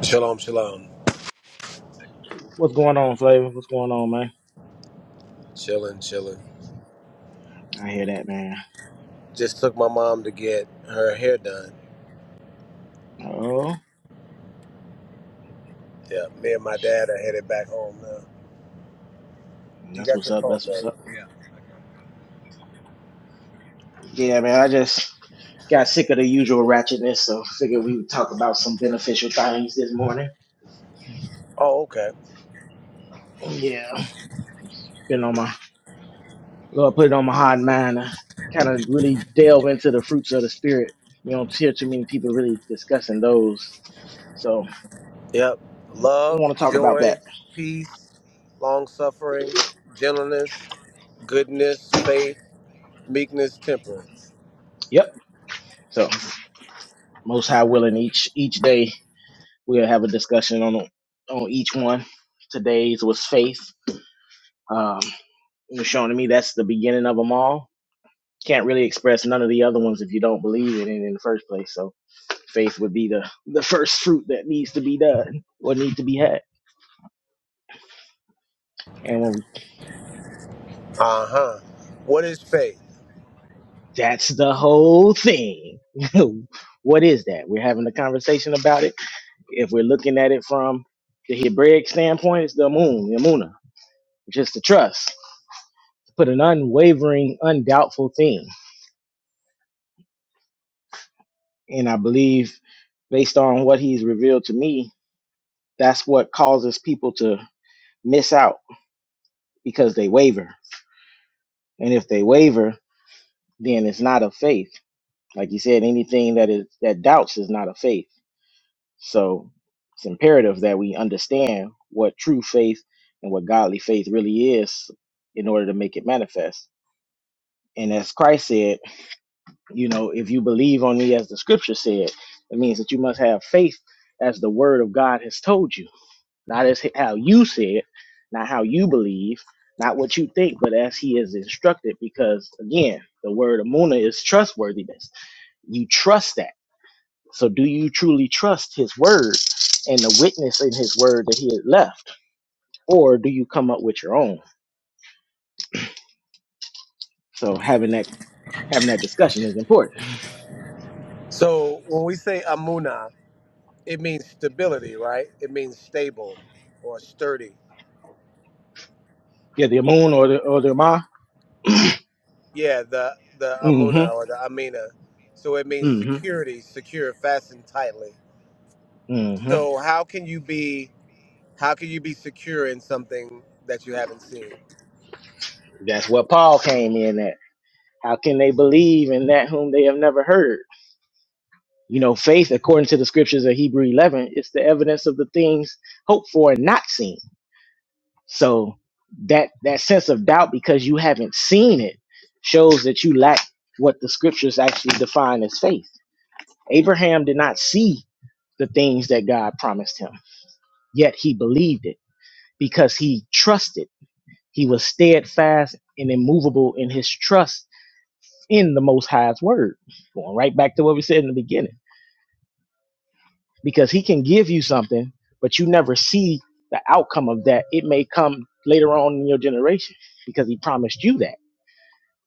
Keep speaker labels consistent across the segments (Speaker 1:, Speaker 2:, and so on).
Speaker 1: Shalom, shalom.
Speaker 2: What's going on, Flavor? What's going on, man?
Speaker 1: Chilling, chilling.
Speaker 2: I hear that, man.
Speaker 1: Just took my mom to get her hair done.
Speaker 2: Oh,
Speaker 1: Yeah, me and my dad are headed back home now. You
Speaker 2: that's
Speaker 1: got
Speaker 2: what's
Speaker 1: your
Speaker 2: up.
Speaker 1: phone
Speaker 2: That's what's
Speaker 1: back.
Speaker 2: up. Yeah, man. I just got sick of the usual ratchetness, so figured we would talk about some beneficial things this morning.
Speaker 1: Oh, okay.
Speaker 2: Yeah, been on my Lord put it on my hard mind. Kind of really delve into the fruits of the spirit. You don't hear too many people really discussing those. So
Speaker 1: Yep.
Speaker 2: we
Speaker 1: Love,
Speaker 2: want to talk about that.
Speaker 1: joy, peace, long suffering, gentleness, goodness, faith, meekness, temperance.
Speaker 2: Yep. So most high willing each each day we'll have a discussion on on each one. Today's was faith. Um, it was shown to me that's the beginning of them all. Can't really express none of the other ones if you don't believe in it in the first place. So faith would be the the first fruit that needs to be done or need to be had. And when we,
Speaker 1: Uh huh. What is faith?
Speaker 2: that's the whole thing. what is that? We're having a conversation about it. If we're looking at it from the Hebraic standpoint, it's the moon, the Amuna, which is the trust. Put an unwavering, undoubtful thing. And I believe based on what he's revealed to me That's what causes people to miss out because they waver. And if they waver, then it's not of faith. Like you said, anything that is that doubts is not of faith. So it's imperative that we understand what true faith and what godly faith really is in order to make it manifest. And as Christ said, you know, if you believe on me as the scripture said, it means that you must have faith as the word of God has told you not as how you see it, not how you believe, not what you think, but as he is instructed. Because again, the word amuna is trustworthiness. You trust that. So do you truly trust his word and the witness in his word that he had left, or do you come up with your own? So having that having that discussion is important.
Speaker 1: So when we say amuna, it means stability, right? It means stable or sturdy.
Speaker 2: Yeah, the amun or the or the ma.
Speaker 1: Yeah, the the Amuna
Speaker 2: Mm-hmm.
Speaker 1: or the Amina. So it means
Speaker 2: Mm-hmm.
Speaker 1: security, secure, fastened tightly.
Speaker 2: Mm-hmm.
Speaker 1: So how can you be how can you be secure in something that you haven't seen?
Speaker 2: That's what Paul came in at. How can they believe in that whom they have never heard? You know, faith, according to the scriptures of Hebrew 11, it's the evidence of the things hoped for and not seen. So that that sense of doubt because you haven't seen it shows that you lack what the scriptures actually define as faith. Abraham did not see the things that God promised him, yet he believed it because he trusted. He was steadfast and immovable in his trust in the Most High's word. Going right back to what we said in the beginning because he can give you something, but you never see the outcome of that. It may come later on in your generation because he promised you that.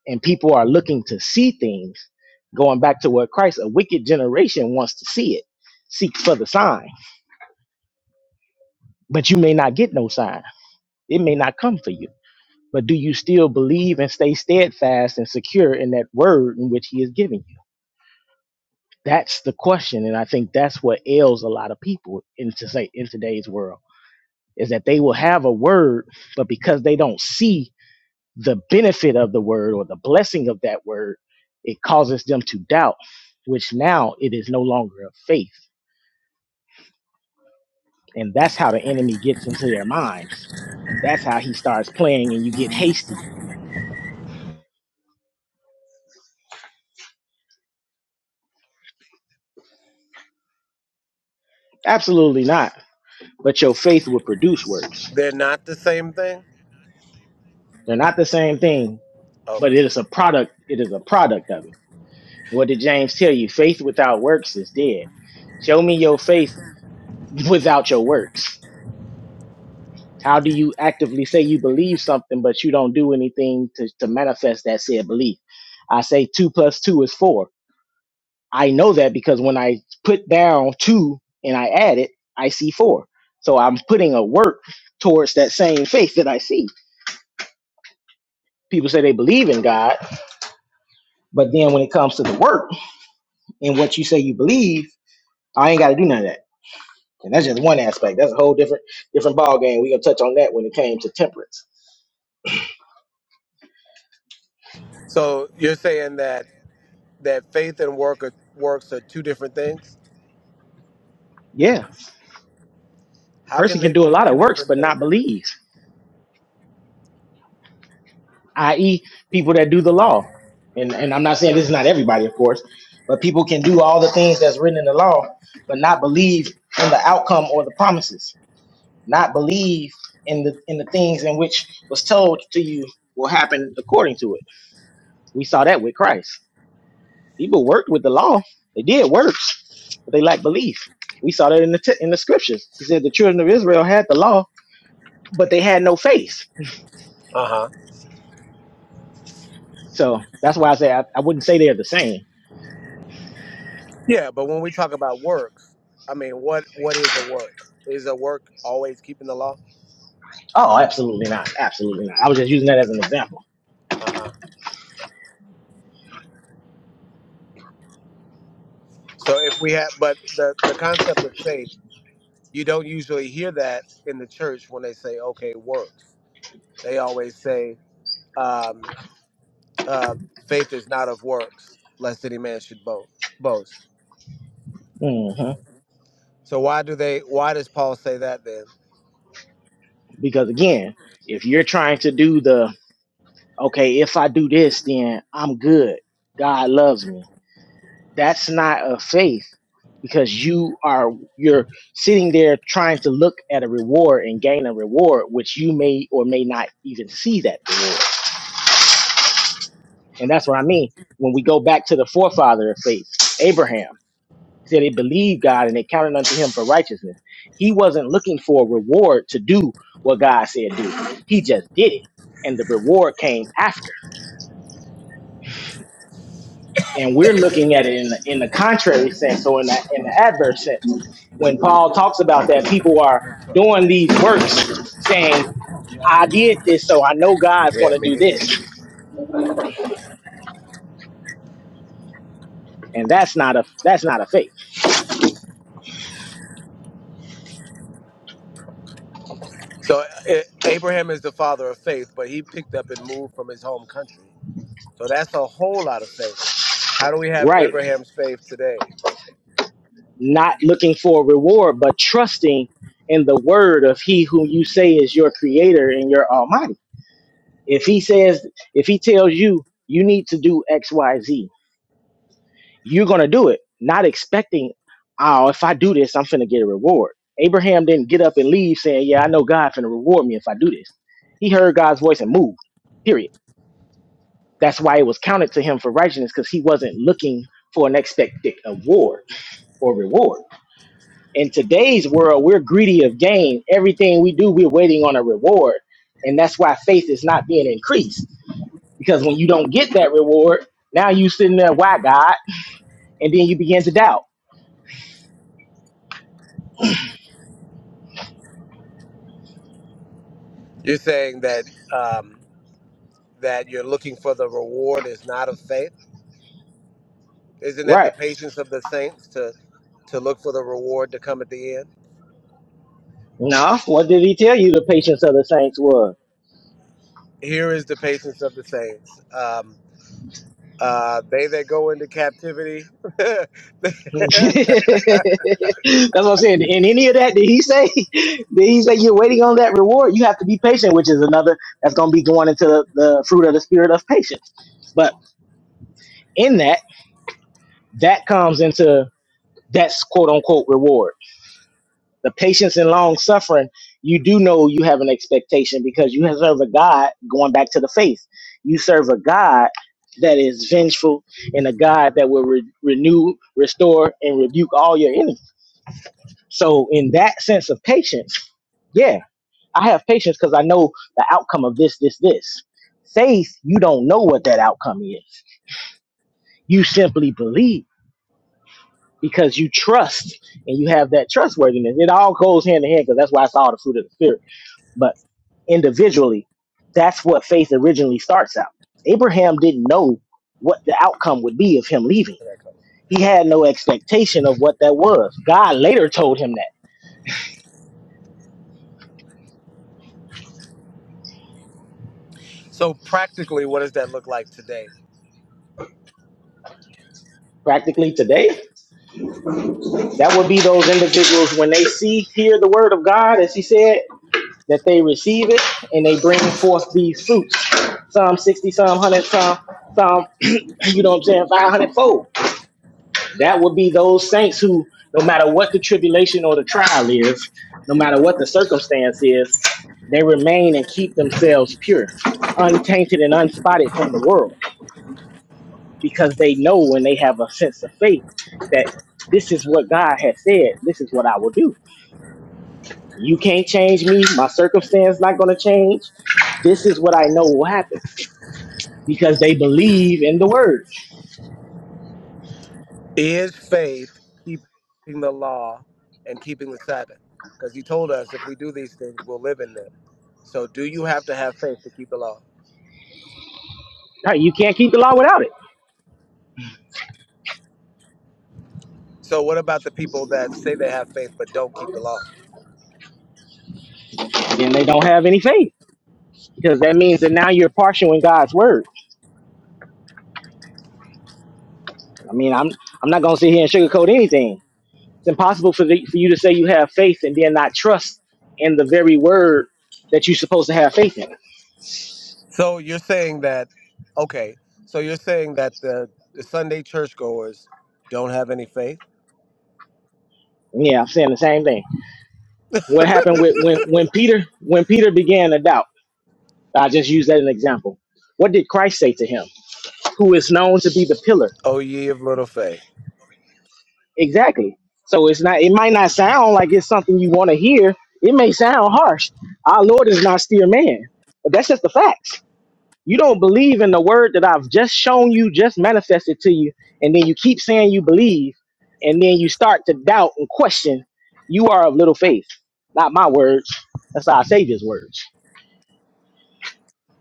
Speaker 2: And people are looking to see things, going back to what Christ, a wicked generation wants to see it, seek for the sign, but you may not get no sign. It may not come for you. But do you still believe and stay steadfast and secure in that word in which he is giving you? That's the question. And I think that's what ails a lot of people in, to say, in today's world is that they will have a word, but because they don't see the benefit of the word or the blessing of that word, it causes them to doubt, which now it is no longer of faith. And that's how the enemy gets into their minds. That's how he starts playing and you get hasty. Absolutely not. But your faith will produce works.
Speaker 1: They're not the same thing?
Speaker 2: They're not the same thing, but
Speaker 1: Okay.
Speaker 2: it is a product. It is a product of it. What did James tell you? Faith without works is dead. Show me your faith without your works How do you actively say you believe something, but you don't do anything to, to manifest that said belief? I say two plus two is four. I know that because when I put down two and I add it, I see four. So I'm putting a work towards that same faith that I see. People say they believe in God, but then when it comes to the work and what you say you believe, I ain't got to do none of that. And that's just one aspect. That's a whole different different ball game. We gonna touch on that when it came to temperance.
Speaker 1: So you're saying that that faith and work are, works are two different things?
Speaker 2: Yeah, a
Speaker 1: How
Speaker 2: person
Speaker 1: can they
Speaker 2: can do a
Speaker 1: be
Speaker 2: lot of
Speaker 1: two
Speaker 2: works
Speaker 1: different
Speaker 2: but not
Speaker 1: things?
Speaker 2: believe. i.e., people that do the law. And and I'm not saying this is not everybody, of course, but people can do all the things that's written in the law, but not believe in the outcome or the promises, not believe in the in the things in which was told to you will happen according to it. We saw that with Christ. People worked with the law; they did works, but they lacked belief. We saw that in the t- in the scriptures. He said the children of Israel had the law, but they had no faith.
Speaker 1: Uh-huh.
Speaker 2: So that's why I say I, I wouldn't say they're the same
Speaker 1: Yeah, but when we talk about works, I mean, what what is a work? Is a work always keeping the law?
Speaker 2: Oh, absolutely not. Absolutely not. I was just using that as an example.
Speaker 1: Uh-huh. So if we have but the the concept of faith You don't usually hear that in the church when they say, okay, works. They always say, um, uh, faith is not of works, lest any man should bo- boast.
Speaker 2: hmm
Speaker 1: So why do they? Why does Paul say that then?
Speaker 2: Because again, if you're trying to do the, okay, if I do this, then I'm good. God loves me. That's not a faith because you are, you're sitting there trying to look at a reward and gain a reward, which you may or may not even see that reward. And that's what I mean. When we go back to the forefather of faith, Abraham. He said they believed God and they counted unto him for righteousness. He wasn't looking for a reward to do what God said do. He just did it. And the reward came after. And we're looking at it in the, in the contrary sense, or in the, in the adverse sense. When Paul talks about that, people are doing these works saying, I did this, so I know God's going
Speaker 1: Yeah,
Speaker 2: to
Speaker 1: me
Speaker 2: do
Speaker 1: neither.
Speaker 2: this. And that's not a that's not a faith.
Speaker 1: So eh, Abraham is the father of faith, but he picked up and moved from his home country. So that's a whole lot of faith. How do we have
Speaker 2: Right.
Speaker 1: Abraham's faith today?
Speaker 2: not looking for a reward, but trusting in the word of he who you say is your creator and your almighty. If he says, if he tells you, you need to do X, Y, Z, you're going to do it, not expecting, oh, if I do this, I'm finna get a reward. Abraham didn't get up and leave saying, yeah, I know God finna reward me if I do this. He heard God's voice and moved, period. That's why it was counted to him for righteousness because he wasn't looking for an expected award or reward in today's world, we're greedy of gain. Everything we do, we're waiting on a reward. And that's why faith is not being increased. Because when you don't get that reward, now you sitting there, why God? And then you begin to doubt.
Speaker 1: You're saying that um, that you're looking for the reward is not of faith. Isn't that the
Speaker 2: Right.
Speaker 1: patience of the saints to? to look for the reward to come at the end.
Speaker 2: No, what did he tell you the patience of the saints was?
Speaker 1: Here is the patience of the saints. Um, uh, they that go into captivity. they-
Speaker 2: that's what I'm saying. In any of that, did he say did he say you're waiting on that reward? You have to be patient, which is another that's gonna be going into the, the fruit of the spirit of patience. But in that, that comes into That's quote unquote reward. The patience and long suffering, you do know you have an expectation because you serve a God, going back to the faith, you serve a God that is vengeful and a God that will re- renew, restore, and rebuke all your enemies. So, in that sense of patience, yeah, I have patience because I know the outcome of this, this, this. Faith, you don't know what that outcome is. You simply believe because you trust and you have that trustworthiness. It all goes hand in hand because that's why it's all the fruit of the spirit. But individually, that's what faith originally starts out. Abraham didn't know what the outcome would be of him leaving. He had no expectation of what that was. God later told him that.
Speaker 1: so, practically, what does that look like today?
Speaker 2: Practically today, that would be those individuals when they see, hear the word of God, as he said, that they receive it and they bring forth these fruits. Psalm 60, Psalm 100, Psalm, Psalm, you know what I'm saying, 500 fold That would be those saints who, no matter what the tribulation or the trial is, no matter what the circumstance is, they remain and keep themselves pure, untainted and unspotted from the world, because they know when they have a sense of faith that this is what God has said, this is what I will do. You can't change me, my circumstance not going to change. This is what I know will happen because they believe in the word.
Speaker 1: Is faith keeping the law and keeping the Sabbath? Because he told us if we do these things, we'll live in them. So, do you have to have faith to keep the law?
Speaker 2: Now, You can't keep the law without it.
Speaker 1: So, what about the people that say they have faith but don't keep the law?
Speaker 2: Then they don't have any faith. because that means that now you're partial in God's word. I mean, I'm I'm not gonna sit here and sugarcoat anything. It's impossible for the, for you to say you have faith and then not trust in the very word that you're supposed to have faith in.
Speaker 1: So you're saying that, okay, so you're saying that the, the Sunday churchgoers don't have any faith?
Speaker 2: Yeah, I'm saying the same thing. What happened with when when Peter when Peter began to doubt? I just used that as an example. What did Christ say to him? Who is known to be the pillar?
Speaker 1: Oh, ye of little faith.
Speaker 2: Exactly. So it's not. It might not sound like it's something you want to hear. It may sound harsh. Our Lord is not still man, but that's just the facts. You don't believe in the word that I've just shown you, just manifested to you, and then you keep saying you believe, and then you start to doubt and question. You are of little faith. Not my words. That's our Savior's words.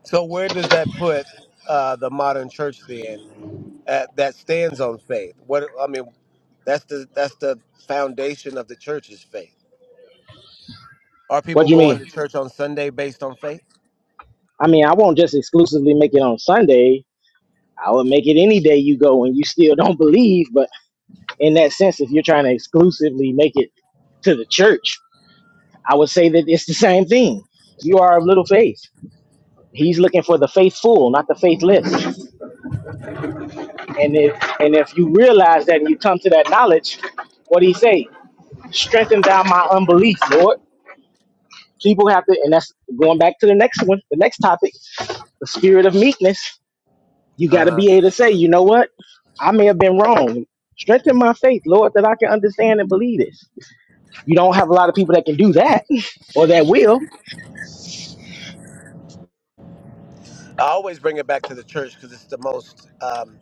Speaker 1: So where does that put uh, the modern church then at, that stands on faith? What I mean, that's the that's the foundation of the church's faith. Are
Speaker 2: What
Speaker 1: people
Speaker 2: do you
Speaker 1: going
Speaker 2: mean?
Speaker 1: to church on Sunday based on faith?
Speaker 2: I mean, I won't just exclusively make it on Sunday. I would make it any day you go and you still don't believe. But in that sense, if you're trying to exclusively make it to the church, I would say that it's the same thing. You are of little faith. He's looking for the faithful, not the faithless. And if and if you realize that and you come to that knowledge, what do he say? Strengthen down my unbelief, Lord. People have to, and that's going back to the next one, the next topic, the spirit of meekness. You got to
Speaker 1: Uh-huh.
Speaker 2: be able to say, you know what? I may have been wrong. Strengthen my faith, Lord, that I can understand and believe this. You don't have a lot of people that can do that or that will.
Speaker 1: I always bring it back to the church because it's the most um,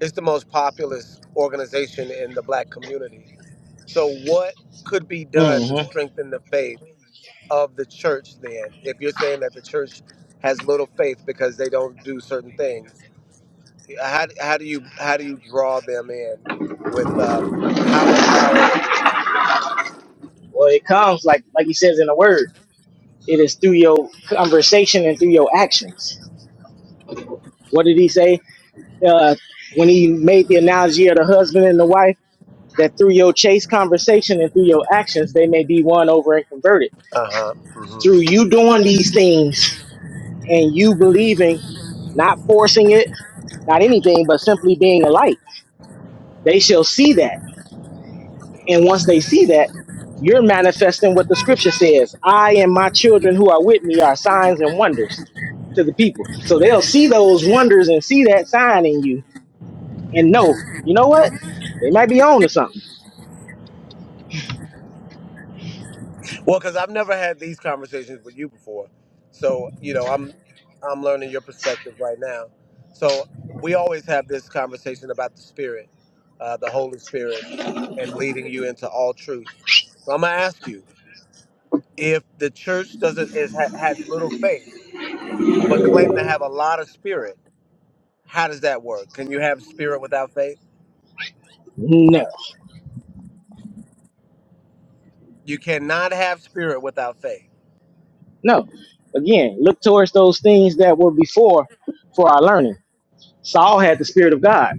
Speaker 1: it's the most populous organization in the black community So, what could be done to
Speaker 2: hmm
Speaker 1: strengthen the faith of the church then? If you're saying that the church has little faith because they don't do certain things, how, how do you how do you draw them in with um, how how are they drawn?
Speaker 2: Well, it comes like like he says in the word. It is through your conversation and through your actions. What did he say? uh, when he made the analogy of the husband and the wife that through your chase conversation and through your actions they may be won over and converted
Speaker 1: Uh huh.
Speaker 2: through you doing these things and you believing not forcing it not anything but simply being a light they shall see that and once they see that you're manifesting what the scripture says i and my children who are with me are signs and wonders to the people so they'll see those wonders and see that sign in you and know you know what they might be on to something
Speaker 1: Well, because I've never had these conversations with you before, so you know I'm I'm learning your perspective right now. So we always have this conversation about the Spirit, uh, the Holy Spirit, and leading you into all truth. So I'm gonna ask you if the church doesn't is, ha, has little faith, but claim to have a lot of Spirit. How does that work? Can you have Spirit without faith?
Speaker 2: No,
Speaker 1: You cannot have Spirit without faith.
Speaker 2: no. Again, look towards those things that were before for our learning. Saul had the Spirit of God.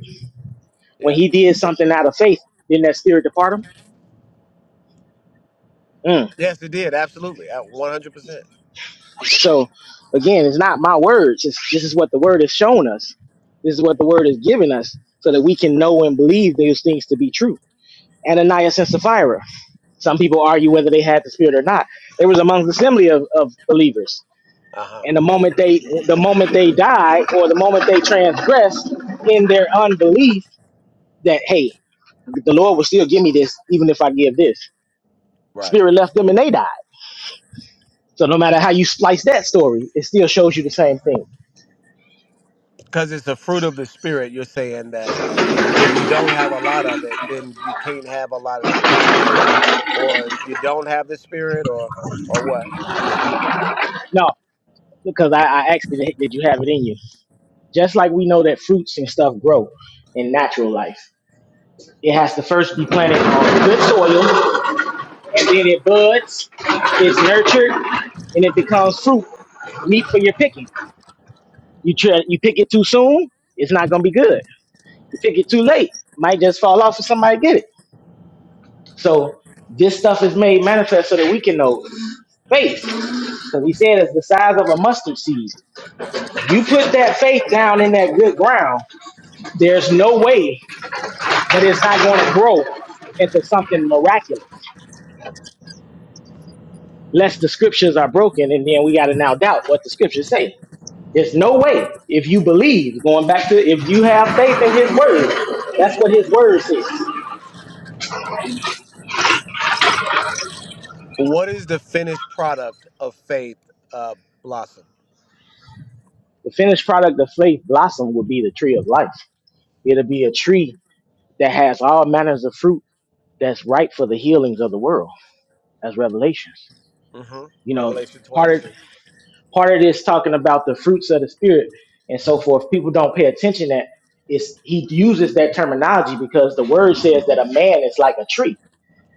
Speaker 2: When
Speaker 1: Yeah.
Speaker 2: he did something out of faith, didn't that Spirit depart him? Mm.
Speaker 1: Yes, it did. Absolutely. At 100%.
Speaker 2: So, again, it's not my words. It's, this is what the Word has shown us. This is what the Word has given us so that we can know and believe those things to be true. Ananias and Sapphira. Some people argue whether they had the Spirit or not. They was among the assembly of, of believers
Speaker 1: Uh huh.
Speaker 2: And the moment they the moment they die or the moment they transgress in their unbelief that hey, the Lord will still give me this even if I give this.
Speaker 1: Right.
Speaker 2: Spirit left them and they died. So no matter how you slice that story, it still shows you the same thing.
Speaker 1: Because it's the fruit of the spirit. You're saying that if you don't have a lot of it, then you can't have a lot of spirit either, or you don't have the spirit, or or what?
Speaker 2: No, because I, I asked did, did you have it in you? Just like we know that fruits and stuff grow in natural life. It has to first be planted on good soil, and then it buds, it's nurtured, and it becomes fruit, meat for your picking. You try, you pick it too soon, it's not gonna be good. You pick it too late, might just fall off and somebody get it. So this stuff is made manifest so that we can know faith. Because he said it's the size of a mustard seed. You put that faith down in that good ground, there's no way that it's not going to grow into something miraculous. Unless the scriptures are broken, and then we got to now doubt what the scriptures say. There's no way if you believe, going back to if you have faith in his word, that's what his word says.
Speaker 1: What is the finished product of faith uh, blossom?
Speaker 2: The finished product of faith blossom will be the tree of life. It'll be a tree that has all manners of fruit that's ripe for the healings of the world as revelations.
Speaker 1: hmm
Speaker 2: You know,
Speaker 1: Revelation
Speaker 2: part of
Speaker 1: 22.
Speaker 2: part of this talking about the fruits of the spirit and so forth. People don't pay attention that it's he uses that terminology because the word says that a man is like a tree.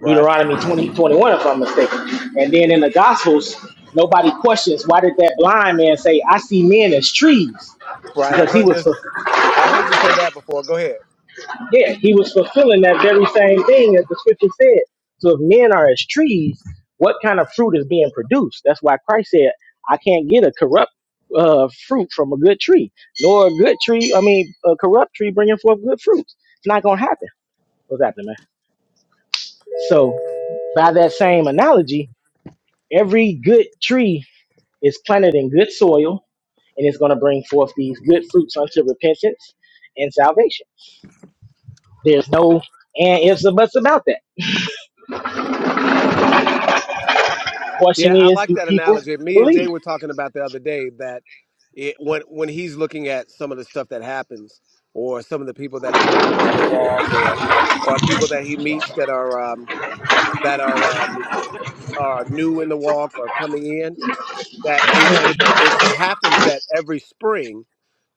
Speaker 1: Right.
Speaker 2: Deuteronomy 20 21, if I'm mistaken. And then in the gospels, nobody questions why did that blind man say, I see men as trees?
Speaker 1: Right. I've
Speaker 2: because he
Speaker 1: heard
Speaker 2: was.
Speaker 1: this. I heard you say that before. Go ahead.
Speaker 2: Yeah, he was fulfilling that very same thing as the scripture said. So if men are as trees, what kind of fruit is being produced? That's why Christ said, I can't get a corrupt uh, fruit from a good tree, nor a good tree, I mean, a corrupt tree bringing forth good fruits. It's not going to happen. What's happening, man? So by that same analogy, every good tree is planted in good soil and it's going to bring forth these good fruits unto repentance and salvation. There's no and ifs and buts about that.
Speaker 1: Yeah,
Speaker 2: Question
Speaker 1: I
Speaker 2: is,
Speaker 1: like
Speaker 2: do
Speaker 1: that
Speaker 2: people
Speaker 1: analogy. Me and
Speaker 2: believe?
Speaker 1: Jay were talking about the other day that it, when when he's looking at some of the stuff that happens, or some of the people that are coming to the walk, or or people that he meets that are um, that are um, are new in the walk or coming in, that it, it it happens that every spring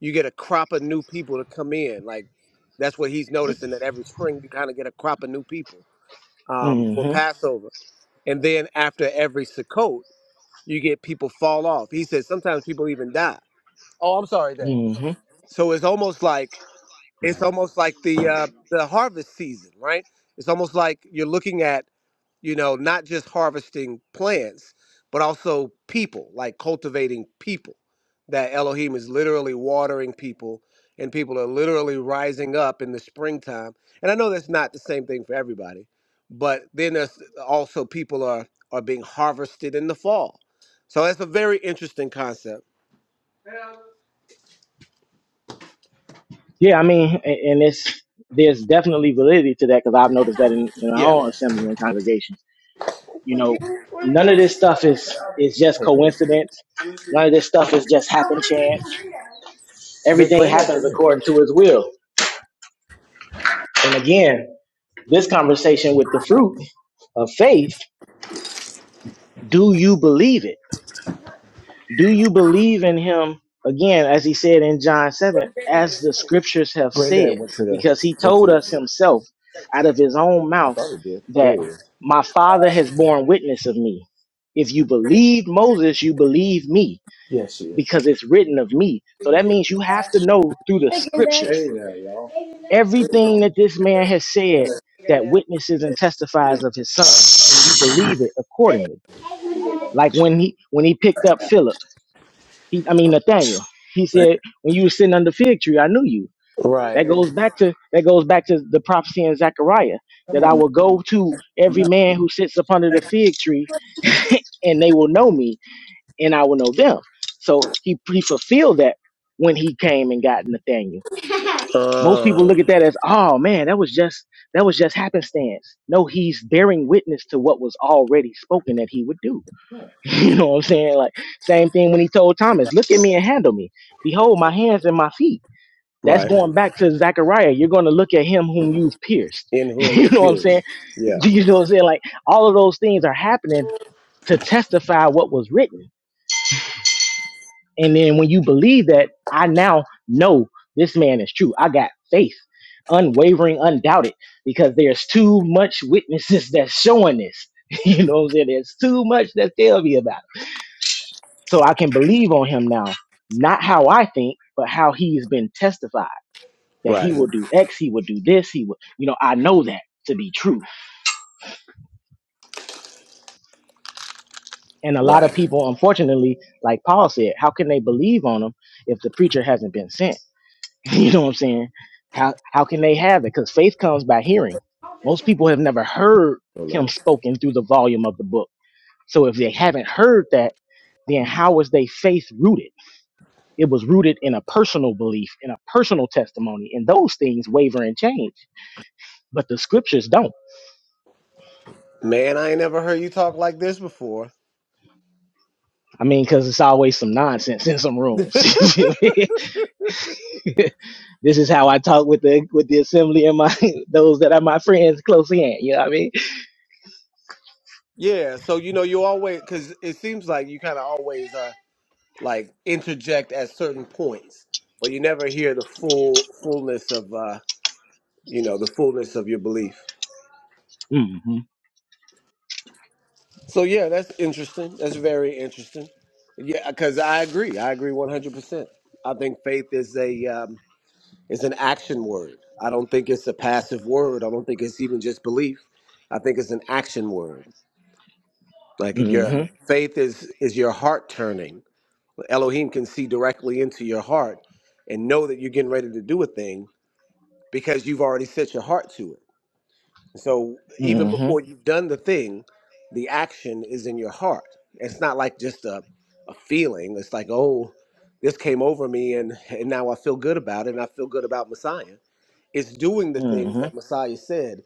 Speaker 1: you get a crop of new people to come in. Like that's what he's noticing that every spring you kind of get a crop of new people um, for
Speaker 2: Mm-hmm.
Speaker 1: Passover, and then after every Sukkot you get people fall off. He says sometimes people even die. Oh, I'm sorry, Dave.
Speaker 2: Mm-hmm.
Speaker 1: So it's almost like it's almost like the uh, the harvest season, right? It's almost like you're looking at you know, not just harvesting plants, but also people, like cultivating people. That Elohim is literally watering people, and people are literally rising up in the springtime. And I know that's not the same thing for everybody, but then there's uh, also people are are being harvested in the fall. So that's a very interesting concept.
Speaker 2: Yeah, I mean, and, and it's there's definitely validity to that because I've noticed that in, in our
Speaker 1: Yeah, I'm
Speaker 2: own assembly and congregation. You know, none of
Speaker 1: back.
Speaker 2: this stuff is is just coincidence. None of this stuff is just happen chance. Everything happens according to His will. And again, this conversation with the fruit of faith. Do you believe it? Do you believe in him? Again, as he said in John 7, as the scriptures have
Speaker 1: Great
Speaker 2: said, because he told us himself out of his own mouth
Speaker 1: mother
Speaker 2: that
Speaker 1: dear.
Speaker 2: my father has borne witness of me. If you believe Moses, you believe me
Speaker 1: Yes, she is.
Speaker 2: because it's written of me. So that means you have to know through the
Speaker 1: Hey
Speaker 2: scriptures
Speaker 1: there, y'all.
Speaker 2: everything that this man has said that witnesses and testifies of his son, and you believe it accordingly. Like when he when he picked up Philip. He, I mean Nathaniel. He said, "When you were sitting under the fig tree, I knew you."
Speaker 1: Right.
Speaker 2: That goes back to that goes back to the prophecy in Zechariah that I will go to every man who sits up under the fig tree, and they will know me, and I will know them. So he he fulfilled that when he came and got Nathaniel. Most people
Speaker 1: Uh,
Speaker 2: look at that as, "Oh man, that was just that was just happenstance." No, he's bearing witness to what was already spoken that he would do. you know what I'm saying? Like same thing when he told Thomas, "Look at me and handle me. Behold, my hands and my feet." That's
Speaker 1: right.
Speaker 2: going back to Zechariah. You're going to look at him whom you've pierced.
Speaker 1: in whom
Speaker 2: you
Speaker 1: you
Speaker 2: know what I'm saying?
Speaker 1: pierced. Yeah,
Speaker 2: You know what I'm saying? Like all of those things are happening to testify what was written. And then when you believe that, I now know this man is true. I got faith, unwavering, undoubted, because there's too much witnesses that's showing this. you know what I'm saying? There's too much that tell me about. it So I can believe on him now, not how I think, but how he has been testified that he
Speaker 1: right,
Speaker 2: will do X, he will do this, he will, you know, I know that to be true. And a lot of
Speaker 1: right.
Speaker 2: people, unfortunately, like Paul said, how can they believe on him if the preacher hasn't been sent? you know what I'm saying? How how can they have it? Because faith comes by hearing. Most people have never heard
Speaker 1: Oh,
Speaker 2: him
Speaker 1: no.
Speaker 2: spoken through the volume of the book. So if they haven't heard that, then how is their faith rooted? It was rooted in a personal belief, in a personal testimony, and those things waver and change. But the scriptures don't.
Speaker 1: Man, I ain't never heard you talk like this before.
Speaker 2: I mean, because it's always some nonsense in some rooms. this is how I talk with the with the assembly and my those that are my friends close in. You know what I mean?
Speaker 1: Yeah, so you know, you always, because it seems like you kind of always uh, like interject at certain points, but you never hear the full fullness of uh, you know the fullness of your belief.
Speaker 2: Mm-hmm.
Speaker 1: So yeah, that's interesting. That's very interesting. Yeah, because I agree. I agree one hundred percent. I think faith is a um, It's an action word. I don't think it's a passive word. I don't think it's even just belief. I think it's an action word. Like your
Speaker 2: Mm-hmm.
Speaker 1: faith is is your heart turning. Elohim can see directly into your heart and know that you're getting ready to do a thing because you've already set your heart to it. So even before
Speaker 2: Mm-hmm.
Speaker 1: you've done the thing, the action is in your heart. It's not like just a a feeling. It's like, oh, this came over me and and now I feel good about it and I feel good about Messiah it's doing the things
Speaker 2: Mm-hmm.
Speaker 1: that Messiah said,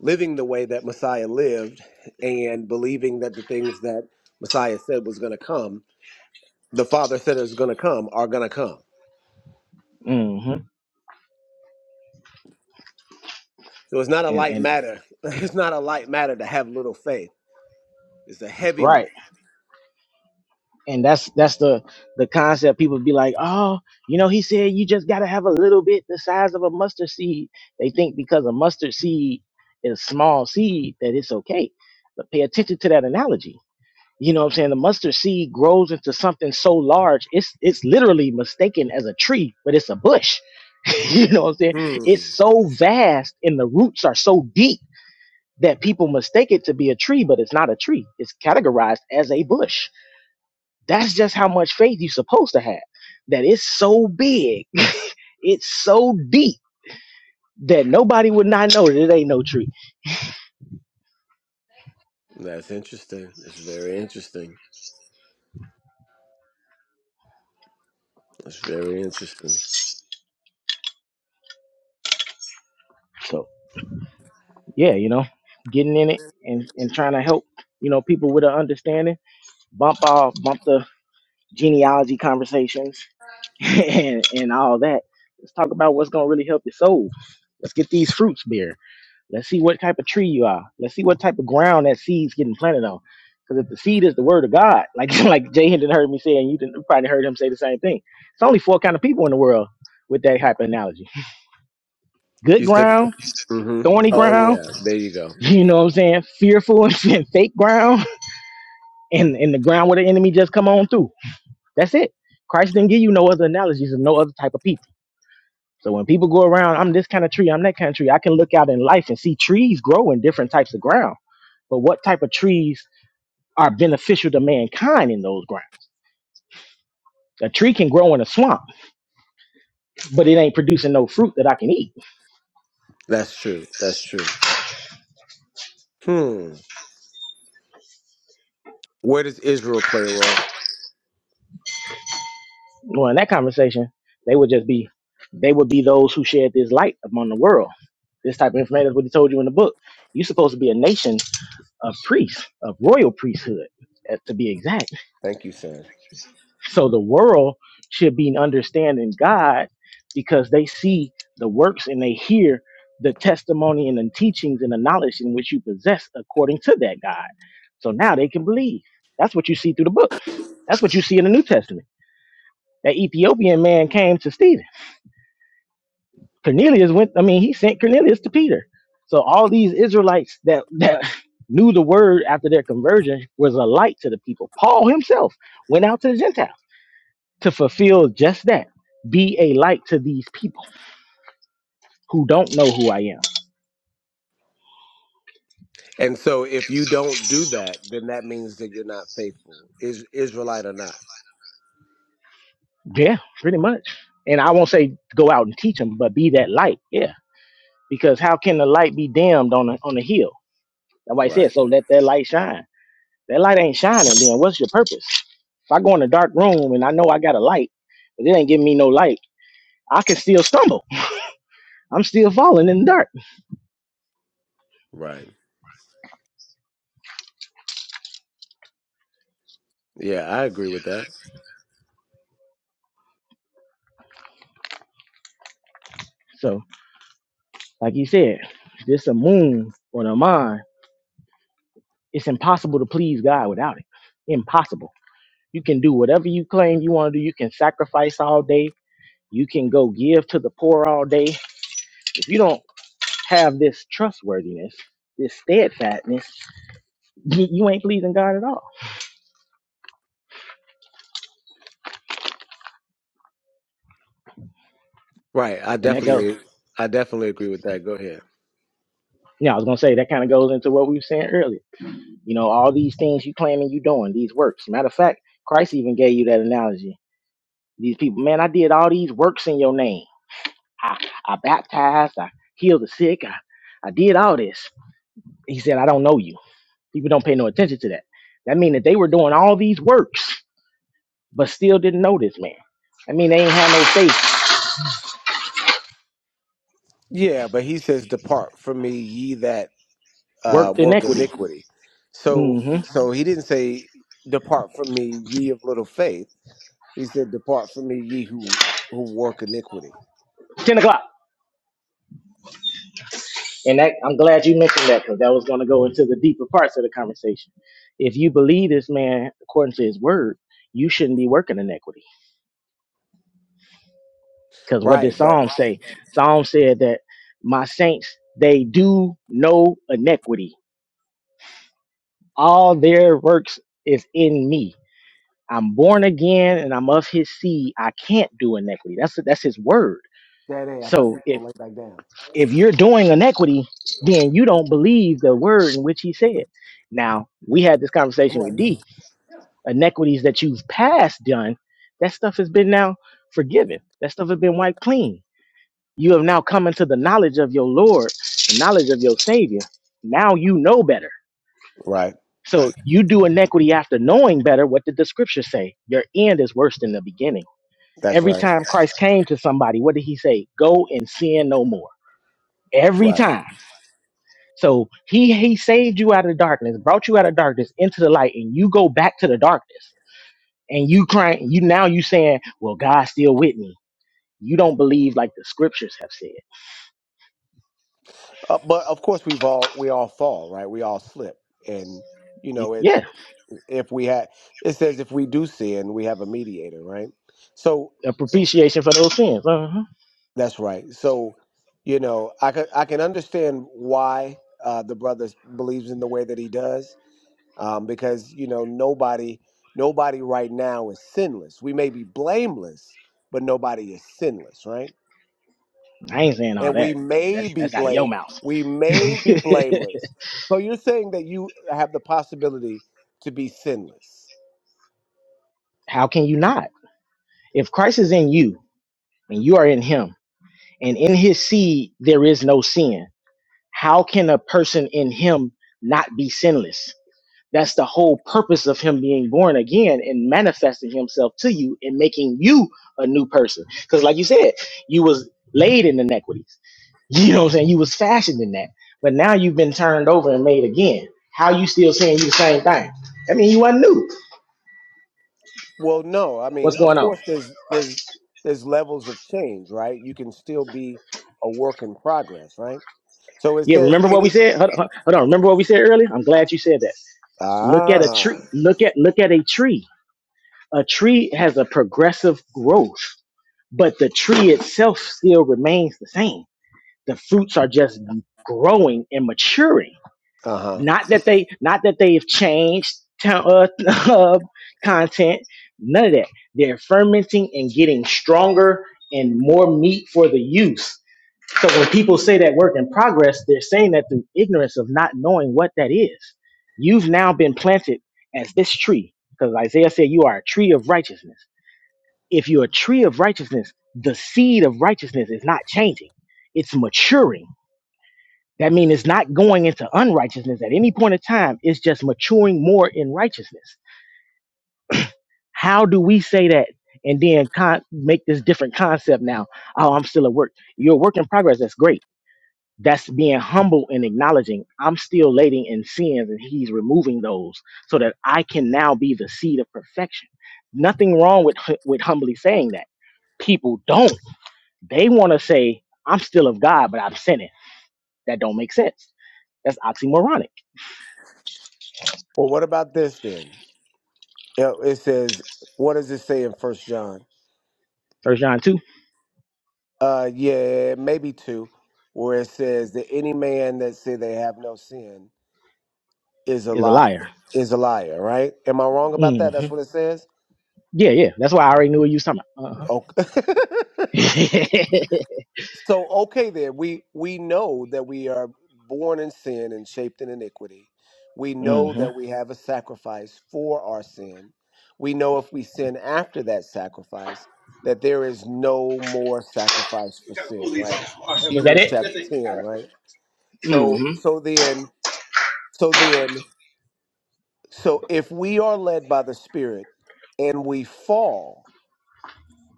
Speaker 1: living the way that Messiah lived, and believing that the things that Messiah said was going to come, the Father said is going to come, are going to come.
Speaker 2: Mm-hmm.
Speaker 1: So it's not a
Speaker 2: And
Speaker 1: light
Speaker 2: and
Speaker 1: matter. It's not a light matter to have little faith. It's a heavy
Speaker 2: right.
Speaker 1: matter.
Speaker 2: and that's that's the the concept people be like oh you know he said you just got to have a little bit the size of a mustard seed they think because a mustard seed is small seed that it's okay but pay attention to that analogy you know what i'm saying the mustard seed grows into something so large it's it's literally mistaken as a tree but it's a bush you know what i'm saying
Speaker 1: Hmm.
Speaker 2: it's so vast and the roots are so deep that people mistake it to be a tree but it's not a tree it's categorized as a bush that's just how much faith you're supposed to have. That it's so big, it's so deep that nobody would not know that it ain't no tree.
Speaker 1: That's interesting. That's very interesting. That's very interesting.
Speaker 2: So yeah, you know, getting in it and, and trying to help, you know, people with an understanding, bump off, bump the genealogy conversations and, and all that. Let's talk about what's gonna really help your soul. Let's get these fruits, beer. Let's see what type of tree you are. Let's see what type of ground that seed's getting planted on. Because if the seed is the word of God, like like Jay Hinton heard me say, and you didn't, probably heard him say the same thing. It's only four kind of people in the world with that type of analogy. Good
Speaker 1: You said,
Speaker 2: ground,
Speaker 1: mm-hmm.
Speaker 2: thorny
Speaker 1: Oh,
Speaker 2: ground,
Speaker 1: yeah. There you go.
Speaker 2: you know what I'm saying? Fearful and fake ground, and, and the ground where the enemy just come on through. That's it. Christ didn't give you no other analogies of no other type of people. So when people go around, I'm this kind of tree, I'm that kind of tree, I can look out in life and see trees grow in different types of ground but what type of trees are beneficial to mankind in those grounds. A tree can grow in a swamp, but it ain't producing no fruit that I can eat.
Speaker 1: That's true. That's true. Hmm. Where does Israel play a role?
Speaker 2: Well, in that conversation, they would just be, they would be those who shed this light upon the world. This type of information is what he told you in the book. You're supposed to be a nation of priests, of royal priesthood, uh, to be exact
Speaker 1: Thank you, sir.
Speaker 2: So the world should be understanding God because they see the works and they hear the testimony and the teachings and the knowledge in which you possess according to that God. So now they can believe. That's what you see through the book. That's what you see in the New Testament. That Ethiopian man came to Stephen. Cornelius went, I mean, he sent Cornelius to Peter. So all these Israelites that, that knew the word after their conversion was a light to the people. Paul himself went out to the Gentiles to fulfill just that. Be a light to these people who don't know who I am.
Speaker 1: And so if you don't do that, then that means that you're not faithful, is Israelite or not.
Speaker 2: Yeah, pretty much. And I won't say go out and teach them, but be that light. Yeah, because how can the light be dimmed on a, on a hill? That's why he said,
Speaker 1: Right.
Speaker 2: so let that light shine. That light ain't shining, then what's your purpose? If I go in a dark room and I know I got a light, but it ain't giving me no light, I can still stumble. I'm still falling in the dark.
Speaker 1: Right. Yeah, I agree with that.
Speaker 2: So, like you said, if this a moon or a mind. It's impossible to please God without it. Impossible You can do whatever you claim you want to do. You can sacrifice all day. You can go give to the poor all day. If you don't have this trustworthiness, this steadfastness, you you ain't pleasing God at all.
Speaker 1: Right. I
Speaker 2: And that goes,
Speaker 1: definitely I definitely agree with that. Go ahead.
Speaker 2: yeah, I was going to say, that kind of goes into what we were saying earlier. You know, all these things you claiming you doing, these works. Matter of fact, Christ even gave you that analogy. These people, man, I did all these works in your name. I, I baptized, I healed the sick, I, I did all this. He said, I don't know you People don't pay no attention to that. That means that they were doing all these works, but still didn't know this man. I mean, they ain't had no faith,
Speaker 1: Yeah, but he says, Depart from me, ye that uh
Speaker 2: worked
Speaker 1: work
Speaker 2: inequity.
Speaker 1: iniquity. So
Speaker 2: hmm
Speaker 1: so he didn't say depart from me, ye of little faith. He said, Depart from me, ye who who work iniquity.
Speaker 2: Ten o'clock, and that I'm glad you mentioned that because that was going to go into the deeper parts of the conversation. If you believe this man according to his word, you shouldn't be working inequity because what did
Speaker 1: Right, but
Speaker 2: Psalm say? Psalm said that my saints they do no iniquity. All their works is in me. I'm born again and I'm of his seed. I can't do inequity. That's that's his word.
Speaker 1: that day I thought
Speaker 2: So
Speaker 1: you were
Speaker 2: if
Speaker 1: gonna lay back down.
Speaker 2: if you're doing inequity, then you don't believe the word in which he said. Now, we had this
Speaker 1: I'm
Speaker 2: conversation
Speaker 1: right
Speaker 2: with
Speaker 1: here.
Speaker 2: D. Inequities that you've past done, that stuff has been now forgiven. That stuff has been wiped clean. You have now come into the knowledge of your Lord, the knowledge of your Savior. Now you know better.
Speaker 1: Right.
Speaker 2: So you do inequity after knowing better. What did the scripture say? Your end is worse than the beginning
Speaker 1: That's
Speaker 2: Every
Speaker 1: right.
Speaker 2: time Christ came to somebody, what did he say? Go and sin no more. Every
Speaker 1: Right.
Speaker 2: time. So he he saved you out of darkness, brought you out of darkness into the light, and you go back to the darkness. And you crying, you now you saying, Well, God's still with me. You don't believe like the scriptures have said.
Speaker 1: Uh, but of course, we've all we all fall, right? We all slip, and you
Speaker 2: Y-
Speaker 1: know it.
Speaker 2: Yeah,
Speaker 1: If we had, it says if we do sin, we have a mediator, right? So
Speaker 2: a propitiation for those sins. Uh-huh.
Speaker 1: that's right. So you know, I could I can understand why uh, the brother believes in the way that he does, um, because you know nobody nobody right now is sinless. We may be blameless, but nobody is sinless, right?
Speaker 2: I ain't saying all
Speaker 1: and we
Speaker 2: that. I mean,
Speaker 1: may
Speaker 2: that's
Speaker 1: be
Speaker 2: that's out of
Speaker 1: blame
Speaker 2: your mouth.
Speaker 1: we may be blameless so you're saying that you have the possibility to be sinless
Speaker 2: How can you not? If Christ is in you and you are in him, and in his seed there is no sin. How can a person in him not be sinless? That's the whole purpose of him being born again and manifesting himself to you and making you a new person. Because like you said, you was laid in inequities. You know what I'm saying? You was fashioned in that. But now you've been turned over and made again. How you still saying you the same thing? I mean, you wasn't new.
Speaker 1: well no i mean
Speaker 2: What's
Speaker 1: of
Speaker 2: going on?
Speaker 1: course there's there's there's levels of change right you can still be a work in progress right so it
Speaker 2: Yeah,
Speaker 1: says
Speaker 2: remember what
Speaker 1: any
Speaker 2: we said? Hold, hold hold on, remember what we said earlier? I'm glad you said that. Look at a
Speaker 1: ah
Speaker 2: tree. Look at look at a tree A tree has a progressive growth, but the tree itself still remains the same. The fruits are just growing and maturing.
Speaker 1: uh-huh
Speaker 2: Not that they, not that they've changed t- uh, uh, content. None of that. They're fermenting and getting stronger and more meat for the use. So when people say that work in progress, they're saying that through ignorance of not knowing what that is. You've now been planted as this tree, because Isaiah said you are a tree of righteousness if you're a tree of righteousness, the seed of righteousness is not changing, it's maturing. That means it's not going into unrighteousness at any point in time, it's just maturing more in righteousness. How do we say that? And then con- make this different concept now. Oh, I'm still at work. You're a work in progress. That's great. That's being humble and acknowledging I'm still lating in sins and he's removing those so that I can now be the seed of perfection. Nothing wrong with, hu- with humbly saying that people don't. They want to say, I'm still of God, but I'm sinning. That don't make sense. That's oxymoronic.
Speaker 1: well what about this then it it says what does it say in first john
Speaker 2: First John 2
Speaker 1: uh yeah maybe two where it says that any man that say they have no sin is a
Speaker 2: is a
Speaker 1: lie
Speaker 2: liar.
Speaker 1: is a liar, right? Am I wrong about
Speaker 2: hmm
Speaker 1: that? That's what it says.
Speaker 2: Yeah, yeah. That's why I already knew what you was talking about. Uh-huh.
Speaker 1: Okay. so okay, then we we know that we are born in sin and shaped in iniquity. We know
Speaker 2: hmm
Speaker 1: that we have a sacrifice for our sin. We know if we sin after that sacrifice, that there is no more sacrifice for sin, right?
Speaker 2: Was that
Speaker 1: Hebrews chapter
Speaker 2: it?
Speaker 1: ten, right? So
Speaker 2: hmm
Speaker 1: so then so then so if we are led by the Spirit and we fall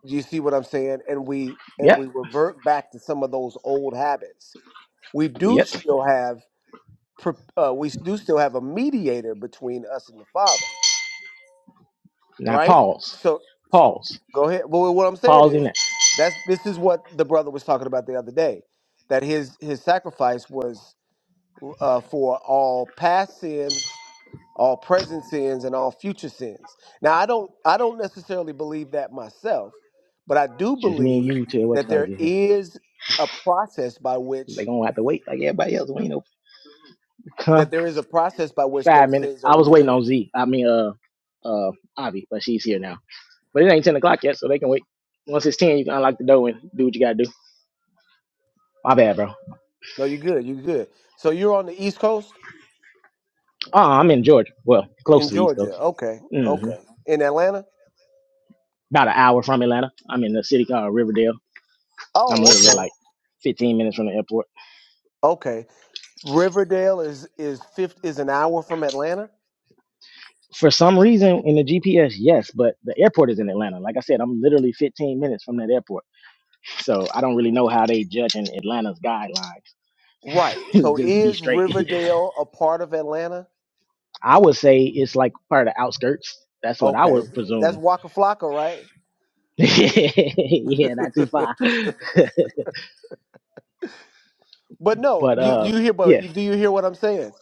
Speaker 1: You see what I'm saying? And we and
Speaker 2: Yep,
Speaker 1: we revert back to some of those old habits. We do
Speaker 2: yep.
Speaker 1: still have pro- uh, we do still have a mediator between us and the Father,
Speaker 2: Now
Speaker 1: right?
Speaker 2: pause.
Speaker 1: So
Speaker 2: Pause.
Speaker 1: go ahead. Well, what I'm saying
Speaker 2: Pause in
Speaker 1: is
Speaker 2: that.
Speaker 1: that's this is what the brother was talking about the other day, that his his sacrifice was uh, for all past sins all present sins and all future sins. Now I don't I don't necessarily believe that myself, but I do
Speaker 2: Just me and
Speaker 1: believe
Speaker 2: you till what
Speaker 1: that
Speaker 2: y'all
Speaker 1: there
Speaker 2: get here.
Speaker 1: is a process by
Speaker 2: They
Speaker 1: which
Speaker 2: gonna have to wait like everybody else. We ain't no
Speaker 1: that there is a process by which
Speaker 2: five
Speaker 1: those
Speaker 2: minutes.
Speaker 1: sins are
Speaker 2: I was waiting
Speaker 1: removed.
Speaker 2: on Z. I mean, uh, uh, Avi, but she's here now. But it ain't 10 o'clock yet, so they can wait. Once it's 10, you can unlock the door and do what you got to do. My bad, bro.
Speaker 1: No, you're good, you're good. So you're on the East Coast
Speaker 2: Oh, I'm in Georgia. Well, close
Speaker 1: in
Speaker 2: to the East
Speaker 1: Georgia.
Speaker 2: Coast.
Speaker 1: Okay.
Speaker 2: hmm
Speaker 1: Okay. In Atlanta?
Speaker 2: About an hour from Atlanta. I'm in the city called Riverdale. I'm
Speaker 1: Oh,
Speaker 2: literally
Speaker 1: okay.
Speaker 2: like 15 minutes from the airport.
Speaker 1: Okay. Riverdale is is fifth is an hour from Atlanta?
Speaker 2: For some reason, in the GPS, yes, but the airport is in Atlanta. Like I said, I'm literally 15 minutes from that airport. So I don't really know how they judging Atlanta's guidelines.
Speaker 1: Right.
Speaker 2: Just
Speaker 1: So
Speaker 2: to be
Speaker 1: is
Speaker 2: straight.
Speaker 1: Riverdale a part of Atlanta?
Speaker 2: I would say it's like part of the outskirts. That's what I
Speaker 1: Okay.
Speaker 2: would
Speaker 1: That's
Speaker 2: presume.
Speaker 1: Waka Flocka, right?
Speaker 2: yeah, not too far.
Speaker 1: But no,
Speaker 2: But
Speaker 1: you do
Speaker 2: uh,
Speaker 1: you hear? But
Speaker 2: yeah,
Speaker 1: you- do you hear what I'm saying?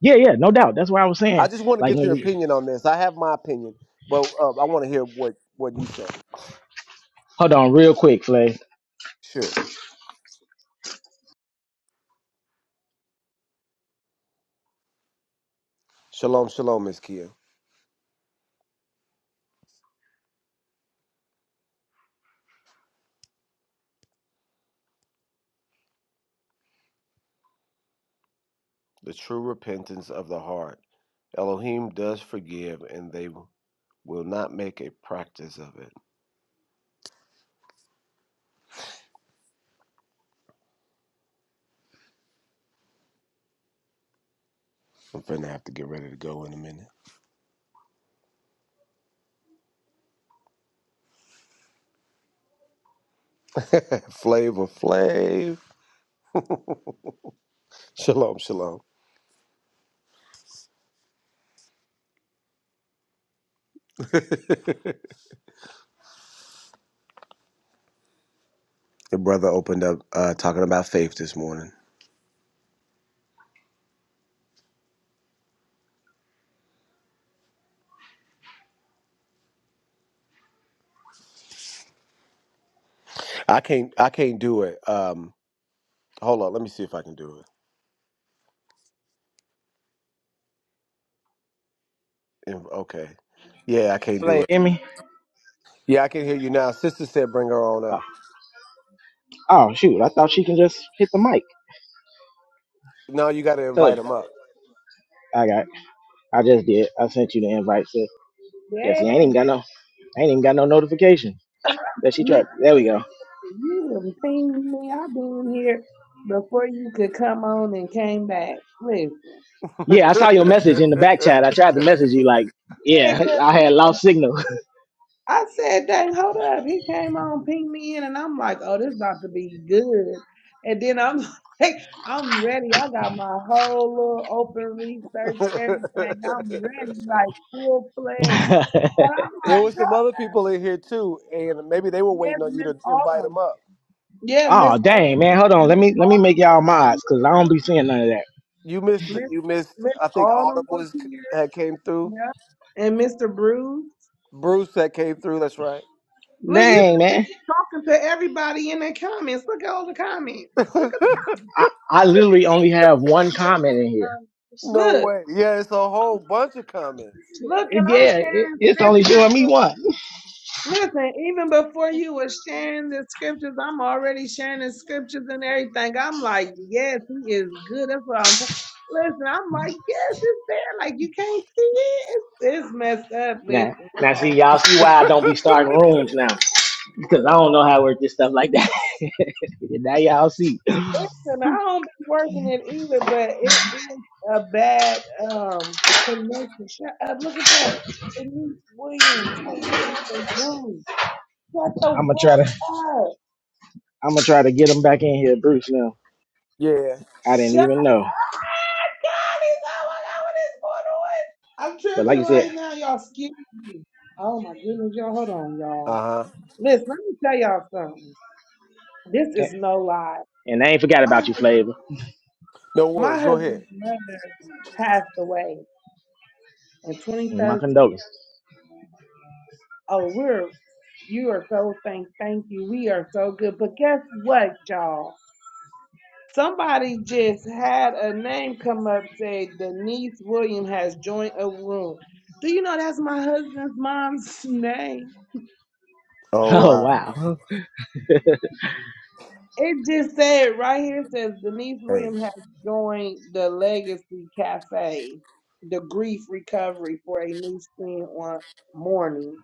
Speaker 2: yeah, yeah, no doubt. That's why I was saying.
Speaker 1: I just want to
Speaker 2: Like
Speaker 1: get
Speaker 2: when
Speaker 1: your
Speaker 2: we
Speaker 1: opinion on this. I have my opinion, but uh, I want to hear what what you said.
Speaker 2: hold on real quick, Flay,
Speaker 1: Sure. Shalom, shalom, Miss Kia. The true repentance of the heart. Elohim does forgive, and they will not make a practice of it. I'm finna have to get ready to go in a minute. Flavor, Flav. Shalom, shalom. the brother opened up uh, talking about faith this morning. I can't. I can't do it. Um, hold on. Let me see if I can do it. Inv- Okay. Yeah, I can't do
Speaker 2: Flay,
Speaker 1: it.
Speaker 2: Emmy.
Speaker 1: Yeah, I can hear you now. Sister said bring her on up.
Speaker 2: Oh shoot, I thought she can just hit the mic.
Speaker 1: Now you got to
Speaker 2: So
Speaker 1: invite them up.
Speaker 2: I got, I just did. I sent you the invite. Sis. Yes,
Speaker 3: Yes,
Speaker 2: I ain't even got no, I ain't even got no notification that she
Speaker 3: man,
Speaker 2: tried. There we go.
Speaker 3: you done pinged me. I've been here before you could come on and came back. Listen,
Speaker 2: Yeah, I saw your message in the back chat. I tried to message you like,
Speaker 3: yeah,
Speaker 2: yeah,
Speaker 3: 'cause
Speaker 2: I had lost signal.
Speaker 3: I said, dang, hold up. He came on, pinged me in, and I'm like, oh, this about to be good. And then I'm like, I'm ready. I got my whole little open research, everything. I'm ready, like full fledged. And I'm
Speaker 1: there
Speaker 3: like,
Speaker 1: was some
Speaker 3: oh,
Speaker 1: other people in here too, and maybe they were
Speaker 3: yes,
Speaker 1: waiting on you
Speaker 3: Miss
Speaker 1: to invite them
Speaker 3: Autumn.
Speaker 1: up.
Speaker 3: Yeah,
Speaker 2: oh
Speaker 3: Miss
Speaker 2: dang,
Speaker 3: Autumn.
Speaker 2: man, hold on. Let
Speaker 3: Miss
Speaker 2: me let me
Speaker 3: Autumn
Speaker 2: make y'all
Speaker 3: was in
Speaker 2: mods because I don't
Speaker 3: here.
Speaker 2: be seeing none of that.
Speaker 1: You missed.
Speaker 3: Miss
Speaker 1: You missed.
Speaker 3: Miss
Speaker 1: I think Autumn
Speaker 3: Autumn was
Speaker 1: was
Speaker 3: here.
Speaker 1: had came through.
Speaker 3: Yeah. And Mr. Bruce.
Speaker 1: Bruce that came through. That's right.
Speaker 3: Look, you can
Speaker 2: Dang,
Speaker 3: see
Speaker 2: man.
Speaker 3: me talking to everybody in the comments. Look at all the comments. Look at
Speaker 2: I, I literally only have one comment in here.
Speaker 1: no
Speaker 3: look.
Speaker 1: way. Yeah, it's a whole bunch of comments.
Speaker 3: Look, and I'm
Speaker 2: Yeah, it,
Speaker 3: sharing
Speaker 2: it's only
Speaker 3: scriptures.
Speaker 2: doing me
Speaker 3: but
Speaker 2: one.
Speaker 3: Listen, even before you were sharing the scriptures, I'm already sharing the scriptures and everything. I'm like, yes, he is good. That's what I'm talking. Listen, I'm like, yes, it's there. Like you can't see it. It's, it's messed up,
Speaker 2: Now,
Speaker 3: listen,
Speaker 2: now, see
Speaker 3: y'all.
Speaker 2: y'all see why I don't be starting rooms now because I don't know how to work this stuff like that. now y'all see.
Speaker 3: Listen, I don't be working it either, but it is a bad um connection. Shut up, look at that. Denise Williams has joined the room. Shut
Speaker 2: I'm
Speaker 3: the
Speaker 2: gonna try to.
Speaker 3: fuck up.
Speaker 2: I'm gonna try to get him back in here, Bruce. Now
Speaker 1: Yeah.
Speaker 2: I didn't
Speaker 3: Shut up.
Speaker 2: even know,
Speaker 3: God, he's oh my God, what is
Speaker 2: but
Speaker 3: going on? I'm
Speaker 2: like
Speaker 3: tripping
Speaker 2: you said,
Speaker 3: right now, y'all. Excuse me. Oh my goodness, y'all. Hold on, y'all.
Speaker 1: Uh huh.
Speaker 3: Listen, let me tell y'all something. This
Speaker 2: a-
Speaker 3: is no lie.
Speaker 2: and I ain't forgot
Speaker 3: My
Speaker 2: about you, Flavor.
Speaker 1: No
Speaker 3: my
Speaker 1: worries. Go
Speaker 3: husband's
Speaker 1: ahead.
Speaker 3: mother passed away in
Speaker 2: And My
Speaker 3: 2013.
Speaker 2: condolences.
Speaker 3: Oh, we're you are so thank thank you. We are so good. But guess what, y'all? Somebody just had a name come up say Denise William has joined a room. Do you know that's my husband's mom's name?
Speaker 1: Oh
Speaker 2: Oh
Speaker 1: wow.
Speaker 2: wow.
Speaker 3: It just said right here it says Denise
Speaker 1: Hey.
Speaker 3: William has joined the Legacy Cafe, the grief recovery for a new skin on morning.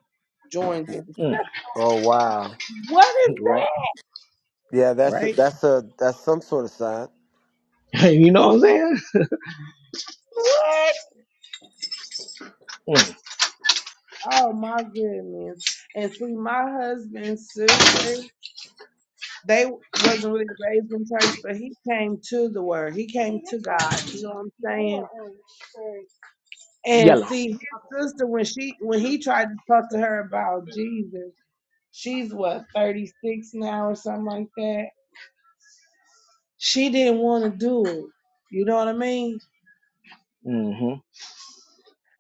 Speaker 3: Joined them.
Speaker 2: Mm,
Speaker 1: Oh wow.
Speaker 3: What is
Speaker 2: right,
Speaker 3: that?
Speaker 1: Yeah, that's a,
Speaker 2: right.
Speaker 1: that's a that's some sort of sign.
Speaker 2: you know what I'm saying?
Speaker 3: What?
Speaker 2: Mm,
Speaker 3: Oh my goodness. And see, my husband's sister, they wasn't really raised in church, but he came to the word. He came to God. You know what I'm saying? And
Speaker 2: yellow.
Speaker 3: see, his sister, when she when he tried to talk to her about Jesus, she's what, 36 now or something like that. She didn't want to do it. You know what I mean?
Speaker 2: hmm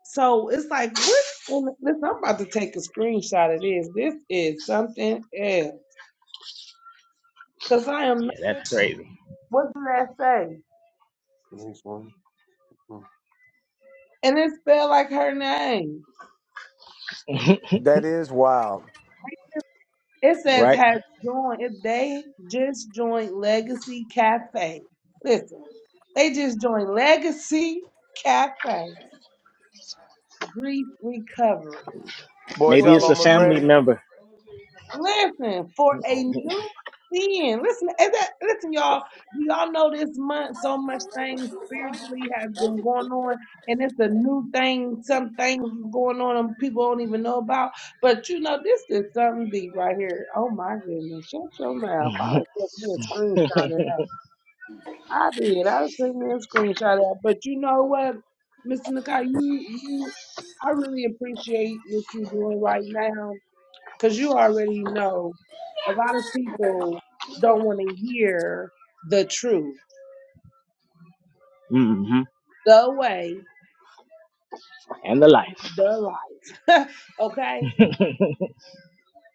Speaker 3: So it's like, what? in the- Listen, I'm about to take a screenshot of this. This is something else. Cause I am
Speaker 2: Yeah,
Speaker 3: not
Speaker 2: that's
Speaker 3: tripping.
Speaker 2: crazy.
Speaker 3: What does that say? Denise one. Hmm. And it's spelled like her name.
Speaker 1: That is wild.
Speaker 3: It says
Speaker 2: right?
Speaker 3: has joined. If they just joined Legacy Cafe. Listen, they just joined Legacy Cafe Grief Recovery
Speaker 1: Boys,
Speaker 3: for
Speaker 2: Maybe
Speaker 1: y'all
Speaker 2: it's
Speaker 3: a
Speaker 2: a
Speaker 1: almost
Speaker 2: family
Speaker 1: ready?
Speaker 2: member.
Speaker 3: Listen, for a new sin. Listen, is that listen, y'all. Do y'all know this month so much things spiritually has been going on, and it's a new thing. Some things is going on and people don't even know about. But you know, this is something deep right here. Oh my goodness. Shut your mouth. I
Speaker 2: hmm
Speaker 3: done took me a screenshot of that. I did. I done took me a screenshot of that. But you know what, Mr. Nakai, you you I really appreciate what you're doing right now because you already know a lot of people don't want to hear the truth,
Speaker 2: And
Speaker 3: the way,
Speaker 2: the life.
Speaker 3: the life. okay?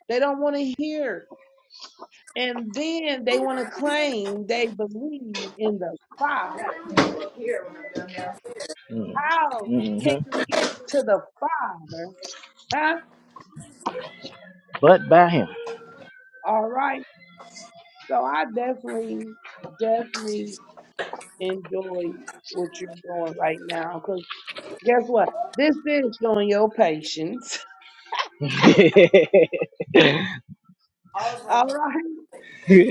Speaker 3: They don't want to hear. And then they want to claim they believe in the Father.
Speaker 2: Mm.
Speaker 3: How can
Speaker 2: Mhm.
Speaker 3: you get to the Father? Huh?
Speaker 2: But by him.
Speaker 3: All right. So I definitely, definitely enjoy what you're doing right now because guess what? This is showing your patience.
Speaker 2: Praise
Speaker 3: All right.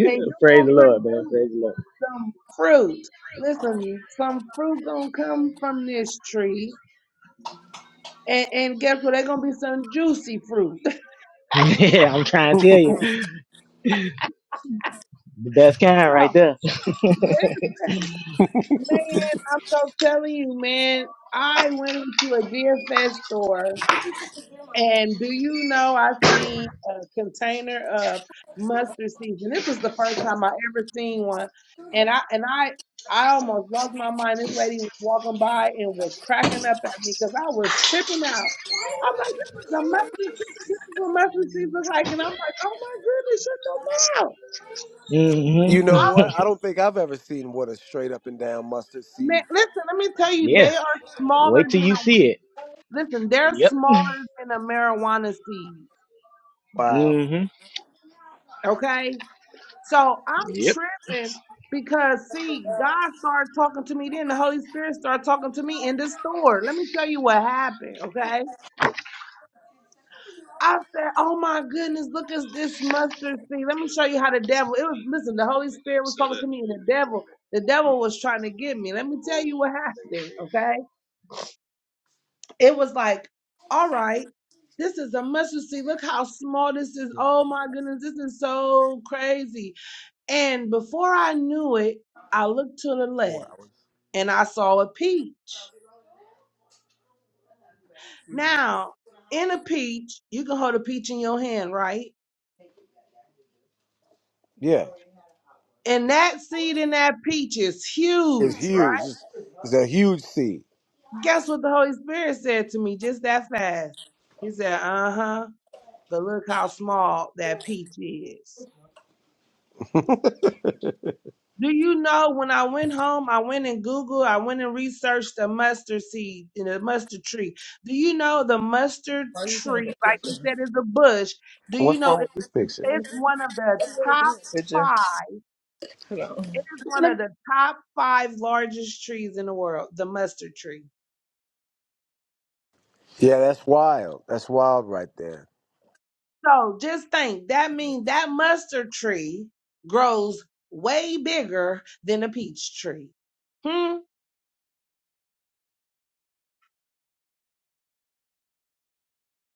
Speaker 3: and you're gonna
Speaker 2: the Lord, man.
Speaker 3: produce
Speaker 2: Praise the Lord.
Speaker 3: some fruit. Listen, some fruit gonna come from this tree, and, and guess what? They're gonna be some juicy fruit.
Speaker 2: yeah, I'm trying to tell you. The best kind right
Speaker 3: so
Speaker 2: there.
Speaker 3: listen, man, I'm so telling you, man. I went into a DFS store And do you know I seen a container of mustard seeds, and this was the first time I ever seen one. And I and I I almost lost my mind. This lady was walking by and was cracking up at me because I was tripping out. I'm like, this is a mustard seed. This is what mustard seeds look like. And I'm like, oh my goodness, shut your mouth.
Speaker 2: hmm
Speaker 1: You know what? I don't think I've ever seen what a straight up and down mustard seed.
Speaker 3: Man, listen, let me tell you,
Speaker 2: Yeah.
Speaker 3: they are smaller
Speaker 2: Wait till
Speaker 3: than
Speaker 2: you
Speaker 3: a
Speaker 2: see
Speaker 3: weed.
Speaker 2: it.
Speaker 3: Listen, they're
Speaker 2: Yep.
Speaker 3: smaller than a marijuana seed.
Speaker 1: Wow.
Speaker 2: hmm
Speaker 3: Okay? So I'm
Speaker 2: Yep.
Speaker 3: tripping because see, God started talking to me then. The Holy Spirit started talking to me in the store. Let me tell you what happened, okay? I said, Oh my goodness, look at this mustard seed. Let me show you how the devil it was listen, the Holy Spirit was talking to me and the devil, the devil was trying to get me. Let me tell you what happened, okay? It was like, all right. This is a mustard seed. Look how small this is. Oh my goodness, this is so crazy And before I knew it, I looked to the left and I saw a peach. Now, in a peach, you can hold a peach in your hand, right?
Speaker 1: Yeah,
Speaker 3: And that seed in that peach is
Speaker 1: it's
Speaker 3: huge,
Speaker 1: huge.
Speaker 3: right?
Speaker 1: It's, it's a huge seed.
Speaker 3: Guess what the Holy Spirit said to me just that fast? He said, uh huh, but look how small that peach is. Do you know when I went home, I went and Googled, I went and researched the mustard seed and the mustard tree. Do you know the mustard tree, like he said, is a bush? Do you
Speaker 1: What's
Speaker 3: know
Speaker 1: wrong
Speaker 3: it-
Speaker 1: with this picture?
Speaker 3: it's one of the top five? It is one of the top five largest trees in the world, the mustard tree.
Speaker 1: Yeah, that's wild. That's wild right there.
Speaker 3: So just think that means that mustard tree grows way bigger than a peach tree. Hmm,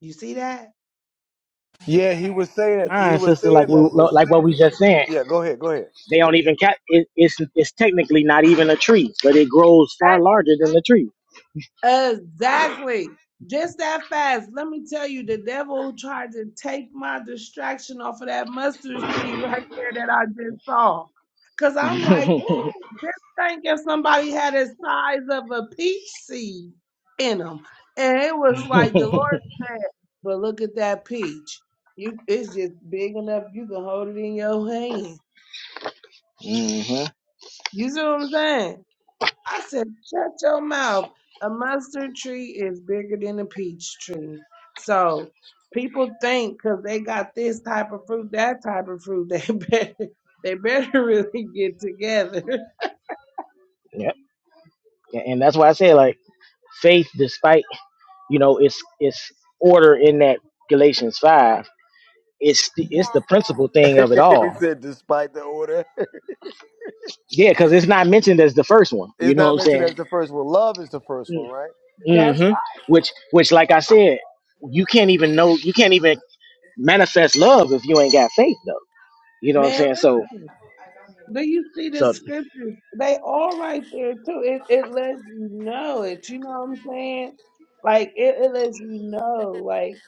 Speaker 3: you see that?
Speaker 1: Yeah, he was saying
Speaker 2: All
Speaker 1: he
Speaker 2: right,
Speaker 1: was
Speaker 2: sister. Like
Speaker 1: saying
Speaker 2: we,
Speaker 1: that it was.
Speaker 2: like what we just said.
Speaker 1: Yeah, go ahead, go ahead.
Speaker 2: They don't even cat. It, it's, it's technically not even a tree, but it grows far larger than the tree.
Speaker 3: Exactly. Just that fast. Let me tell you, the devil tried to take my distraction off of that mustard seed right there that I just saw. Cause I'm like, ooh, just think if somebody had a size of a peach seed in them. And it was like the
Speaker 2: hmm
Speaker 3: Lord said, but look at that peach. You it's just big enough you can hold it in your hand. You see what I'm saying? I said, shut your mouth. A mustard tree is bigger than a peach tree. So people think because they got this type of fruit, that type of fruit, they better they better really get together.
Speaker 2: Yep. And and that's why I say like faith, despite You know, it's it's order in that Galatians five. It's the, it's the principal thing of it
Speaker 1: he
Speaker 2: all.
Speaker 1: said, despite the order,
Speaker 2: Yeah, because it's not mentioned as the first one. You
Speaker 1: it's
Speaker 2: know what
Speaker 1: not
Speaker 2: I'm
Speaker 1: mentioned
Speaker 2: saying?
Speaker 1: as the first one. Love is the first one, right?
Speaker 3: That's
Speaker 2: Mm-hmm. Which which like I said, you can't even know you can't even manifest love if you ain't got faith though. You know what I'm
Speaker 3: man,
Speaker 2: saying? So
Speaker 3: listen. Do you see the
Speaker 2: so
Speaker 3: scriptures? They all right there too. It it lets you know it. You know what I'm saying? Like it, it lets you know, like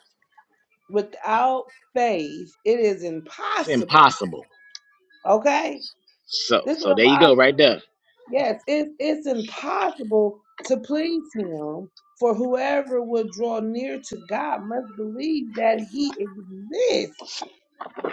Speaker 3: without faith, it is
Speaker 2: it's
Speaker 3: impossible.
Speaker 2: impossible.
Speaker 3: Okay?
Speaker 2: So
Speaker 3: This is what
Speaker 2: so
Speaker 3: a
Speaker 2: there you
Speaker 3: lot
Speaker 2: go right there.
Speaker 3: Yes, it, it's impossible to please him, for whoever would draw near to God must believe that he exists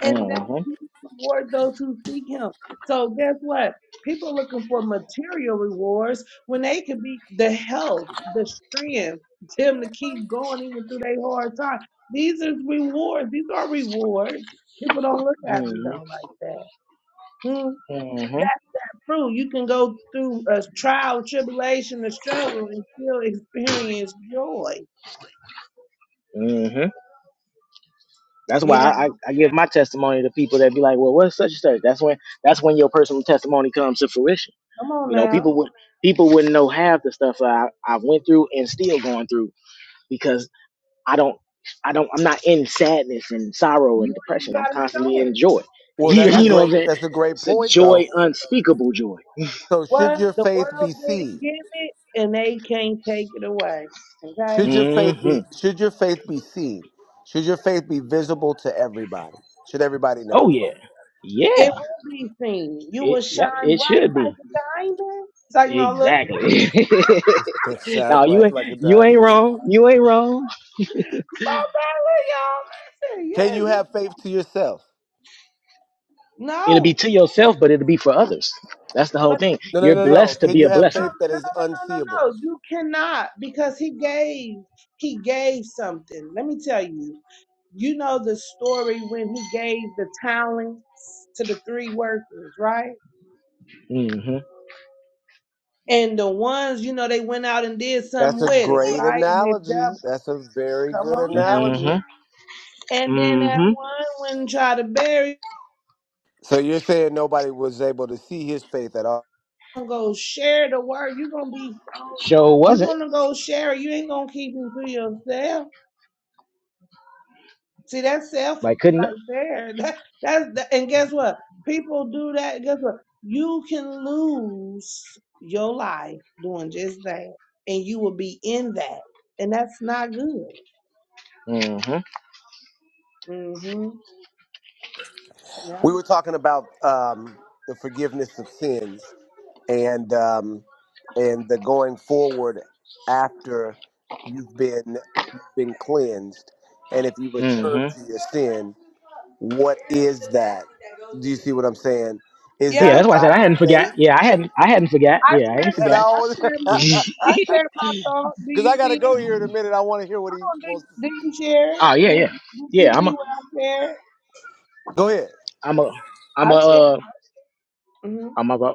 Speaker 3: and that he rewards those who seek him. So guess what? People looking for material rewards when they could be the health, the strength, them to keep going even through their hard time. These are rewards. These are rewards. People don't look at them though
Speaker 2: Mm-hmm.
Speaker 3: like that. Hmm
Speaker 2: Mm-hmm.
Speaker 3: through. You can go through a trial, tribulation, a struggle, and still experience joy.
Speaker 2: Mm-hmm. That's why
Speaker 3: You know,
Speaker 2: I, I, I give my testimony to people that be like, well, what's such and such? That's when that's when your personal testimony comes to fruition.
Speaker 3: come on
Speaker 2: You know,
Speaker 3: now.
Speaker 2: people would people wouldn't know half the stuff that I, I went through and still going through because I don't I don't I'm not in sadness and sorrow and
Speaker 3: You ain't
Speaker 2: depression. I'm
Speaker 3: got to
Speaker 2: constantly
Speaker 3: show
Speaker 2: in
Speaker 3: it.
Speaker 2: joy.
Speaker 1: Well,
Speaker 2: You,
Speaker 1: that's a
Speaker 3: That's
Speaker 2: you know what I'm
Speaker 1: great
Speaker 2: saying?
Speaker 1: that's a great
Speaker 2: It's a
Speaker 1: point
Speaker 2: joy,
Speaker 1: though.
Speaker 2: unspeakable joy.
Speaker 1: So should
Speaker 3: what
Speaker 1: your
Speaker 3: the
Speaker 1: faith
Speaker 3: world
Speaker 1: be
Speaker 3: didn't
Speaker 1: seen?
Speaker 3: give it, and they can't take it away. Okay?
Speaker 1: Should your faith be
Speaker 2: hmm
Speaker 1: should your faith be seen? Should your faith be visible to everybody? Should everybody know?
Speaker 2: Oh yeah,
Speaker 3: It
Speaker 2: yeah.
Speaker 3: will be seen. You
Speaker 2: It
Speaker 3: will shine
Speaker 2: yep. It
Speaker 3: bright
Speaker 2: should
Speaker 3: like
Speaker 2: be
Speaker 3: a diamond. It's like, no, look,
Speaker 2: exactly.
Speaker 1: To shine
Speaker 2: no, you
Speaker 1: bright
Speaker 2: ain't
Speaker 1: like a
Speaker 2: you
Speaker 1: diamond.
Speaker 2: ain't wrong. You ain't wrong.
Speaker 3: oh, God, look, y'all, listen,
Speaker 1: Can
Speaker 3: yes,
Speaker 1: you
Speaker 3: yes.
Speaker 1: have faith to yourself?
Speaker 2: It'll be
Speaker 3: No,
Speaker 2: to yourself, but it'll be for others. That's the whole
Speaker 3: but
Speaker 2: thing.
Speaker 1: No, no,
Speaker 2: You're
Speaker 1: no,
Speaker 3: it's
Speaker 1: no.
Speaker 2: blessed to
Speaker 1: Can
Speaker 2: be
Speaker 1: you
Speaker 2: a
Speaker 1: have
Speaker 3: No,
Speaker 2: blessing.
Speaker 1: faith that
Speaker 3: no, no,
Speaker 1: is
Speaker 3: no, no, no.
Speaker 1: unseeable?
Speaker 3: no! You cannot because he gave. He gave something. Let me tell you. You know the story when he gave the talents to the three workers, right?
Speaker 2: Mm-hmm.
Speaker 3: And the ones, you know, they went out and did
Speaker 1: That's
Speaker 3: something
Speaker 1: a
Speaker 3: with it,
Speaker 1: great
Speaker 3: right? And they
Speaker 1: analogy.
Speaker 3: doubled.
Speaker 1: That's a very
Speaker 3: Come
Speaker 1: good
Speaker 3: on now.
Speaker 1: analogy.
Speaker 2: Mm-hmm.
Speaker 3: And then that
Speaker 2: Mm-hmm.
Speaker 3: one went and tried to bury. it.
Speaker 1: So you're saying nobody was able to see his faith at all?
Speaker 3: gonna go share the word. You're gonna be so.
Speaker 2: Sure
Speaker 3: You're
Speaker 2: wasn't.
Speaker 3: gonna go share. it. You ain't gonna keep it to yourself. See, that's selfish
Speaker 2: Like couldn't.
Speaker 3: right there. That, that's that, and guess what? People do that. Guess what? You can lose your life doing just that, and you will be in that, and that's not good.
Speaker 2: Mm-hmm.
Speaker 3: hmm Yeah.
Speaker 1: We were talking about um, the forgiveness of sins and um, and the going forward after you've been you've been cleansed, and if you return
Speaker 2: Mm-hmm.
Speaker 1: to your sin, what is that? Do you see what I'm saying? Is
Speaker 3: Yeah.
Speaker 1: that
Speaker 2: Yeah,
Speaker 3: I
Speaker 1: a
Speaker 2: that's why I
Speaker 3: shared.
Speaker 2: said
Speaker 1: lack
Speaker 2: I
Speaker 1: of
Speaker 2: hadn't forgot.
Speaker 1: faith?
Speaker 2: Yeah, I hadn't. I hadn't forgot.
Speaker 3: I
Speaker 2: Yeah, I ain't
Speaker 3: shared. it.
Speaker 2: forgot.
Speaker 3: I
Speaker 1: No,
Speaker 3: shared
Speaker 2: oh
Speaker 3: my. I shared my thought. Do
Speaker 1: because
Speaker 3: you
Speaker 1: I got to
Speaker 3: see it?
Speaker 1: go here in a minute. I want to hear what
Speaker 3: I
Speaker 1: he
Speaker 3: don't think.
Speaker 1: wants to.
Speaker 3: Do you share it?
Speaker 2: yeah,
Speaker 3: Did,
Speaker 2: yeah,
Speaker 3: did
Speaker 2: yeah.
Speaker 3: you
Speaker 2: I'm
Speaker 3: see
Speaker 2: a.
Speaker 3: what I shared?
Speaker 1: Go ahead.
Speaker 2: I'm a. I'm
Speaker 3: I
Speaker 2: a.
Speaker 3: shared.
Speaker 2: Uh,
Speaker 3: hmm
Speaker 2: I'm a.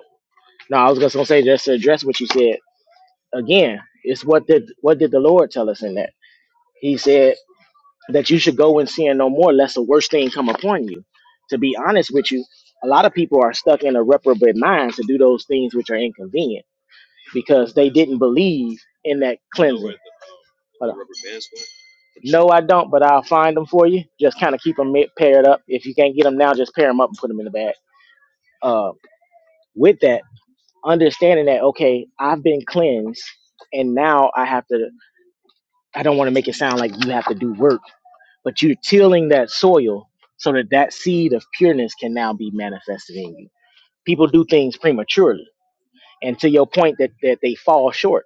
Speaker 2: No, I was just gonna say just to address what you said again. It's what did what did the Lord tell us in that? He said. that you should go and sin no more, lest the worst thing come upon you. To be honest with you, a lot of people are stuck in a reprobate mind to do those things which are inconvenient because they didn't believe in that cleansing. Hold on. No, I don't, but I'll find them for you. Just kind of keep them paired up. If you can't get them now, just pair them up and put them in the bag. Uh, with that, understanding that, okay, I've been cleansed, and now I have to, I don't want to make it sound like you have to do work but you're tilling that soil so that that seed of pureness can now be manifested in you. People do things prematurely, and to your point that, that they fall short.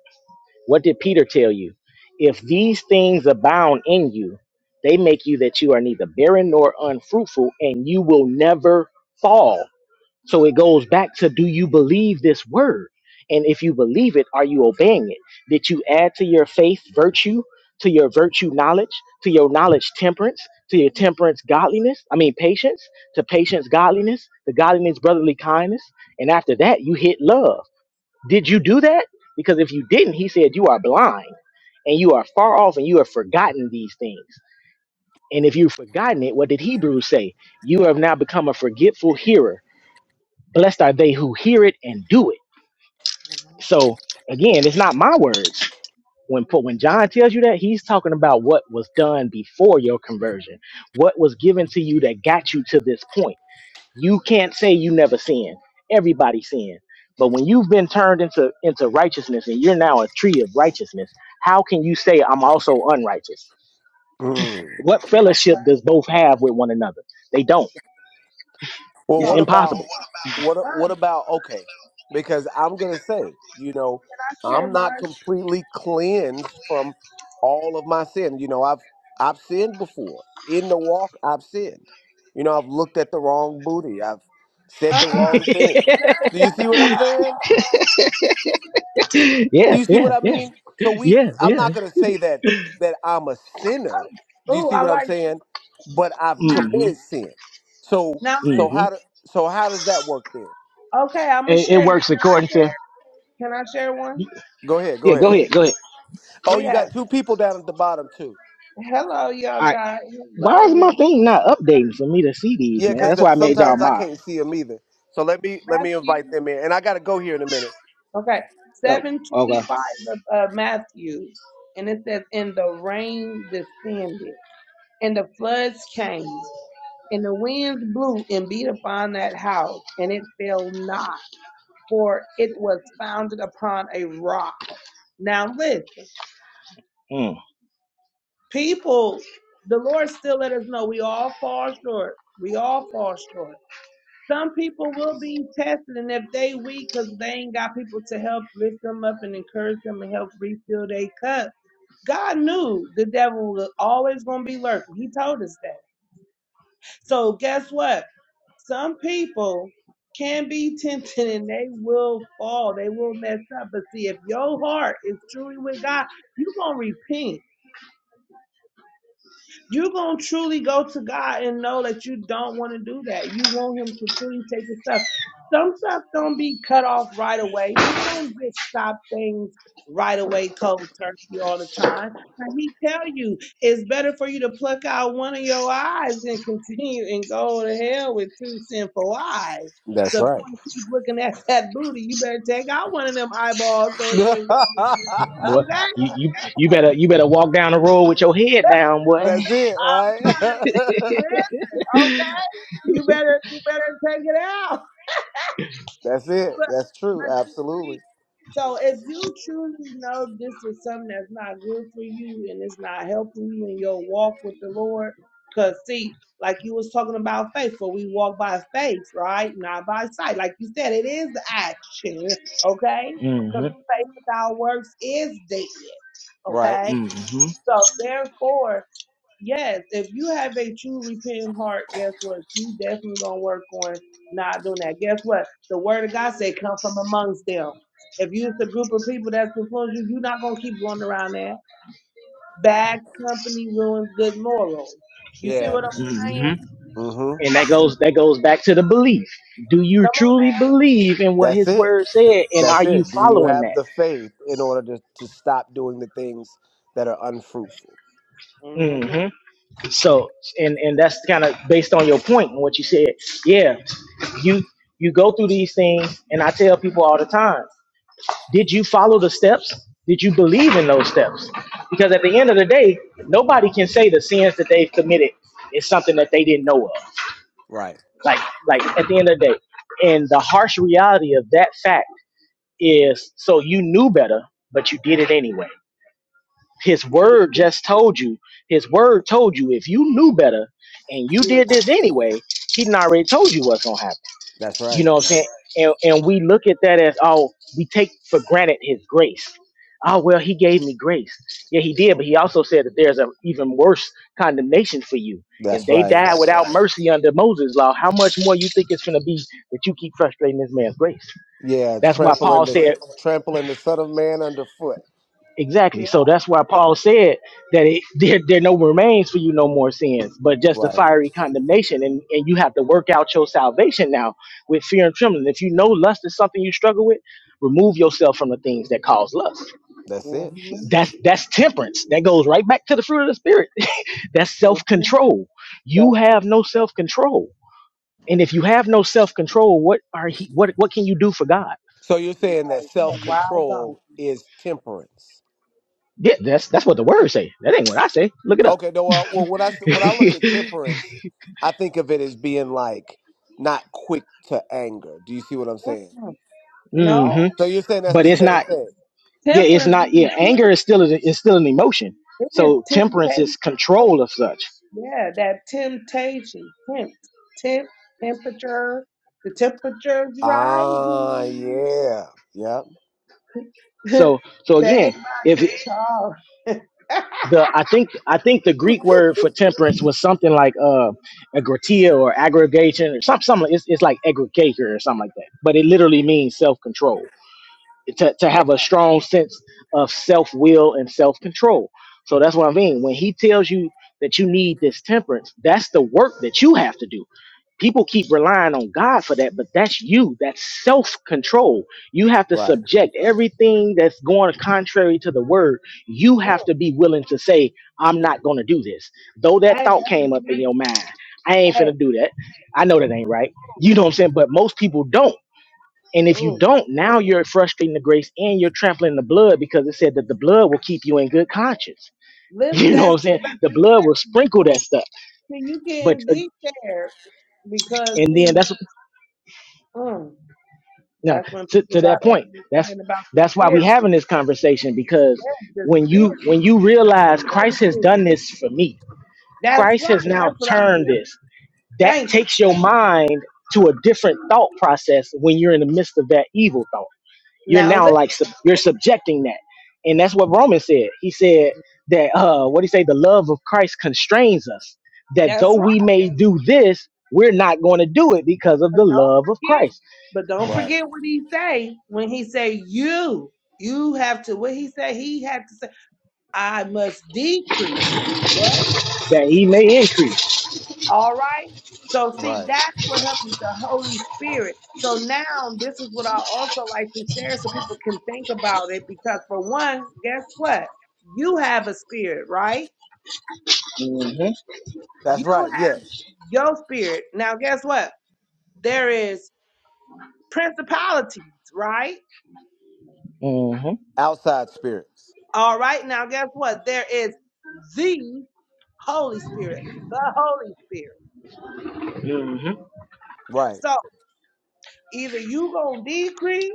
Speaker 2: What did Peter tell you? If these things abound in you, they make you that you are neither barren nor unfruitful, and you will never fall. So it goes back to do you believe this word? And if you believe it, are you obeying it? Did you add to your faith virtue, to your virtue knowledge, to your knowledge temperance, to your temperance godliness? I mean, patience, to patience godliness, to godliness brotherly kindness. And after that, you hit love. Did you do that? Because if you didn't, he said, you are blind and you are far off and you have forgotten these things. And if you've forgotten it, what did Hebrews say? You have now become a forgetful hearer Blessed are they who hear it and do it.
Speaker 3: hmm
Speaker 2: So again, it's not my words. When when John tells you that, he's talking about what was done before your conversion, what was given to you that got you to this point. You can't say you never sinned. Everybody sinned. But when you've been turned into into righteousness and you're now a tree of righteousness, how can you say I'm also unrighteous?
Speaker 1: Mm.
Speaker 2: What fellowship does both have with one another? They don't.
Speaker 1: Well,
Speaker 2: It's
Speaker 1: what
Speaker 3: So,
Speaker 1: about?
Speaker 2: impossible.
Speaker 1: What what
Speaker 3: um,
Speaker 1: about okay? Because I'm gonna say, you know,
Speaker 3: I
Speaker 1: I'm
Speaker 3: shared
Speaker 1: not
Speaker 3: mine.
Speaker 1: completely cleansed from all of my sin. You know, I've I've sinned before. In the walk, I've sinned. You know, I've looked at the wrong booty. I've said the wrong
Speaker 3: Uh-uh.
Speaker 1: thing.
Speaker 3: Nah,
Speaker 1: Do you see
Speaker 3: Uh-uh.
Speaker 1: what I'm
Speaker 2: yeah,
Speaker 1: saying? Do
Speaker 2: yeah,
Speaker 1: you see what
Speaker 2: yeah,
Speaker 1: I
Speaker 2: yeah,
Speaker 1: mean? So we I'm
Speaker 2: yeah.
Speaker 1: not gonna say that that I'm a sinner.
Speaker 3: Oh,
Speaker 1: Do you
Speaker 3: ooh,
Speaker 1: see
Speaker 3: I
Speaker 1: what I'm
Speaker 3: like
Speaker 1: saying? But I've
Speaker 3: now.
Speaker 2: hmm
Speaker 1: committed sin. So
Speaker 3: Now,
Speaker 1: so
Speaker 2: hmm
Speaker 1: how do, so how does that work then?
Speaker 3: okay, I'm gonna
Speaker 2: It, it
Speaker 3: share
Speaker 2: works
Speaker 3: this.
Speaker 2: according to.
Speaker 3: Can I share one?
Speaker 1: Go ahead, go
Speaker 2: Yeah,
Speaker 1: ahead.
Speaker 2: go ahead. Go ahead.
Speaker 1: Oh,
Speaker 3: We
Speaker 1: you
Speaker 3: have
Speaker 1: got two people down at the bottom too.
Speaker 3: hello,
Speaker 2: All
Speaker 3: y'all
Speaker 2: right.
Speaker 3: guys.
Speaker 2: Why
Speaker 3: Hello,
Speaker 2: is my
Speaker 3: everyone.
Speaker 2: thing not updating for me to see these,
Speaker 1: Yeah,
Speaker 2: man?
Speaker 1: because
Speaker 2: That's why I
Speaker 3: Seven,
Speaker 2: made y'all
Speaker 1: sometimes I
Speaker 2: mob.
Speaker 1: can't
Speaker 3: um,
Speaker 1: see them either. So let me let me
Speaker 3: Matthew.
Speaker 1: invite them in, and I gotta go here in a minute.
Speaker 3: Okay,
Speaker 2: Oh,
Speaker 3: seven
Speaker 2: okay.
Speaker 3: twenty-five of uh, Matthew, and it says, "And the rain descended, and the floods came, and the winds blew and beat upon that house, and it fell not, for it was founded upon a rock." Now listen.
Speaker 2: Mm,
Speaker 3: people, the Lord still let us know we all fall short. We all fall short. Some people will be tested, and if they weak, because they ain't got people to help lift them up and encourage them and help refill their cup. God knew the devil was always going to be lurking. He told us that. So guess what? Some people can be tempted and they will fall. They will mess up. But see, if your heart is truly with God, you're going to repent You're going to truly go to God and know that you don't want to do that. You want Him to truly take the stuff. Some stuff don't be cut off right away. People don't just stop things right away, cold turkey all the time. But He tell you it's better for you to pluck out one of your eyes than continue and go to hell with two sinful eyes.
Speaker 1: That's
Speaker 3: So if you
Speaker 1: right.
Speaker 3: want to keep looking at that booty, you better take out one of them eyeballs so it
Speaker 1: That's
Speaker 3: can't go over there.
Speaker 2: boy,
Speaker 3: Okay,
Speaker 2: you, you you better you better walk down the road with your head down, boy.
Speaker 1: it,
Speaker 3: I'm
Speaker 1: right?
Speaker 3: trying to say. Okay, you better you better take it out.
Speaker 1: That's it.
Speaker 3: But
Speaker 1: That's true.
Speaker 3: but you
Speaker 1: Absolutely.
Speaker 3: see, so if you truly know this is something that's not good for you and it's not helping you in your walk with the Lord, cause see, like you was talking about faith, for we walk by faith, right? Not by sight. Like you said, it is action, okay?
Speaker 2: hmm
Speaker 3: Cause faith without works is dead,
Speaker 1: Right.
Speaker 3: okay?
Speaker 2: hmm
Speaker 3: So therefore. Yes, if you have a true repentant heart, guess what? You definitely gonna work on not doing that. Guess what? The word of God said, "Come from amongst them." If you it's a group of people that's before you, you're not gonna keep going around that. Bad company ruins good morals. You see
Speaker 1: Yeah.
Speaker 3: what I'm saying?
Speaker 2: hmm
Speaker 1: Mm-hmm.
Speaker 2: And that goes that goes back to the belief. Do you
Speaker 3: Come
Speaker 2: truly believe in what
Speaker 1: That's
Speaker 2: His
Speaker 1: it.
Speaker 2: Word said, and are
Speaker 1: That's
Speaker 2: you
Speaker 1: it. Do you
Speaker 2: following
Speaker 1: have
Speaker 2: that?
Speaker 1: the faith in order to, to stop doing the things that are unfruitful?
Speaker 3: on now.
Speaker 2: Mm-hmm.
Speaker 3: hmm
Speaker 2: So, and and that's kind of based on your point and what you said. Yeah, you you go through these things, and I tell people all the time: Did you follow the steps? Did you believe in those steps? Because at the end of the day, nobody can say the sins that they've committed is something that they didn't know of.
Speaker 1: Right.
Speaker 2: Like like at the end of the day, and the harsh reality of that fact is: so you knew better, but you did it anyway. His
Speaker 3: You
Speaker 2: word
Speaker 3: do.
Speaker 2: just told you. His word told you if you knew better and you
Speaker 3: You do.
Speaker 2: did this anyway, he done already told you what's gonna happen.
Speaker 1: That's
Speaker 2: You
Speaker 1: right.
Speaker 2: know what I'm saying?
Speaker 3: Mhm.
Speaker 2: And and we look at that as oh, we take for granted his grace. Oh well, he gave me grace. Yeah, he did, but he also said that there's an even worse condemnation for you. If
Speaker 1: That's
Speaker 2: they
Speaker 1: right.
Speaker 2: died That's without right. mercy under Moses' law, how much more you think it's gonna be that you keep frustrating this man's grace?
Speaker 1: Yeah,
Speaker 2: That's why right. Paul
Speaker 1: trampling the s-
Speaker 2: said.
Speaker 1: trampling the Son of Man underfoot.
Speaker 2: Exactly.
Speaker 3: Yeah.
Speaker 2: So that's why Paul said that it, there, there no remains for you no more sins, but just the
Speaker 1: Right.
Speaker 2: fiery condemnation. And, and you have to work out your salvation now with fear and trembling. If you know lust is something you struggle with, remove yourself from the things that cause lust.
Speaker 1: That's it.
Speaker 3: hmm
Speaker 2: That's that's temperance. That goes right back to the fruit of the spirit. that's
Speaker 3: hmm
Speaker 2: self-control. You
Speaker 3: Self.
Speaker 2: have no self-control. And if you have no self-control, what are he, what what can you do for God?
Speaker 1: So you're saying that
Speaker 3: Right. You're a
Speaker 1: self
Speaker 3: wild dog.
Speaker 1: control is temperance?
Speaker 2: Yeah, that's that's what the words say. That ain't what I say. Look it up.
Speaker 1: Okay. No. Well, well, when I s- when I look at temperance, I think of it as being like not quick to anger. Do you see what I'm saying?
Speaker 3: Mhm.
Speaker 2: hmm
Speaker 3: No.
Speaker 1: So you're saying that's
Speaker 2: but
Speaker 1: the
Speaker 2: it's
Speaker 1: same
Speaker 2: not
Speaker 1: thing?
Speaker 2: yeah it's
Speaker 3: Temperance.
Speaker 2: not
Speaker 3: means
Speaker 2: yeah anger is still
Speaker 3: temperance.
Speaker 2: a, is still an emotion
Speaker 3: It is
Speaker 2: so temperance
Speaker 3: temptation.
Speaker 2: is control of such
Speaker 3: Yeah, that temptation. Tempt. Temp temperature. The temperature's
Speaker 1: Ah,
Speaker 3: rising.
Speaker 1: yeah, yeah.
Speaker 2: so so
Speaker 3: they
Speaker 2: again if it-
Speaker 3: call.
Speaker 2: the i think i think the greek word for temperance was something like uh agratia or aggregation or something, some. it's, it's like aggregator or something like that but it literally means self-control to, to have a strong sense of self-will and self-control so that's what i mean when he tells you that you need this temperance that's the work that you have to do people keep relying on God for that, but that's you. That's self control. You have to
Speaker 1: Right,
Speaker 2: subject everything that's going contrary to the word. You have
Speaker 3: Oh,
Speaker 2: to be willing to say, I'm not going to do this. Though that
Speaker 3: hey,
Speaker 2: thought
Speaker 3: that's
Speaker 2: came up in
Speaker 3: good.
Speaker 2: your mind, I ain't
Speaker 3: Hey,
Speaker 2: finna do that. I know that ain't right.
Speaker 3: oh,
Speaker 2: You know what I'm saying? But most people don't. And if you
Speaker 3: oh,
Speaker 2: don't, now you're frustrating the grace and you're trampling the blood because it said that the blood will keep you in good conscience.
Speaker 3: listen,
Speaker 2: You know what
Speaker 3: that's
Speaker 2: I'm saying?
Speaker 3: but
Speaker 2: The
Speaker 3: see,
Speaker 2: blood will
Speaker 3: listen.
Speaker 2: sprinkle that
Speaker 3: Ooh,
Speaker 2: stuff.
Speaker 3: see, you
Speaker 2: But
Speaker 3: getting
Speaker 2: uh,
Speaker 3: deep there because
Speaker 2: and then
Speaker 3: see,
Speaker 2: that's
Speaker 3: mm,
Speaker 2: Now,
Speaker 3: that's when
Speaker 2: to,
Speaker 3: people
Speaker 2: to that
Speaker 3: gotta
Speaker 2: point, that's
Speaker 3: understand about the
Speaker 2: that's why
Speaker 3: spirit,
Speaker 2: we having this conversation because
Speaker 3: the
Speaker 2: when
Speaker 3: spirit,
Speaker 2: you when you realize
Speaker 3: food of the
Speaker 2: Christ has done
Speaker 3: spirit.
Speaker 2: this for me,
Speaker 3: That's
Speaker 2: Christ
Speaker 3: right.
Speaker 2: has
Speaker 3: That's
Speaker 2: now
Speaker 3: what I'm
Speaker 2: turned
Speaker 3: doing.
Speaker 2: this. That
Speaker 3: Thank you.
Speaker 2: takes your mind to a different thought process when you're in the midst of that evil thought. You're
Speaker 3: Now
Speaker 2: now like sub- you're subjecting that, and that's what Romans said. He said that uh, what he say, the love of Christ constrains us. That though
Speaker 3: That's right.
Speaker 2: we may do this, we're not going to do it because of
Speaker 3: But
Speaker 2: the
Speaker 3: don't
Speaker 2: love of
Speaker 3: forget.
Speaker 2: Christ
Speaker 3: But don't
Speaker 1: right,
Speaker 3: forget what he say when he say you. You have to what he said he had to say, I must decrease. What?
Speaker 2: that He may increase.
Speaker 3: All right. So see,
Speaker 1: right.
Speaker 3: that's what helps you, the Holy Spirit. So now this is what I also like to share so people can think about it because for one, guess what? You have a spirit, right?
Speaker 2: Mm-hmm.
Speaker 1: That's
Speaker 3: You
Speaker 1: right.
Speaker 3: have
Speaker 1: Yes.
Speaker 3: your spirit. Now guess what? There is principalities, right?
Speaker 2: hmm
Speaker 1: Outside spirits.
Speaker 3: All right, now guess what? There is the Holy Spirit, the Holy Spirit.
Speaker 2: hmm
Speaker 1: Right.
Speaker 3: So either you gonna decrease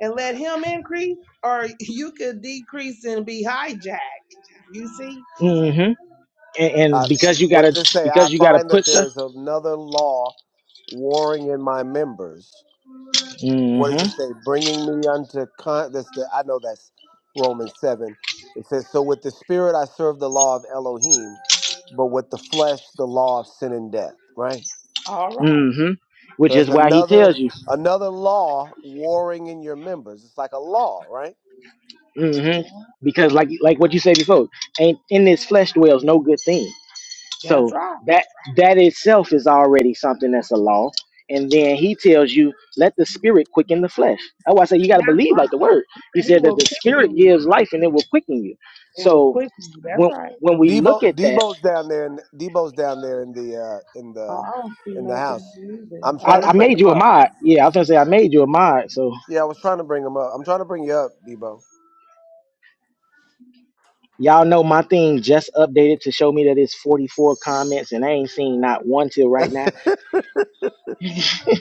Speaker 3: and let Him increase, or you could decrease and be hijacked. You see?
Speaker 2: hmm And, and
Speaker 1: I,
Speaker 2: because you
Speaker 1: what
Speaker 2: gotta,
Speaker 1: does it say?
Speaker 2: because
Speaker 1: I
Speaker 2: you gotta
Speaker 1: find
Speaker 2: put
Speaker 1: that there
Speaker 2: the,
Speaker 1: is another law warring in my members
Speaker 2: hmm
Speaker 1: what does it say? Bringing me unto con. That's the I know that's Romans seven. It says, "So with the spirit I serve the law of Elohim, but with the flesh the law of sin and death." Right.
Speaker 3: All right,
Speaker 2: hmm which
Speaker 1: So
Speaker 2: is
Speaker 1: that's
Speaker 2: why he
Speaker 1: another
Speaker 2: tells you,
Speaker 1: another law warring in your members. It's like a law, right?
Speaker 2: hmm
Speaker 3: well,
Speaker 2: because like like what you said before, ain't in this flesh dwells no good thing.
Speaker 3: that's
Speaker 2: So
Speaker 3: right.
Speaker 2: that that itself is already something that's a law. And then he tells you, let the spirit quicken the flesh. That's why I say you gotta
Speaker 3: That's
Speaker 2: believe like the word. He
Speaker 3: He
Speaker 2: said that
Speaker 3: will
Speaker 2: the
Speaker 3: quicken
Speaker 2: spirit
Speaker 3: you.
Speaker 2: gives life and it will quicken you.
Speaker 3: It will
Speaker 2: So
Speaker 3: quicken you. That's
Speaker 2: when
Speaker 3: right.
Speaker 2: when we look
Speaker 1: Debo
Speaker 2: at that
Speaker 1: Debo's down there, and Debo's down there in the uh, in
Speaker 3: Oh,
Speaker 1: the
Speaker 3: I don't see
Speaker 1: in the
Speaker 3: nothing
Speaker 1: house.
Speaker 3: either.
Speaker 1: I'm
Speaker 3: Oh
Speaker 2: I,
Speaker 1: trying to
Speaker 3: no,
Speaker 2: I
Speaker 1: bring
Speaker 3: I
Speaker 2: made
Speaker 1: him
Speaker 2: you
Speaker 3: do.
Speaker 2: a
Speaker 1: up.
Speaker 2: mod. Yeah, I was gonna say I made you a mod. So
Speaker 1: Yeah, I was trying to bring him up. I'm trying to bring you up, Debo.
Speaker 2: y'all know my thing just updated to show me that it's 44 comments, and I ain't seen not one till right now.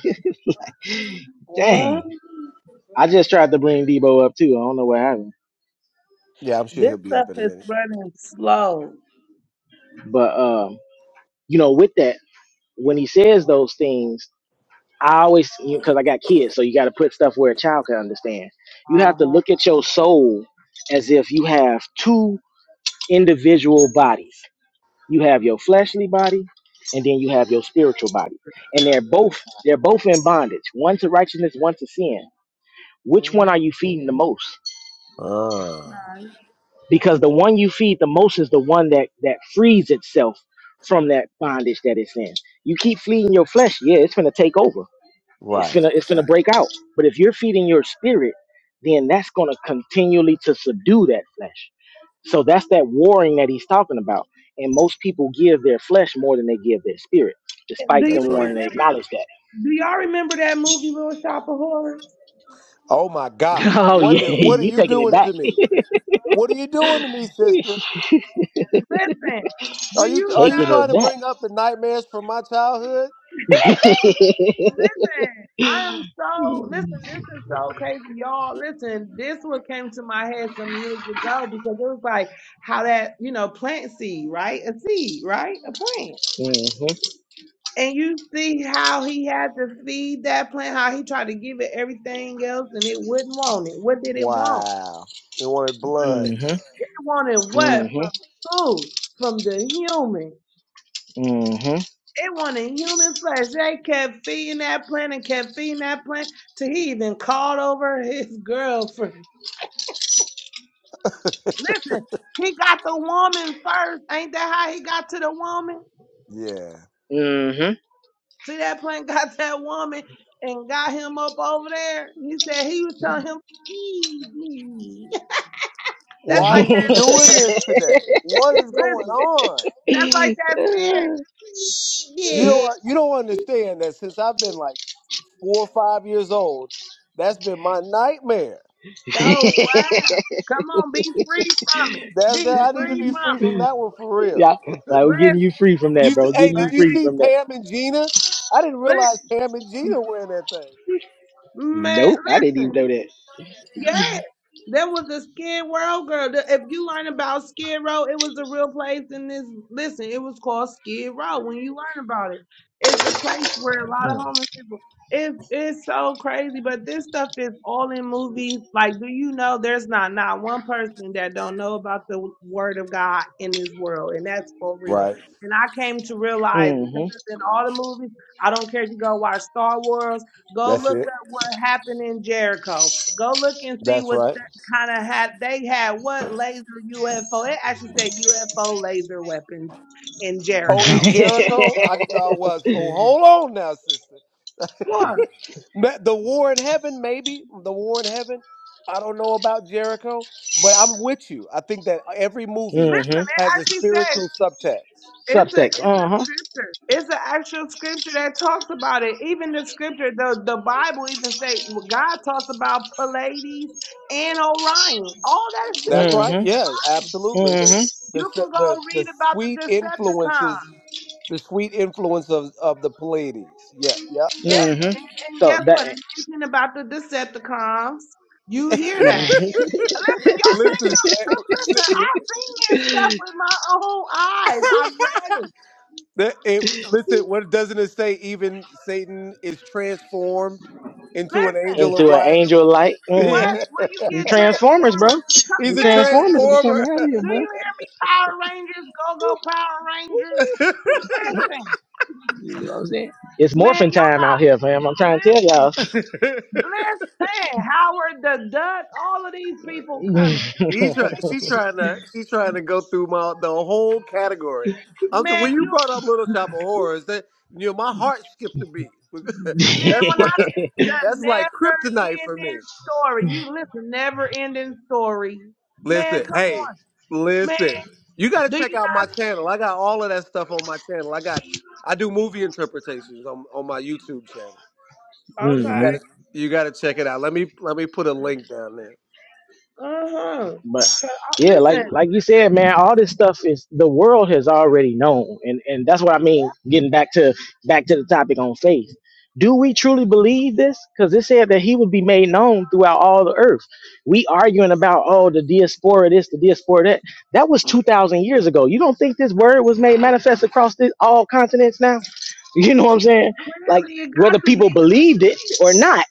Speaker 2: Dang,
Speaker 3: Mm,
Speaker 2: I just tried to bring Debo up too. I don't know what happened,
Speaker 1: Yeah, I'm sure
Speaker 3: This
Speaker 1: he'll be
Speaker 3: stuff
Speaker 1: up in a
Speaker 3: is
Speaker 1: minute.
Speaker 3: running slow.
Speaker 2: but um, you know, with that, when he says those things, I always because I got kids, so you got to put stuff where a child can understand. You
Speaker 3: Uh
Speaker 2: have to
Speaker 3: huh.
Speaker 2: look at your soul as if you have two individual bodies You have your fleshly body, and then you have your spiritual body, and they're both they're both in bondage. One to righteousness, one to sin. Which one
Speaker 3: Mm-hmm.
Speaker 2: are you feeding the most?
Speaker 1: Ah,
Speaker 3: Right.
Speaker 2: Because the one you feed the most is the one that that frees itself from that bondage that it's in. You keep feeding your flesh, yeah, it's gonna take over. It's
Speaker 1: right.
Speaker 2: gonna it's gonna break out. But if you're feeding your spirit, then that's gonna continually to subdue that flesh. So that's that warring that he's talking about. And most people give their flesh more than they give their spirit, despite
Speaker 3: Do you
Speaker 1: That's
Speaker 2: them
Speaker 1: right.
Speaker 2: wanting to
Speaker 3: remember?
Speaker 2: acknowledge that.
Speaker 3: Do y'all remember that movie Little Shop of Horrors?
Speaker 1: Oh my gosh,
Speaker 2: Oh
Speaker 1: what
Speaker 2: yeah,
Speaker 1: the- what are
Speaker 2: you
Speaker 1: you
Speaker 2: taking it
Speaker 1: doing
Speaker 2: back.
Speaker 1: to me? What are you doing to me, sister?
Speaker 3: Listen,
Speaker 1: Are
Speaker 3: do
Speaker 1: you are
Speaker 3: you
Speaker 1: you
Speaker 2: taking
Speaker 1: trying
Speaker 2: it
Speaker 3: know?
Speaker 1: to
Speaker 2: back.
Speaker 1: bring up the nightmares from my childhood?
Speaker 3: Listen, I am so listen. This is so crazy, y'all. Listen, this what came to my head some years ago because it was like how that you know plant seed, right? A seed, right? A plant.
Speaker 2: mm-hmm.
Speaker 3: And you see how he had to feed that plant, how he tried to give it everything else and it wouldn't want it. What did it want?
Speaker 1: Wow, they wanted blood.
Speaker 2: Mm-hmm.
Speaker 3: It wanted what from food, from the human.
Speaker 2: Mm-hmm.
Speaker 3: It wanted human flesh. They kept feeding that plant and kept feeding that plant till he even called over his girlfriend. Listen, he got the woman first. Ain't that how he got to the woman?
Speaker 1: Yeah.
Speaker 2: Mm-hmm.
Speaker 3: See, that plant got that woman and got him up over there. He said he was telling him, eat me. That's
Speaker 1: Why
Speaker 3: like
Speaker 1: are you
Speaker 3: that
Speaker 1: doing
Speaker 3: spirit.
Speaker 2: Mm-hmm.
Speaker 1: this today? What is going
Speaker 3: Listen,
Speaker 1: on?
Speaker 3: that's like that spirit. Eat
Speaker 1: You
Speaker 3: me.
Speaker 1: don't you don't understand that since I've been like four or five years old, that's been my nightmare.
Speaker 3: Oh, wow. Come on, be free from it.
Speaker 1: That's
Speaker 3: Be
Speaker 1: that I need to
Speaker 3: free
Speaker 1: be
Speaker 3: from
Speaker 1: free from that one for real.
Speaker 2: yeah, like we're
Speaker 3: it.
Speaker 2: getting you free from that,
Speaker 1: You
Speaker 2: bro.
Speaker 1: s-
Speaker 2: We're
Speaker 1: hey,
Speaker 2: Getting
Speaker 1: did
Speaker 2: you
Speaker 1: you
Speaker 2: free
Speaker 1: see
Speaker 2: from that.
Speaker 1: Pam and Gina? I didn't
Speaker 3: Listen.
Speaker 1: realize Pam and Gina were in that thing.
Speaker 3: Man,
Speaker 2: Nope, I didn't
Speaker 3: listen.
Speaker 2: even know that.
Speaker 3: Yes, there was a Skid Row girl. The- If you learn about Skid Row, it was a real place in this. Listen, it was called Skid Row. When you learn about it, it's a place where a lot of
Speaker 2: Mm-hmm.
Speaker 3: homeless people. It's it's so crazy, but this stuff is all in movies. Like, do you know there's not not one person that don't know about the Word of God in this world, and that's for real.
Speaker 1: Right.
Speaker 3: And I came to realize it because it's in all the movies. I don't care if you go watch Star Wars, go
Speaker 1: That's
Speaker 3: look
Speaker 1: it.
Speaker 3: up what happened in Jericho. Go look and see
Speaker 1: That's
Speaker 3: what
Speaker 1: right.
Speaker 3: kind of had. They had what laser UFO? It actually said UFO laser weapons in
Speaker 1: Oh, in
Speaker 3: Jericho.
Speaker 1: Jericho, I
Speaker 2: mm-hmm.
Speaker 1: uh, was. Oh, hold on now, sister.
Speaker 3: What?
Speaker 1: Ma- The war in heaven, maybe the war in heaven. I don't know about Jericho, but I'm with you. I think that every
Speaker 3: Listen,
Speaker 1: movie
Speaker 3: it
Speaker 1: has a
Speaker 3: actually says
Speaker 1: spiritual subtext.
Speaker 3: it's a
Speaker 2: Subtext.
Speaker 3: it's a
Speaker 2: Uh-huh.
Speaker 3: scripture. It's an actual scripture that talks about it. Even the scripture, the the Bible even say well, God talks about Pallades and Orion. All that is
Speaker 1: That's right.
Speaker 3: mentioned.
Speaker 2: Mm-hmm.
Speaker 1: Yeah, absolutely. The
Speaker 2: Mm-hmm.
Speaker 1: the s-
Speaker 3: You can
Speaker 1: the,
Speaker 3: go
Speaker 1: the
Speaker 3: read about the
Speaker 1: sweet
Speaker 3: Decepticons.
Speaker 1: influences, the sweet influence of of the Pleiades. Yeah, yeah, yeah.
Speaker 3: Yes,
Speaker 2: Mm-hmm.
Speaker 3: and, and
Speaker 2: So
Speaker 3: guess
Speaker 2: that
Speaker 3: what? It mentioned about the Decepticons. You hear that. Listen, y'all think
Speaker 1: Listen,
Speaker 3: I'm stupid. Listen, I've seen this stuff with my own eyes. I've read it.
Speaker 1: That- it- listen, what doesn't it say? Even Satan is transformed into an
Speaker 3: Listen,
Speaker 1: angel of
Speaker 2: into an
Speaker 1: light.
Speaker 2: angel light.
Speaker 3: what
Speaker 2: Mm-hmm.
Speaker 1: Yeah,
Speaker 3: where you get
Speaker 2: Transformers, bro.
Speaker 3: Transformers? from? Co-
Speaker 1: he's
Speaker 2: Them
Speaker 1: a
Speaker 3: Man,
Speaker 2: Transformers will be
Speaker 3: listen.
Speaker 2: coming
Speaker 1: transformer.
Speaker 2: out of here,
Speaker 3: Do
Speaker 2: boy.
Speaker 3: you hear me? Power Rangers, Go Go Power Rangers. Listen,
Speaker 2: I'm saying it's
Speaker 3: man,
Speaker 2: morphin'
Speaker 3: y'all
Speaker 2: time out
Speaker 3: got
Speaker 2: here, fam. I'm trying to tell
Speaker 3: listen,
Speaker 2: y'all.
Speaker 3: listen. Howard the Duck, all of these people coming. Do you
Speaker 1: he's
Speaker 3: hear
Speaker 1: try, she's trying to she's trying to go through my the whole category.
Speaker 3: me?
Speaker 1: I'm so,
Speaker 3: Man,
Speaker 1: when you
Speaker 3: you
Speaker 1: brought up Little Shop of Horrors, that you know my heart skipped a beat.
Speaker 3: man,
Speaker 1: that's
Speaker 3: when
Speaker 1: my
Speaker 3: I the
Speaker 1: that's like
Speaker 3: never
Speaker 1: kryptonite for me.
Speaker 3: ending story. You listen, never ending story. Man,
Speaker 1: Listen,
Speaker 3: come on.
Speaker 1: hey,
Speaker 3: Man,
Speaker 1: listen. You got to
Speaker 3: do
Speaker 1: check
Speaker 3: you?
Speaker 1: out my channel. I got all of that stuff on my channel. I got I do movie interpretations on on my YouTube channel. So you
Speaker 3: Okay.
Speaker 2: mm-hmm.
Speaker 1: got to you got to check it out. Let me let me put a link down there.
Speaker 3: Uh huh.
Speaker 2: But yeah, like
Speaker 3: Listen,
Speaker 2: like you said, man, all this stuff is the world has already known, and and that's what I mean. Getting back to back to the topic on faith, do we truly believe this? Because it said that he would be made known throughout all the earth. We arguing about oh the diaspora this, the diaspora that. That was two thousand years ago. You don't think this word was made manifest across this, all continents now? You know what I'm saying? Like
Speaker 3: clearly it
Speaker 2: whether
Speaker 3: got to be,
Speaker 2: people believed it or not,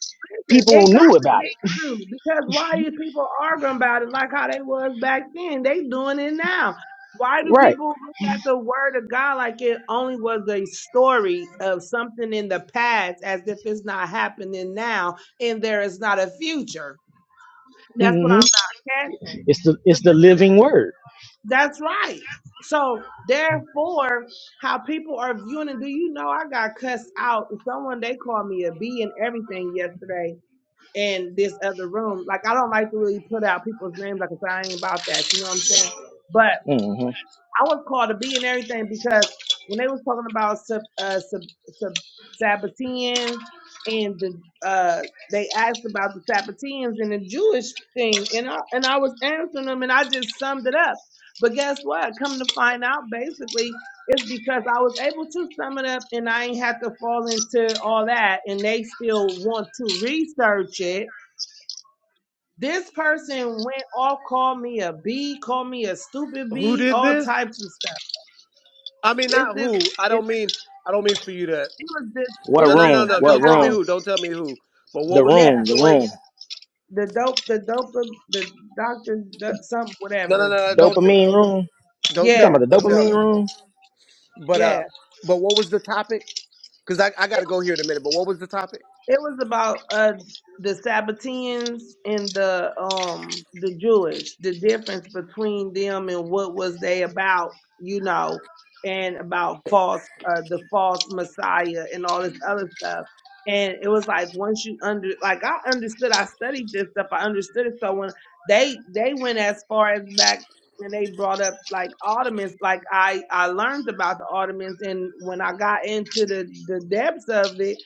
Speaker 3: listen,
Speaker 2: people
Speaker 3: it got
Speaker 2: knew
Speaker 3: to
Speaker 2: about
Speaker 3: be
Speaker 2: it,
Speaker 3: true because why are you people arguing about it like how they was back then? They doing it now. Why do
Speaker 2: right?
Speaker 3: people look at the word of God like it only was a story of something in the past as if it's not happening now and there is not a future? That's what
Speaker 2: Mm-hmm.
Speaker 3: I'm not catching.
Speaker 2: It's the
Speaker 3: So
Speaker 2: it's the
Speaker 3: this is
Speaker 2: living word.
Speaker 3: That's right. So therefore, how people are viewing it. Do you know I got cussed out? Someone they called me a B and everything yesterday in this other room. Like I don't like to really put out people's names like 'cause I ain't about that. You know what I'm saying? But.
Speaker 2: hmm
Speaker 3: I was called to be and everything because when they was talking about sub, uh, sub, sub Sabbateans and the uh, they asked about the Sabbateans and the Jewish thing, and I and I was answering them, and I just summed it up. But guess what? Come to find out, basically, it's because I was able to sum it up, and I ain't have to fall into all that. And they still want to research it. This person went off, called me a B, called me a stupid
Speaker 1: Who
Speaker 3: B,
Speaker 1: did
Speaker 3: all
Speaker 1: this?
Speaker 3: types of stuff
Speaker 1: I mean
Speaker 3: it's
Speaker 1: not
Speaker 3: this
Speaker 1: who. I
Speaker 3: it,
Speaker 1: don't mean I don't mean for you to
Speaker 3: it was this it
Speaker 2: What
Speaker 1: No,
Speaker 3: was
Speaker 1: no,
Speaker 3: this
Speaker 1: no,
Speaker 2: room?
Speaker 1: no.
Speaker 3: other
Speaker 2: What
Speaker 1: Don't tell me
Speaker 3: house.
Speaker 2: room?
Speaker 1: who. Don't tell me who. But
Speaker 2: The
Speaker 1: what was the
Speaker 3: Yeah,
Speaker 2: room. The room.
Speaker 1: situation?
Speaker 3: the dope the dope the doctor the, something
Speaker 1: No, no, no,
Speaker 3: whatever.
Speaker 1: no. Don't t-
Speaker 2: Dopamine room.
Speaker 1: don't
Speaker 2: You
Speaker 1: tell
Speaker 2: talking
Speaker 3: Yeah,
Speaker 1: me.
Speaker 2: about the
Speaker 1: Don't tell
Speaker 2: dopamine
Speaker 1: me.
Speaker 2: room?
Speaker 1: But uh
Speaker 3: yeah.
Speaker 1: but what was the topic? Cuz I I got to go here in a minute. But what was the topic?
Speaker 3: It was about uh the Sabbateans and the um the Jewish, the difference between them and what was they about, you know, and about false uh the false Messiah and all this other stuff. And it was like once you under like I understood, I studied this stuff, I understood it. So when they they went as far as back and they brought up like Ottomans, like I I learned about the Ottomans and when I got into the the depths of it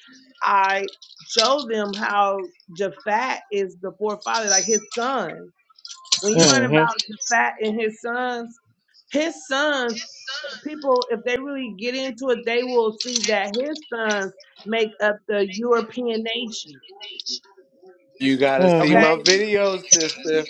Speaker 3: show them how Japhat is the forefather, like his son. When you learn
Speaker 2: Mm-hmm.
Speaker 3: about Japhat and his sons, his sons, people, if they really get into it, they will see that his sons make up the European nation.
Speaker 1: You gotta see
Speaker 3: Okay.
Speaker 1: my
Speaker 2: Mm-hmm.
Speaker 1: videos, sister.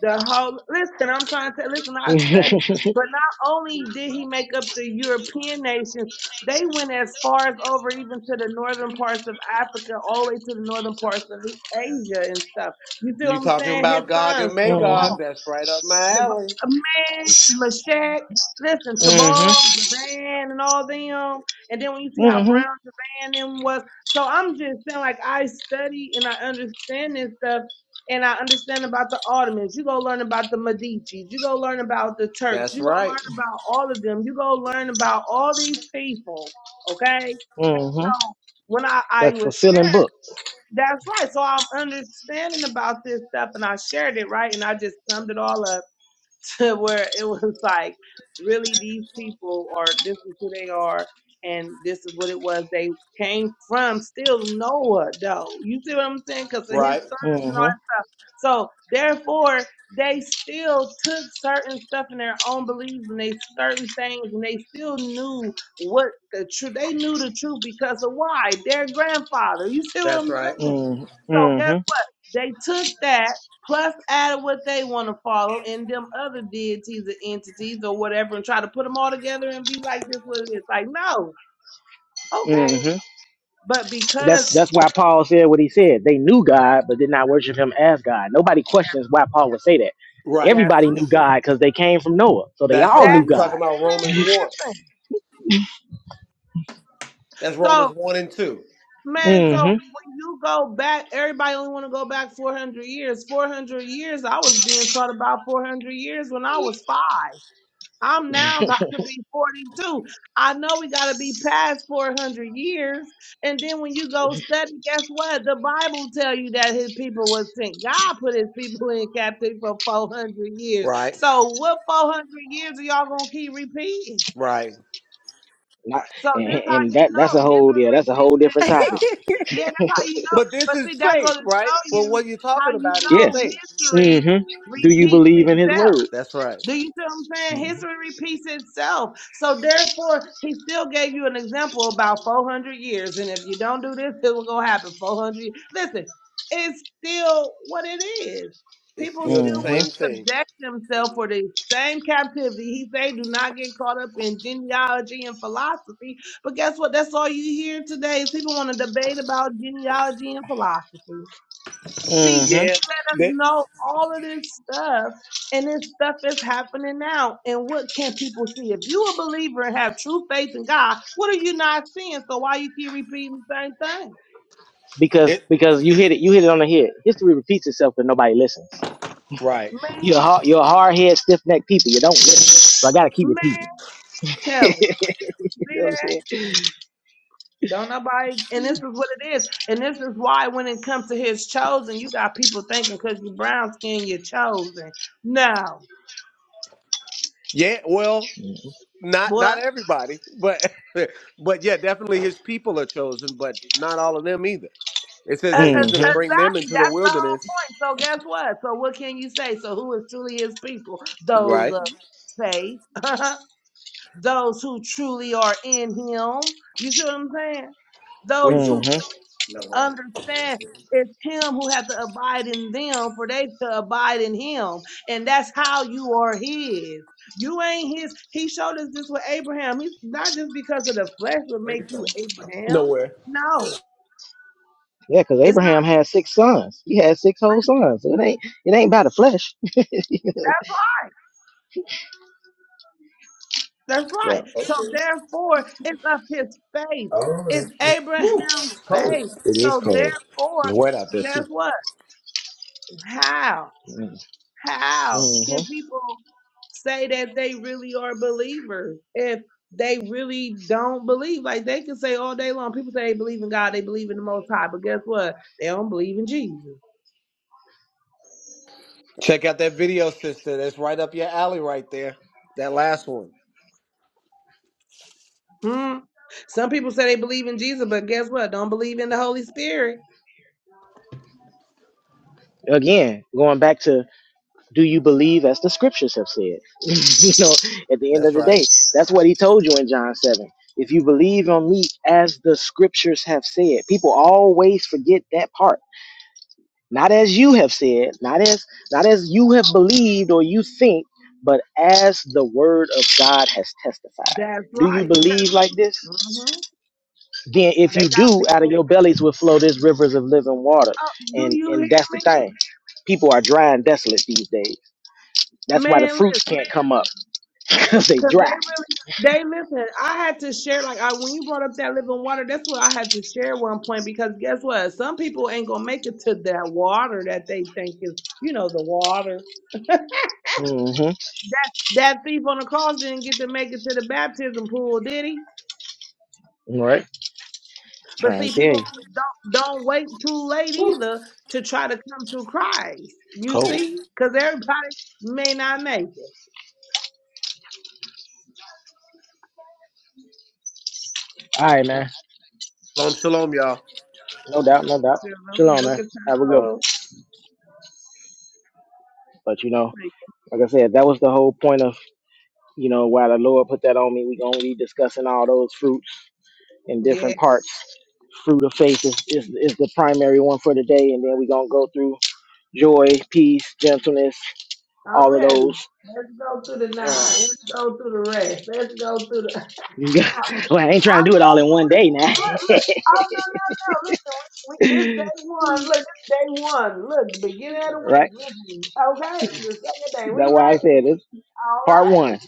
Speaker 3: The whole listen, I'm trying to listen. I studied,
Speaker 2: mm-hmm.
Speaker 3: but not only did he make up the European nations, they went as far as over even to the northern parts of Africa, all the way to the northern parts of Asia and stuff. You see what
Speaker 1: You
Speaker 3: I'm
Speaker 1: talking
Speaker 3: saying? His
Speaker 1: about Gog
Speaker 3: sons,
Speaker 1: and
Speaker 3: Tabal.
Speaker 1: Magog?
Speaker 2: Mm-hmm.
Speaker 1: That's right up my
Speaker 3: Jav-
Speaker 1: alley.
Speaker 3: man, Mashak, listen, Tabal, Javan, and all them. And then when you see how
Speaker 2: Mm-hmm.
Speaker 3: brown Javan them was, so I'm just saying, like I study and I understand this stuff, and I understand about the Ottomans. You go learn about the Medici. You go learn about the Turks.
Speaker 1: That's
Speaker 3: You go
Speaker 1: right.
Speaker 3: learn about all of them. You go learn about all these people. Okay,
Speaker 2: hmm
Speaker 3: so when I I
Speaker 2: That's
Speaker 3: was sharing.
Speaker 2: fulfilling book.
Speaker 3: That's right. So I'm understanding about this stuff and I shared it, right? And I just summed it all up to where it was like, really, these people are, this is who they are, and this is what it was. They came from still Noah, though. You see what I'm saying? Because of his
Speaker 1: Right.
Speaker 3: sons and all. that.
Speaker 2: Mm-hmm.
Speaker 3: So, therefore, they still took certain stuff in their own beliefs and they certain things, and they still knew what the truth, they knew the truth because of why? Their grandfather. You see what
Speaker 1: That's
Speaker 3: I'm
Speaker 1: right.
Speaker 3: saying?
Speaker 2: Mm-hmm.
Speaker 3: So guess
Speaker 2: Mm-hmm.
Speaker 3: what? They took that plus added what they want to follow and them other deities or entities or whatever and try to put them all together and be like this what it is. Like, no, okay.
Speaker 2: Mm-hmm.
Speaker 3: But because
Speaker 2: That's that's why Paul said what he said. They knew God, but did not worship Him as God. Nobody questions why Paul would say that.
Speaker 1: Right.
Speaker 3: that's
Speaker 2: Everybody knew God because they came from Noah, so they
Speaker 1: That's
Speaker 2: all
Speaker 3: that
Speaker 1: right.
Speaker 2: knew
Speaker 1: You
Speaker 2: God.
Speaker 1: talking about
Speaker 3: man,
Speaker 1: Romans one?
Speaker 3: listen.
Speaker 1: That's Romans
Speaker 3: So
Speaker 1: one and two.
Speaker 3: man, so
Speaker 2: Mm-hmm.
Speaker 3: when you go back, everybody only want to go back four hundred years. Four hundred years, I was being taught about four hundred years when I was five. I'm now about to be 42. I know we got to be past 400 years. And then when you go study, guess what? The Bible tell you that his people was sent. God put his people in captivity for 400 years.
Speaker 1: Right.
Speaker 3: So what 400 years are y'all going to keep repeating?
Speaker 1: Right.
Speaker 2: Not,
Speaker 3: So
Speaker 2: and,
Speaker 3: this how
Speaker 2: and
Speaker 3: you
Speaker 2: that that's a
Speaker 3: know
Speaker 2: whole yeah, that's
Speaker 3: history
Speaker 2: a whole
Speaker 3: repeats
Speaker 2: different topic.
Speaker 3: itself. Yeah, that's how you know.
Speaker 1: But this
Speaker 3: But
Speaker 1: is
Speaker 3: see, that goes
Speaker 1: faith,
Speaker 3: to
Speaker 1: right?
Speaker 3: show
Speaker 1: Well,
Speaker 3: you
Speaker 1: what you're
Speaker 3: how
Speaker 1: talking
Speaker 3: you
Speaker 1: about is
Speaker 3: know
Speaker 2: Yes.
Speaker 1: faith.
Speaker 3: history
Speaker 2: Mm-hmm. Do you
Speaker 3: repeats
Speaker 2: believe in His
Speaker 3: itself.
Speaker 2: word?
Speaker 1: That's right.
Speaker 3: Do you see what I'm saying? History repeats itself. So therefore, he still gave you an example about 400 years. And if you don't do this, it will go happen 400 years. Listen, it's still what it is.
Speaker 1: It's
Speaker 3: People
Speaker 1: still the
Speaker 3: still want
Speaker 2: Mm-hmm.
Speaker 1: same
Speaker 3: to
Speaker 1: thing.
Speaker 3: subject themselves for the same captivity. He say, do not get caught up in genealogy and philosophy. But guess what? That's all you hear today is people want to debate about genealogy and philosophy
Speaker 2: Mm-hmm.
Speaker 1: Yeah.
Speaker 3: does
Speaker 1: That
Speaker 3: know all of this stuff, and this stuff is happening now. And what can people see? If you a believer and have true faith in God, what are you not seeing? So why you keep repeating the same thing?
Speaker 2: Because
Speaker 1: it.
Speaker 2: because you hit it you hit it on the head. History repeats itself, but nobody listens.
Speaker 1: Right.
Speaker 2: You're
Speaker 3: Man,
Speaker 2: hard, you're hard head, stiff necked people. You don't listen. So I gotta keep
Speaker 3: man,
Speaker 2: repeating.
Speaker 3: tell it.
Speaker 2: you
Speaker 3: See
Speaker 2: know what I'm
Speaker 3: that?
Speaker 2: saying?
Speaker 3: Don't nobody. And this is what it is. And this is why when it comes to His chosen, you got people thinking because you brown skin, you're chosen. No,
Speaker 1: Yeah. Well. not
Speaker 3: boy.
Speaker 1: not everybody, but but yeah, definitely his people are chosen, but not all of them either. It says
Speaker 3: uh,
Speaker 1: that
Speaker 3: uh,
Speaker 1: he's going to
Speaker 2: Mm-hmm.
Speaker 1: bring them into the
Speaker 3: That's the whole
Speaker 1: wilderness.
Speaker 3: point. So guess what? So what can you say? So who is truly his people? Those
Speaker 1: Right?
Speaker 3: of faith, those who truly are in him. You see what I'm saying?
Speaker 1: Where you
Speaker 3: Those who
Speaker 1: going,
Speaker 2: Mm-hmm.
Speaker 1: man? No,
Speaker 3: understand it's him who has to abide in them for they to abide in him. And that's how you are his. You ain't his. He showed us this with Abraham. He's not just because of the flesh would make you Abraham.
Speaker 1: nowhere.
Speaker 3: No.
Speaker 2: Yeah, because
Speaker 3: it's
Speaker 2: Abraham had six sons. He had six whole sons. So it ain't it ain't by the flesh.
Speaker 3: That's right.
Speaker 2: So,
Speaker 3: So therefore, it's of his faith.
Speaker 1: Oh, it's
Speaker 3: It's Abraham's
Speaker 1: cold.
Speaker 3: faith.
Speaker 1: It is
Speaker 3: So
Speaker 1: cold.
Speaker 3: therefore,
Speaker 1: It's wet out there
Speaker 3: guess
Speaker 1: too.
Speaker 3: what? How? How can
Speaker 2: mm-hmm.
Speaker 3: people say that they really are believers if they really don't believe? Like they can say all day long, people say they believe in God, they believe in the Most High, but guess what? They don't believe in Jesus.
Speaker 1: Check out that video, sister. That's right up your alley, right there. That last one.
Speaker 3: Hmm. Some people say they believe in Jesus, but guess what? Don't believe in the Holy Spirit.
Speaker 2: Again, going back to do you believe as the scriptures have said? you know, at the end of
Speaker 1: That's
Speaker 2: the
Speaker 1: right.
Speaker 2: day,
Speaker 1: It's
Speaker 2: that's what he told you in John 7. If you believe on me as the scriptures have said, people always forget that part. Not as you have said, not as not as you have believed or you think, but as the word of God has testified.
Speaker 3: That's
Speaker 2: Do you
Speaker 3: right. Because
Speaker 2: believe like this?
Speaker 3: Mhm.
Speaker 2: Then if
Speaker 3: they
Speaker 2: you
Speaker 3: got
Speaker 2: do, out
Speaker 3: people.
Speaker 2: of your bellies will flow these rivers of living water.
Speaker 3: Oh, do
Speaker 2: And
Speaker 3: you
Speaker 2: and
Speaker 3: hear
Speaker 2: that's the
Speaker 3: me?
Speaker 2: thing. People are dry and desolate these days. That's why the
Speaker 3: Man, listen,
Speaker 2: fruits can't come up because they
Speaker 3: because they
Speaker 2: dry.
Speaker 3: really, they listen. I had to share, like, I when you brought up that living water, that's what I had to share one point because guess what? Some people ain't going to make it to that water that they think is, you know, the water.
Speaker 2: Mm-hmm.
Speaker 3: That thief on the cross didn't get to make it to the baptism pool, did he?
Speaker 2: Right.
Speaker 3: But
Speaker 2: Trying
Speaker 3: see,
Speaker 2: to tell
Speaker 3: people
Speaker 2: you.
Speaker 3: don't don't wait too late either to try to come to Christ. You
Speaker 1: cold.
Speaker 3: see, because everybody may not make it.
Speaker 2: All right, man.
Speaker 1: Shalom, shalom, y'all.
Speaker 2: No doubt, no doubt.
Speaker 3: So,
Speaker 2: Shalom, man.
Speaker 3: look at
Speaker 2: Have a good one.
Speaker 3: how.
Speaker 2: But you know, like I said, that was the whole point of you know why the Lord put that on me. We gonna be discussing all those fruits in different parts. Fruit of faith is, is is the primary one for today, and then we gonna go through joy, peace, gentleness,
Speaker 3: I'm
Speaker 2: all of
Speaker 3: ready.
Speaker 2: those.
Speaker 3: Let's go through the nine. Let's go through the rest. Let's go through the.
Speaker 2: well, I ain't trying to
Speaker 3: I'm
Speaker 2: do it all
Speaker 3: ready.
Speaker 2: in one
Speaker 3: Look,
Speaker 2: day now,
Speaker 3: look, look. Oh no, no, no. Listen, we, we, this day one. Look, this day one. Look, beginning of the week.
Speaker 2: right?
Speaker 3: Listen, okay, the second day. We
Speaker 2: That's why I
Speaker 3: right?
Speaker 2: said it's
Speaker 3: All
Speaker 2: Part
Speaker 3: right.
Speaker 2: one.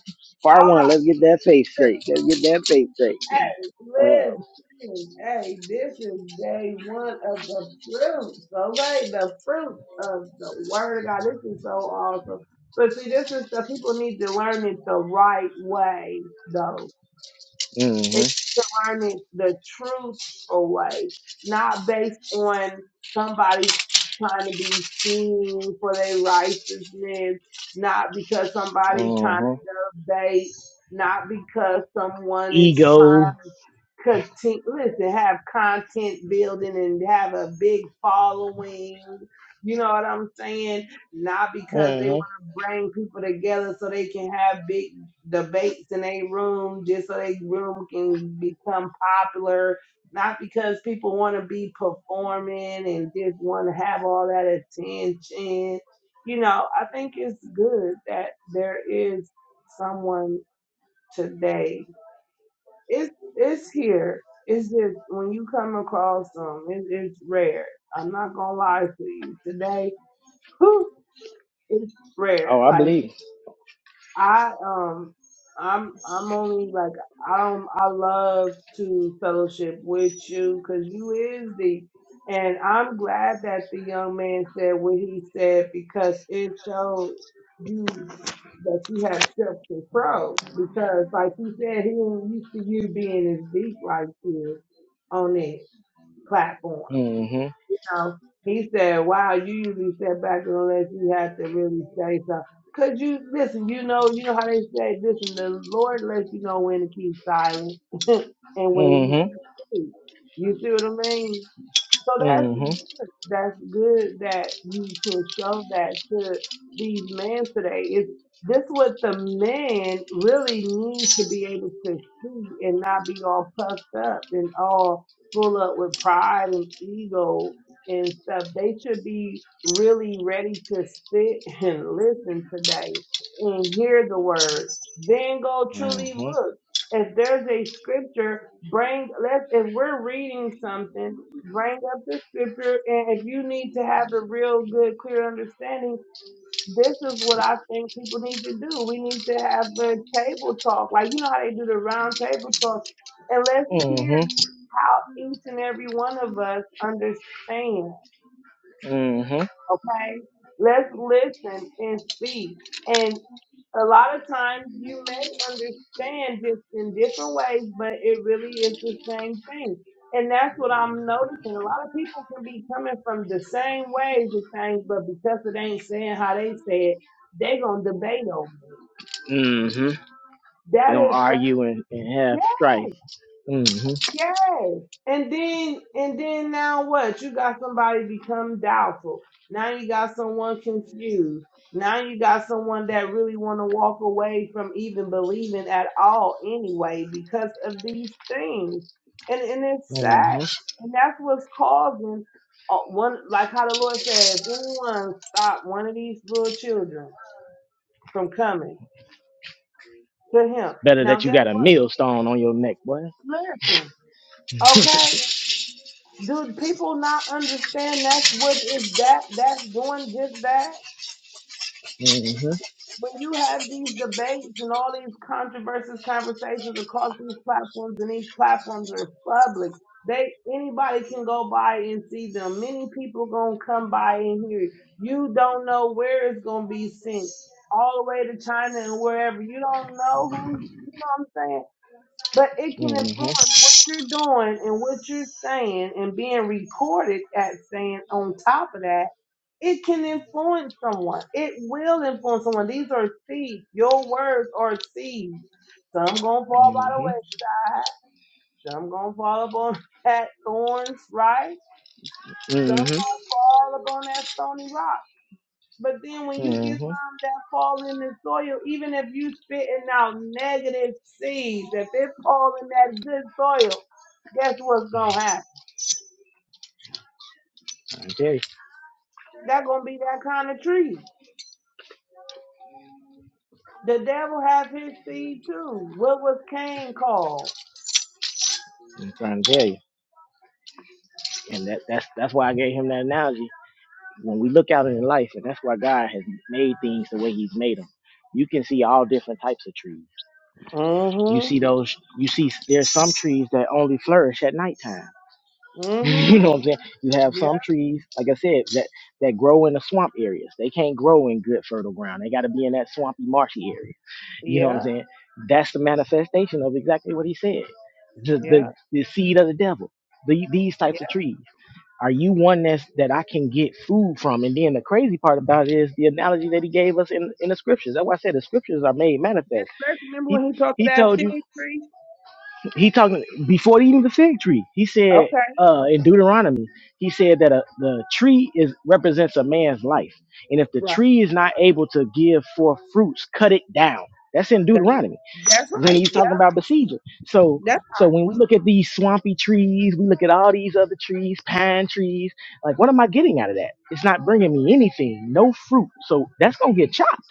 Speaker 2: Part
Speaker 3: All right.
Speaker 2: one. Let's get that face straight. Let's get that face straight. Uh,
Speaker 3: Listen, hey, this is day one of the fruit. So, like the fruit of the word of God. This is so awesome. But see, this is the people need to learn it the right way, though. They need
Speaker 2: mm-hmm.
Speaker 3: to learn it the truthful way, not based on somebody trying to be seen for their righteousness, not because somebody trying
Speaker 2: Mm-hmm.
Speaker 3: to debate, not because someone is trying
Speaker 2: Ego.
Speaker 3: to content, listen, have content building and have a big following. You know what I'm saying? Not because they
Speaker 2: Mm-hmm.
Speaker 3: want to bring people together so they can have big debates in a room just so they room can become popular, not because people want to be performing and just want to have all that attention. You know, I think it's good that there is someone today. It's it's here. It's just when you come across them, it, it's rare. I'm not gonna lie to you. Today, whew, rare.
Speaker 2: Oh, I
Speaker 3: Like
Speaker 2: believe.
Speaker 3: I um I'm I'm only like I don't I love to fellowship with you because you is the and I'm glad that the young man said what he said because it showed you that you have self control because like he said he ain't used to you being as deep like this on the platform
Speaker 2: Mm-hmm.
Speaker 3: know, he said, wow, you usually sit back unless you have to really say something. Cause you, listen, you know, you know how they say, listen, the Lord lets you know when to keep silent and when you should
Speaker 2: Mm-hmm.
Speaker 3: speak. You see what I mean? So that's good.
Speaker 2: Mm-hmm.
Speaker 3: that's good that you can show that to these men today. Is this what the men really need to be able to see and not be all puffed up and all full up with pride and ego and stuff. They should be really ready to sit and listen today and hear the word. Then go truly
Speaker 2: Mm-hmm.
Speaker 3: look. If there's a scripture, bring let's if we're reading something bring up the scripture and if you need to have a real good clear understanding this is what i think people need to do we need to have a table talk like you know how they do the round table talk and let's hear
Speaker 2: Mm-hmm.
Speaker 3: how each and every one of us understand
Speaker 2: Mm-hmm.
Speaker 3: okay? Let's listen and see. And a lot of times you may understand just in different ways, but it really is the same thing. And that's what I'm noticing. A lot of people can be coming from the same ways of things, but because it ain't saying how they say it, they gonna debate over it.
Speaker 2: Mm-hmm. They're gonna
Speaker 3: That is
Speaker 2: argue and, and have strife. Mm-hmm.
Speaker 3: Yes. And then and then now what? You got somebody become doubtful. Now you got someone confused. Now you got someone that really want to walk away from even believing at all anyway because of these things. And and it's sad.
Speaker 2: Mm-hmm.
Speaker 3: And that's what's causing uh, one like how the Lord said, if anyone stop one of these little children from coming to him.
Speaker 2: Better
Speaker 3: Now
Speaker 2: that you
Speaker 3: guess
Speaker 2: got a millstone on your neck, boy.
Speaker 3: listen. okay. Do people not understand that's what is that that's doing just that?
Speaker 2: Mm-hmm.
Speaker 3: When you have these debates and all these controversies, conversations across these platforms, and these platforms are public, they anybody can go by and see them. Many people gonna come by and hear you. You don't know where it's gonna be sent, all the way to China and wherever. You don't know who. You know what I'm saying? But it can
Speaker 2: Mm-hmm.
Speaker 3: influence what you're doing and what you're saying and being recorded at saying on top of that, it can influence someone. It will influence someone. These are seeds. Your words are seeds. Some gonna fall by the
Speaker 2: Mm-hmm.
Speaker 3: wayside. Some gonna fall upon that thorns, right? Some gonna
Speaker 2: Mm-hmm.
Speaker 3: fall upon that stony rock. But then when you get
Speaker 2: Mm-hmm. I'm
Speaker 3: some that fall in the soil, even if you spitting out negative seeds, if it fall in that good soil, guess what's gonna happen?
Speaker 2: trying to tell you.
Speaker 3: That gonna be that kind of tree. The devil have his seed too. What was Cain called?
Speaker 2: I'm trying to tell you. And that, that's that's why I gave him that analogy when we look out in life, and that's why God has made things the way He's made them. You can see all different types of trees. You see
Speaker 3: Mm-hmm.
Speaker 2: those. You see there's some trees that only flourish at nighttime. you
Speaker 3: Mm-hmm.
Speaker 2: know what I'm saying? You have
Speaker 3: Yeah,
Speaker 2: some trees, like I said, that that grow in the swamp areas. They can't grow in good fertile ground. They got to be in that swampy, marshy area. You know what I'm
Speaker 3: yeah,
Speaker 2: saying? That's the manifestation of exactly what He said. The the,
Speaker 3: yeah,
Speaker 2: the seed of the devil. The, these
Speaker 3: yeah.
Speaker 2: types of
Speaker 3: Let's
Speaker 2: trees. Are you one that's that I can get food from? And then the crazy part about it is the analogy that he gave us in, in the scriptures. That's why I said the scriptures are made manifest.
Speaker 3: remember
Speaker 2: He
Speaker 3: when he talked to
Speaker 2: he
Speaker 3: that
Speaker 2: told
Speaker 3: fig
Speaker 2: you
Speaker 3: tree?
Speaker 2: he talking before eating the fig tree. He said
Speaker 3: Okay,
Speaker 2: uh, in Deuteronomy, he said that a, the tree is represents a man's life, and if the
Speaker 3: right.
Speaker 2: tree is not able to give forth fruits, cut it down. That's in
Speaker 3: Cut it.
Speaker 2: Deuteronomy
Speaker 3: That's
Speaker 2: when
Speaker 3: right.
Speaker 2: he's
Speaker 3: Yeah,
Speaker 2: talking about besieging. So
Speaker 3: that's
Speaker 2: so when we look at these swampy trees, we look at all these other trees, pine trees. Like, what am I getting out of that? It's not
Speaker 3: yeah,
Speaker 2: bringing me anything, no fruit. So that's gonna get chopped.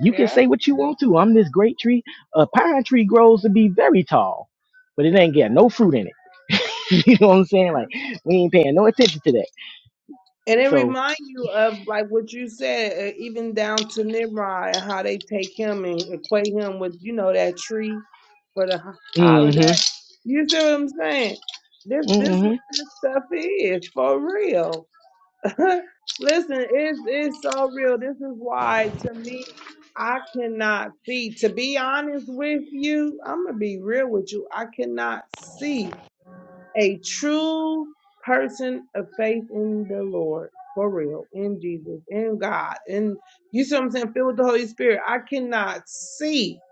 Speaker 2: You can say what you want to. I'm this great tree. A pine tree grows to be very tall, but it ain't got no fruit in it. you know what I'm saying? Like, we ain't paying no attention to that.
Speaker 3: And it
Speaker 2: So,
Speaker 3: reminds you of like what you said, uh, even down to Nimrod and how they take him and equate him with, you know, that tree for the ho- holiday.
Speaker 2: mm-hmm,
Speaker 3: You see what I'm saying? This this
Speaker 2: mm-hmm.
Speaker 3: what this stuff is for real. Listen, it's it's so real. This is why to me I cannot see. To be honest with you, I'm gonna be real with you. I cannot see a true person of faith in the Lord, for real, in Jesus, in God. And you see what I'm saying? Filled with the Holy Spirit. I cannot see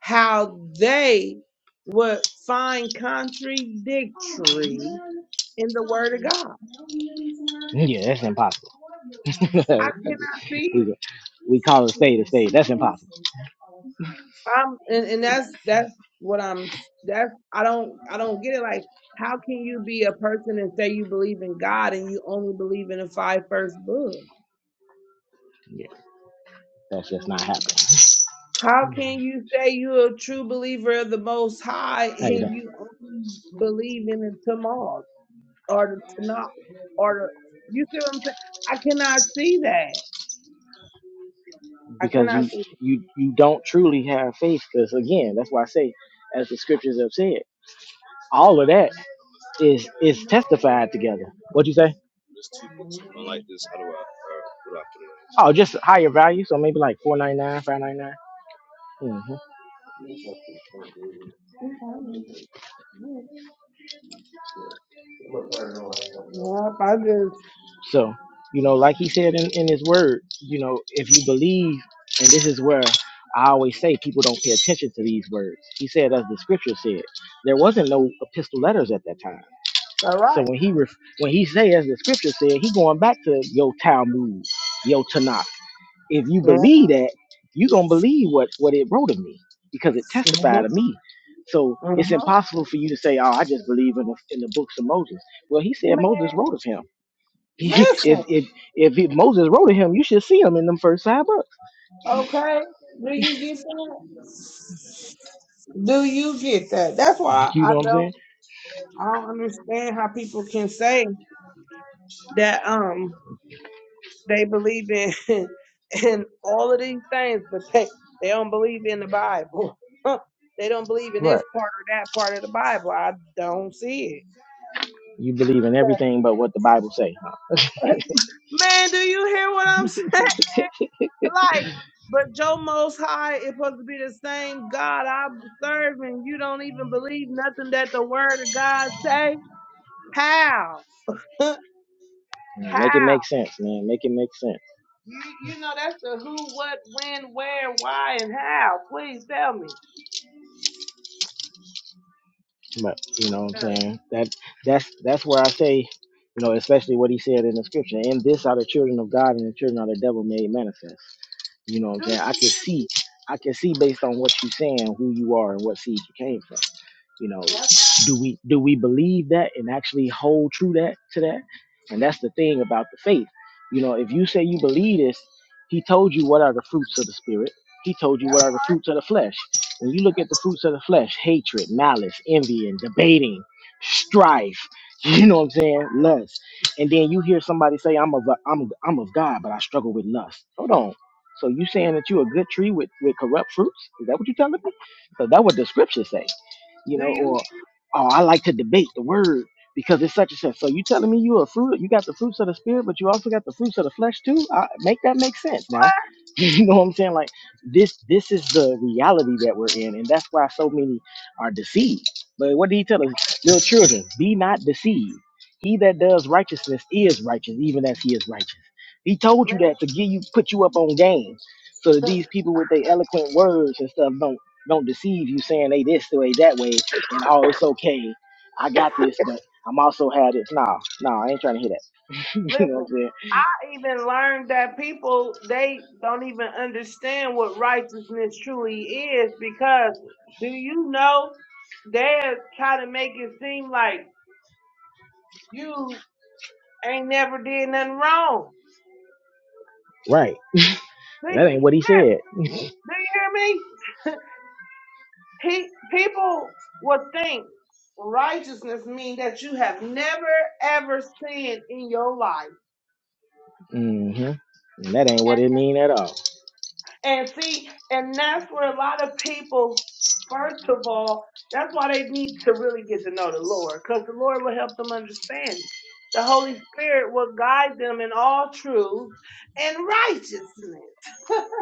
Speaker 3: how they would find contradictory in the word of God.
Speaker 2: Yeah, that's impossible.
Speaker 3: I cannot see it.
Speaker 2: we we call it state a state. That's impossible.
Speaker 3: I'm and, and that's that's what I'm that's I don't I don't get it. Like how can you be a person and say you believe in God and you only believe in the five first books?
Speaker 2: Yeah, that's just not happening.
Speaker 3: How can you say you're a true believer of the Most High
Speaker 2: How you
Speaker 3: and
Speaker 2: doing?
Speaker 3: you only believe in the Tamar or the Tanakh or the, you see what I'm saying? I cannot see that. I
Speaker 2: Because
Speaker 3: cannot
Speaker 2: you
Speaker 3: see that.
Speaker 2: you you don't truly have faith. Because again, that's why I say, as the scriptures have said, all of that is is testified together. What you say? Oh, just higher value. So maybe like four ninety nine, five ninety nine. Mm-hmm.
Speaker 3: Yep, I just,
Speaker 2: So you know, like he said in in his word, you know, if you believe, and this is where. I always say people don't pay attention to these words. He said, as the scripture said, there wasn't no epistle letters at that time
Speaker 3: all
Speaker 2: So
Speaker 3: right.
Speaker 2: when he ref- when he say as the scripture said, he going back to your Talmud, your Tanakh. If you
Speaker 3: Mm-hmm,
Speaker 2: believe that, you gonna believe what what it wrote of me because it testified of me. So it's
Speaker 3: mm-hmm.
Speaker 2: impossible for you to say, "Oh, I just believe in the in the books of Moses." Well, he said
Speaker 3: Man,
Speaker 2: Moses wrote of him. if
Speaker 3: listen,
Speaker 2: if if it, Moses wrote of him, you should see him in them first five books.
Speaker 3: okay? Do you get that? Do you get that? That's why
Speaker 2: You
Speaker 3: I
Speaker 2: know what I'm
Speaker 3: don't.
Speaker 2: saying?
Speaker 3: I don't understand how people can say that um they believe in in all of these things, but they they don't believe in the Bible. they don't believe in this
Speaker 2: Right.
Speaker 3: part or that part of the Bible. I don't see it.
Speaker 2: You believe in everything but what the Bible say. Huh?
Speaker 3: Man, do you hear what I'm saying? Like, but Joe Most High is supposed to be the same God I'm serving. You don't even believe nothing that the Word of God say. How? how?
Speaker 2: Make it make sense, man. Make it make sense.
Speaker 3: You you know that's the who, what, when, where, why, and how. Please tell me.
Speaker 2: But you know what I'm
Speaker 3: Uh,
Speaker 2: saying? That that's that's where I say, you know, especially what he said in the scripture, and this are the children of God and the children of the devil made manifest. You know what I'm
Speaker 3: do you hear
Speaker 2: saying? I can
Speaker 3: me?
Speaker 2: see I can see based on what you're saying who you are and what seed you came from you know
Speaker 3: That's
Speaker 2: do we do we believe that and actually hold true that to that and that's the thing about the faith you know if you say you believe this he told you what are the fruits of the spirit he told you
Speaker 3: that's
Speaker 2: what are the fruits of the flesh when you look
Speaker 3: that's.
Speaker 2: at the fruits of the flesh hatred malice envy and debating strife you know what i'm saying lust and then you hear somebody say i'm of i'm, I'm of god but i struggle with lust hold on so you saying that you a good tree with, with corrupt fruits is that what you're telling me because that what the scriptures say you
Speaker 3: Do
Speaker 2: know,
Speaker 3: you hear
Speaker 2: or oh, I like to debate the word because it's such and such. So you telling me you a fruit, you got the fruits of the spirit, but you also got the fruits of the flesh too. I, make that make sense now. you know what I'm saying? Like this, this is the reality that we're in, and that's why so many are deceived. But what did he tell us, little children? Be not deceived. He that does righteousness is righteous, even as he is righteous. He told
Speaker 3: what,
Speaker 2: you that to get you, put you up on game, so that
Speaker 3: man?
Speaker 2: these people with their eloquent words and stuff don't don't deceive you saying they this way, that way, and oh, it's okay. I got this, but I'm also had this. Nah, nah, I ain't trying to hear that. you know what
Speaker 3: Listen,
Speaker 2: I'm saying?
Speaker 3: I even learned that people they don't even understand what righteousness truly is because do you know they try to make it seem like you ain't never did nothing wrong.
Speaker 2: Right.
Speaker 3: See,
Speaker 2: That ain't what he said.
Speaker 3: do you hear me? He, people would think righteousness means that you have never ever sinned in your life.
Speaker 2: hmm That ain't what
Speaker 3: And,
Speaker 2: it mean at all.
Speaker 3: and see, and that's where a lot of people, first of all, that's why they need to really get to know the Lord, because the Lord will help them understand. The Holy Spirit will guide them in all truth and righteousness.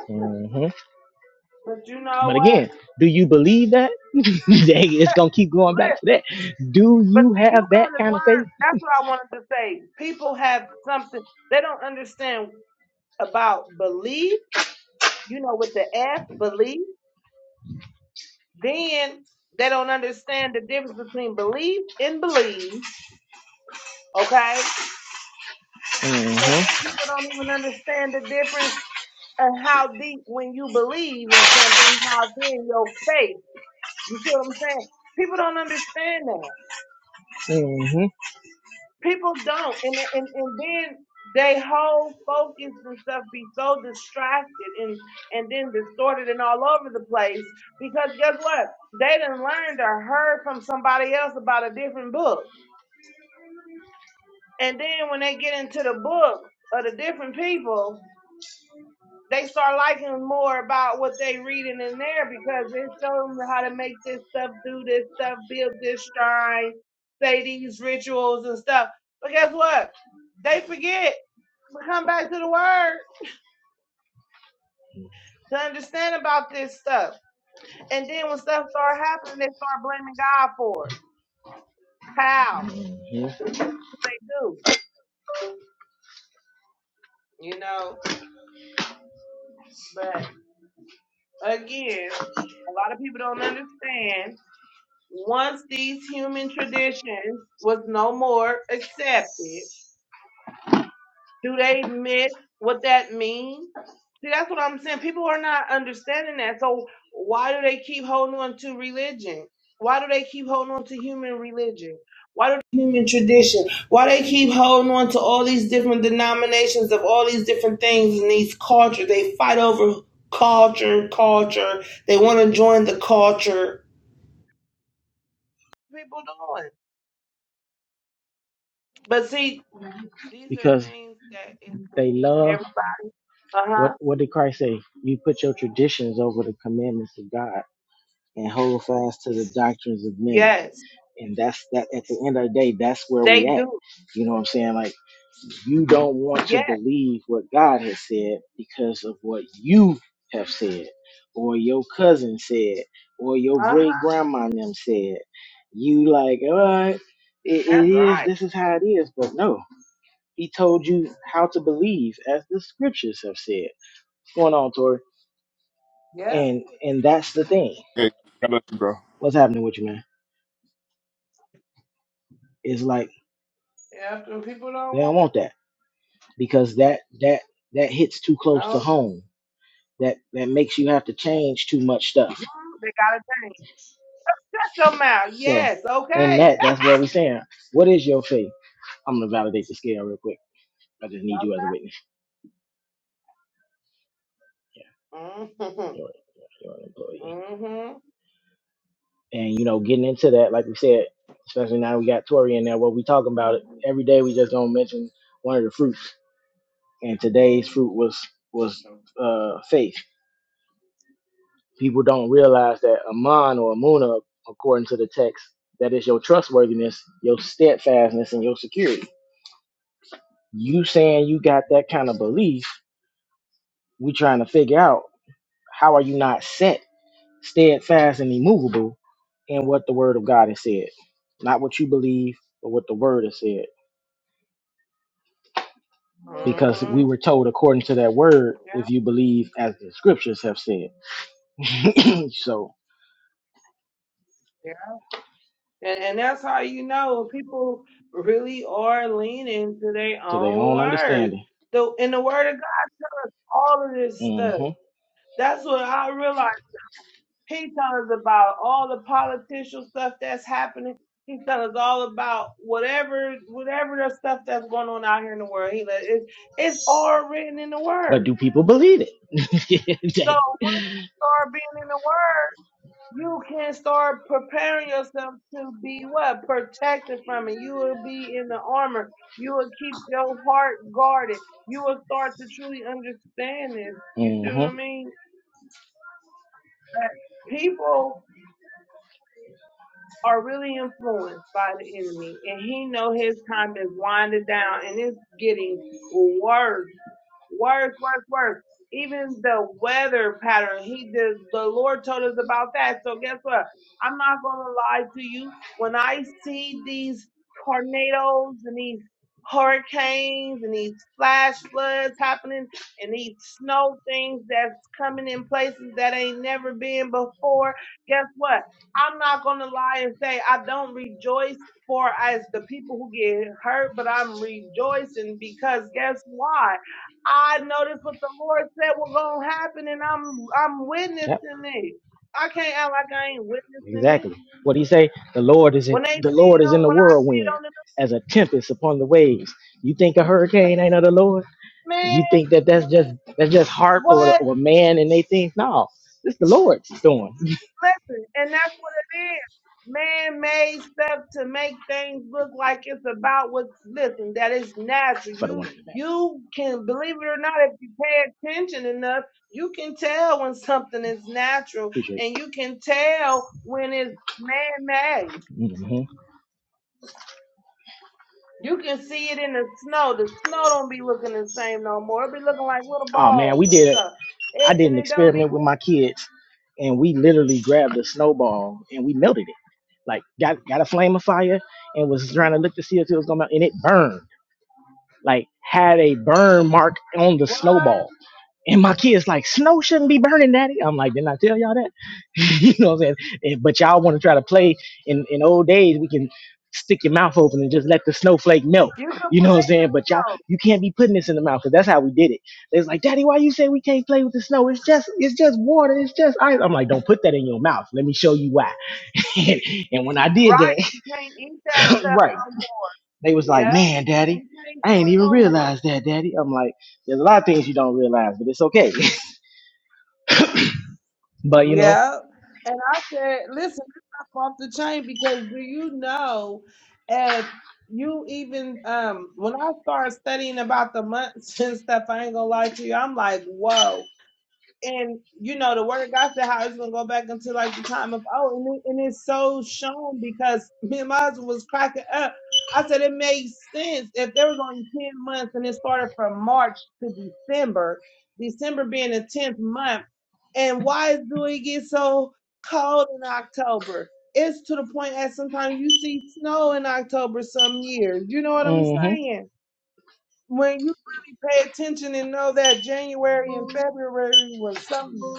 Speaker 2: hmm
Speaker 3: But you know
Speaker 2: But
Speaker 3: what?
Speaker 2: again, do you believe that? Dang, it's gonna keep going back
Speaker 3: Listen,
Speaker 2: to that. Do
Speaker 3: but
Speaker 2: you
Speaker 3: see,
Speaker 2: have
Speaker 3: you
Speaker 2: that
Speaker 3: gotta
Speaker 2: kind of
Speaker 3: learn.
Speaker 2: faith?
Speaker 3: That's what I wanted to say. People have something they don't understand. about belief, you know, with the F, belief, then they don't understand the difference between belief and believe, okay? And
Speaker 2: hmm
Speaker 3: then people don't even understand the difference of how deep when you believe in something, how then your faith. You see what I'm saying? People don't understand that.
Speaker 2: hmm
Speaker 3: People don't, and and and then they whole focus and stuff be so distracted and and then distorted and all over the place because guess what? They done learned or heard from somebody else about a different book, and then when they get into the book of the different people they start liking more about what they reading in there because it shows them how to make this stuff, do this stuff, build this shrine, say these rituals and stuff. But guess what? They forget. But come back to the word to understand about this stuff. And then when stuff start happening, they start blaming God for it. How?
Speaker 2: hmm
Speaker 3: They do, you know. But again, a lot of people don't understand once these human traditions was no more accepted, do they miss what that means? See, that's what I'm saying. People are not understanding that. So why do they keep holding on to religion? Why do they keep holding on to human religion? Why do human tradition? Why they keep holding on to all these different denominations of all these different things in these cultures? They fight over culture, culture. They want to join the culture. People doing. But see, These are
Speaker 2: Because
Speaker 3: things that is to
Speaker 2: they
Speaker 3: keep
Speaker 2: love
Speaker 3: everybody. Uh
Speaker 2: what
Speaker 3: huh.
Speaker 2: what did Christ say? You put your traditions over the commandments of God. and hold fast to the doctrines of men.
Speaker 3: Yes,
Speaker 2: And that's that at the end of the day, that's where we
Speaker 3: they
Speaker 2: at.
Speaker 3: do.
Speaker 2: You know what I'm saying? Like you don't want to
Speaker 3: Yes.
Speaker 2: believe what God has said because of what you have said, or your cousin said, or your
Speaker 3: Uh
Speaker 2: great
Speaker 3: huh.
Speaker 2: grandma and them said. You like, all right, it, it
Speaker 3: That's
Speaker 2: is,
Speaker 3: right.
Speaker 2: this is how it is. But no, he told you how to believe as the scriptures have said. What's going on, Tori?
Speaker 3: Yeah.
Speaker 2: And and that's the thing.
Speaker 4: Hey, God bless you, bro.
Speaker 2: What's happening with you, man? It's like
Speaker 3: After people
Speaker 2: They
Speaker 3: don't
Speaker 2: don't
Speaker 3: want
Speaker 2: want that because that that that hits too close to
Speaker 3: no,
Speaker 2: home. That that makes you have to change too much stuff.
Speaker 3: hmm, they gotta change. Shut your mouth.
Speaker 2: So
Speaker 3: Yes.
Speaker 2: in
Speaker 3: Okay.
Speaker 2: that, that's what we're saying. What is your faith? I'm gonna validate the scale real quick. I just need you as a witness. Yeah,
Speaker 3: Mhm.
Speaker 2: you're, you're an employee. And you know, getting into that, like we said, especially now we got Tori in there. What we talking about
Speaker 3: Mhm.
Speaker 2: every day? We just gonna mention one of the fruits. And today's fruit was was uh, faith. people don't realize that Aman or Amuna, according to the text, that is your trustworthiness, your steadfastness, and your security. You saying you got that kind of belief, we trying to figure out how are you not set, steadfast, and immovable in what the word of God has said. Not what you believe, but what the word has said. Because we
Speaker 3: Mhm.
Speaker 2: were told according to that word, if you believe as the scriptures have said. so
Speaker 3: Yeah. And and that's how you know people really are leaning to their
Speaker 2: to their
Speaker 3: own
Speaker 2: own
Speaker 3: words.
Speaker 2: understanding.
Speaker 3: The in the word of God, all of this stuff.
Speaker 2: Mm-hmm.
Speaker 3: That's what I realized. He telling us about all the political stuff that's happening. He's telling us all about whatever whatever the stuff that's going on out here in the world. He let it's it's all written in the
Speaker 2: But do
Speaker 3: word.
Speaker 2: people believe
Speaker 3: So
Speaker 2: it?
Speaker 3: once you start being in the word, you can start preparing yourself to be what? Protected from it. You will be in the armor. You will keep your heart guarded. You will start to truly understand this. You see what
Speaker 2: hmm
Speaker 3: I mean? People are really influenced by the enemy and he know his time is winding down and it's getting worse Worse, worse, worse. Even the weather pattern, he the, the Lord told us about that. So guess what? I'm not gonna lie to you. When I see these tornadoes and these hurricanes and these flash floods happening and these snow things that's coming in places that ain't never been before, guess what? I'm not gonna lie and say I don't rejoice for as the people who get hurt, but I'm rejoicing because guess why? I know what the Lord said was gonna happen, and I'm I'm
Speaker 2: Yep,
Speaker 3: witnessing it. I can't act like I ain't witnessing it.
Speaker 2: exactly. What do you say? The Lord is in
Speaker 3: When they
Speaker 2: the
Speaker 3: see
Speaker 2: Lord is in
Speaker 3: um,
Speaker 2: the
Speaker 3: when I see it
Speaker 2: whirlwind
Speaker 3: on
Speaker 2: as a tempest upon the waves. You think a
Speaker 3: the
Speaker 2: hurricane ain't of the Lord?
Speaker 3: man,
Speaker 2: You think that that's just that's just harp or
Speaker 3: what?
Speaker 2: or man and they think no, it's the Lord's doing.
Speaker 3: Listen, and that's what it is. Man-made stuff to make things look like it's about what. Listen, that is natural.
Speaker 2: For the one
Speaker 3: You
Speaker 2: in the back,
Speaker 3: you can believe it or not, if you pay attention enough, you can tell when something is natural,
Speaker 2: appreciate.
Speaker 3: and you can tell when it's man-made.
Speaker 2: it. hmm
Speaker 3: You can see it in the snow. The snow don't be looking the same no more. It be looking like little
Speaker 2: Oh man,
Speaker 3: balls
Speaker 2: we
Speaker 3: and
Speaker 2: did it.
Speaker 3: stuff.
Speaker 2: I
Speaker 3: It,
Speaker 2: did
Speaker 3: and
Speaker 2: an
Speaker 3: it don't be
Speaker 2: experiment with my kids, and we literally grabbed a snowball and we melted it. Like got got a flame of fire and was trying to
Speaker 3: what
Speaker 2: look to see if it was gonna melt, and it burned. Like had a burn mark on the snowball. And my kids like, snow shouldn't be burning, daddy. I'm like, didn't I tell y'all that? you know what I'm saying? And- but y'all want to try to play in, in old days, we can stick your mouth open and just let the snowflake melt.
Speaker 3: you can
Speaker 2: You know what I'm
Speaker 3: play in
Speaker 2: saying?
Speaker 3: the
Speaker 2: But y'all,
Speaker 3: snow,
Speaker 2: you can't be putting this in the mouth because that's how we did it. It's like, daddy, why you say we can't play with the snow? It's just, it's just water. It's just ice. I'm like, don't put that in your mouth. Let me show you why. and and when I did
Speaker 3: right?
Speaker 2: that,
Speaker 3: You can't eat that stuff
Speaker 2: right,
Speaker 3: no
Speaker 2: they was
Speaker 3: more.
Speaker 2: like,
Speaker 3: Yeah,
Speaker 2: man,
Speaker 3: you
Speaker 2: daddy,
Speaker 3: can't do
Speaker 2: I ain't
Speaker 3: it
Speaker 2: even
Speaker 3: no more.
Speaker 2: realized that, daddy. I'm like, there's a lot of things you don't realize, but it's okay. but you know,
Speaker 3: Yeah. And I said, listen, this stuff off the chain because do you know if you even um when I started studying about the months and stuff, I ain't gonna lie to you, I'm like, whoa. and you know the word of God said how it's gonna go back into like the time of oh and, it, and it's so shown because me and my husband was cracking up. I said it makes sense if there was only ten months and it started from March to December, December being the tenth month, and why do it get so cold in October? It's to the point that sometimes you see snow in October some years. You know what I'm
Speaker 2: hmm
Speaker 3: saying? When you really pay attention and know that January and February was something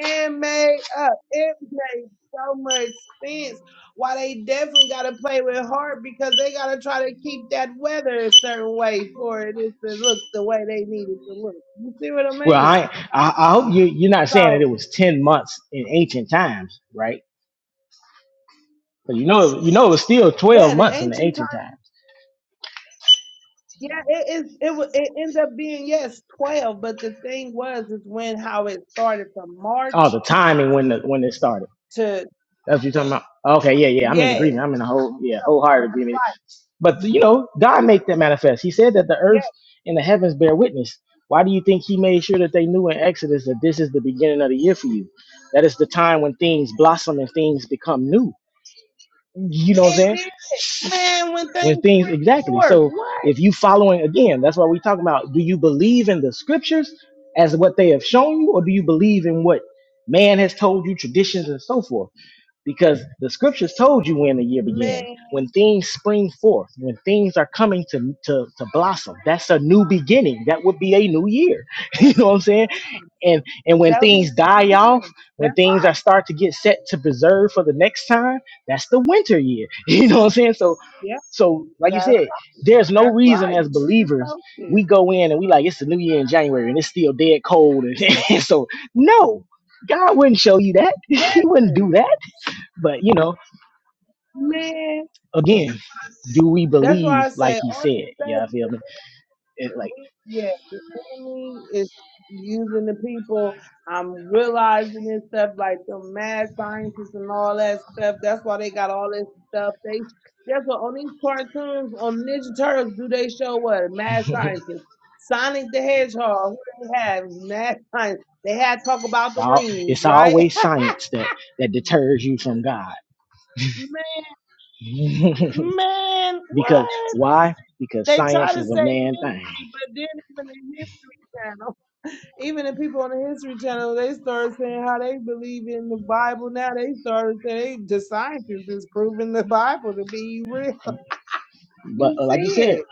Speaker 3: man made up, it made so much sense. Why they definitely got to play with heart because they got to try to keep that weather a certain way for it is to look the way they need it to look. You see what I
Speaker 2: Well,
Speaker 3: mean?
Speaker 2: I, I I hope you you're not saying that
Speaker 3: So
Speaker 2: it was ten months in ancient times, right? But you know you know it was still twelve
Speaker 3: yeah, the
Speaker 2: months in the
Speaker 3: ancient times,
Speaker 2: ancient times.
Speaker 3: yeah, it is. It wa- it ended up being yes twelve, but the thing was is when how it started from
Speaker 2: Oh,
Speaker 3: March
Speaker 2: the timing when the when it started.
Speaker 3: to
Speaker 2: That's what you're talking about. Okay, yeah, yeah. I'm in
Speaker 3: yes.
Speaker 2: agreement. I'm in a whole yeah
Speaker 3: So
Speaker 2: wholehearted
Speaker 3: that's
Speaker 2: agreement. But you know, God made that manifest. He said that the
Speaker 3: yeah,
Speaker 2: earth and the heavens bear witness. Why do you think He made sure that they knew in Exodus that this is the beginning of the year for you? That is the time when things blossom and things become new. You know what I'm
Speaker 3: It
Speaker 2: saying?
Speaker 3: did. Man, when
Speaker 2: when
Speaker 3: things
Speaker 2: things
Speaker 3: spring
Speaker 2: exactly
Speaker 3: forth.
Speaker 2: so
Speaker 3: What?
Speaker 2: if you following again that's why we talking about do you believe in the scriptures as what they have shown you or do you believe in what man has told you traditions and so forth because the scriptures told you when the year
Speaker 3: Man,
Speaker 2: began when things spring forth when things are coming to to, to blossom that's a new beginning that would be a new year you know what i'm saying and and when
Speaker 3: that'll be
Speaker 2: things
Speaker 3: the new
Speaker 2: die
Speaker 3: year.
Speaker 2: off when
Speaker 3: That's
Speaker 2: things are
Speaker 3: right.
Speaker 2: start to get set to preserve for the next time that's the winter year you know what i'm saying so
Speaker 3: Yep,
Speaker 2: so, like you
Speaker 3: that's
Speaker 2: said, there's no
Speaker 3: that's
Speaker 2: reason
Speaker 3: right.
Speaker 2: as
Speaker 3: The winter
Speaker 2: believers we
Speaker 3: solstice.
Speaker 2: go in and we like it's the new year in January and it's still dead cold. And, and so, no, God wouldn't show you that. He wouldn't do
Speaker 3: Listen,
Speaker 2: that. But you know,
Speaker 3: man,
Speaker 2: again, do we
Speaker 3: that's why
Speaker 2: believe
Speaker 3: I
Speaker 2: like
Speaker 3: say
Speaker 2: He
Speaker 3: all this
Speaker 2: said?
Speaker 3: stuff
Speaker 2: Yeah, I feel me. It, like
Speaker 3: we, yeah, the enemy is using the people. I'm realizing this stuff like the mad scientists and all that stuff. That's why they got all this stuff. They that's what on these cartoons on Ninja Turtles do they show what mad scientists. Sonic the Hedgehog, who they had mad science. They had talk about
Speaker 2: it's,
Speaker 3: the
Speaker 2: all, it's
Speaker 3: rings, right?
Speaker 2: always science that that deters you from God.
Speaker 3: man, man,
Speaker 2: because
Speaker 3: what?
Speaker 2: why? Because
Speaker 3: They try
Speaker 2: science
Speaker 3: to
Speaker 2: is a
Speaker 3: say
Speaker 2: man thing.
Speaker 3: history, but then even in history. Even the people on the History Channel, they started saying how they believe in the Bible. Now they started saying the scientists is proving the Bible to be real.
Speaker 2: But
Speaker 3: You
Speaker 2: uh,
Speaker 3: see
Speaker 2: like you said,
Speaker 3: it.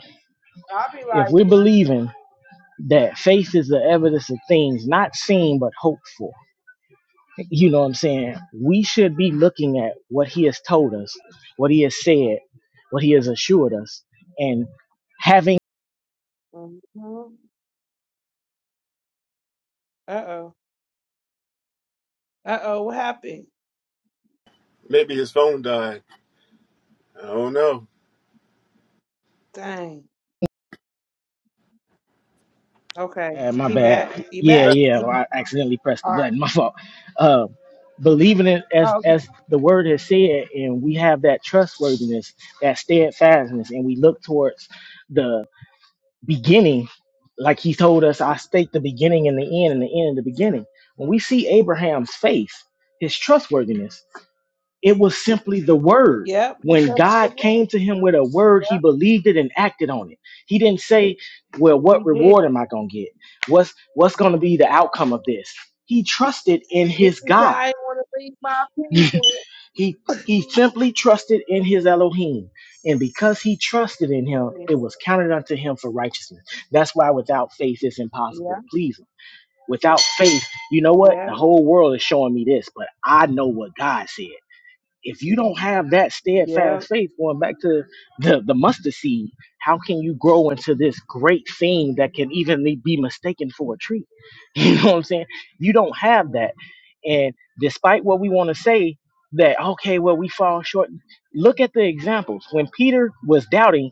Speaker 3: I'll be
Speaker 2: if
Speaker 3: like,
Speaker 2: we're believing that faith is the evidence of things not seen but hoped for. You know what I'm saying? We should be looking at what he has told us, what he has said, what he has assured us, and having.
Speaker 3: what? hmm Uh oh. Uh oh. What happened?
Speaker 4: Maybe his phone died. I don't know.
Speaker 3: Dang. Okay.
Speaker 2: Uh, my
Speaker 3: He
Speaker 2: bad.
Speaker 3: back. He
Speaker 2: Yeah,
Speaker 4: That-
Speaker 3: back.
Speaker 2: yeah.
Speaker 3: He,
Speaker 2: I accidentally pressed the
Speaker 3: all right.
Speaker 2: button. My fault. Uh, believing it as
Speaker 3: Oh, okay.
Speaker 2: as the word has said, and we have that trustworthiness, that steadfastness, and we look towards the. beginning, like he told us, I state the beginning and the end and the end and the beginning. When we see Abraham's faith, his trustworthiness, it was simply the word.
Speaker 3: Yep. He
Speaker 2: When
Speaker 3: trusted the
Speaker 2: God came
Speaker 3: Lord.
Speaker 2: to him with a word, he believed it and acted on it. He didn't say, Well, what
Speaker 3: He did.
Speaker 2: reward am I gonna get? What's what's gonna be the outcome of this? He trusted in
Speaker 3: He
Speaker 2: his
Speaker 3: didn't say,
Speaker 2: God.
Speaker 3: I didn't want to leave my people.
Speaker 2: He he simply trusted in his Elohim, and because he trusted in him,
Speaker 3: Yeah.
Speaker 2: it was counted unto him for righteousness. That's why without faith it's impossible
Speaker 3: Yeah.
Speaker 2: to please him. Without faith, you know what? The
Speaker 3: Yeah.
Speaker 2: whole world is showing me this, but I know what God said if you don't have that
Speaker 3: Yeah.
Speaker 2: steadfast faith going back to the, the mustard seed how can you grow into this great thing that can even be mistaken for a tree you know what i'm saying you don't have that and despite what we want to say that okay well we fall short look at the examples when peter was doubting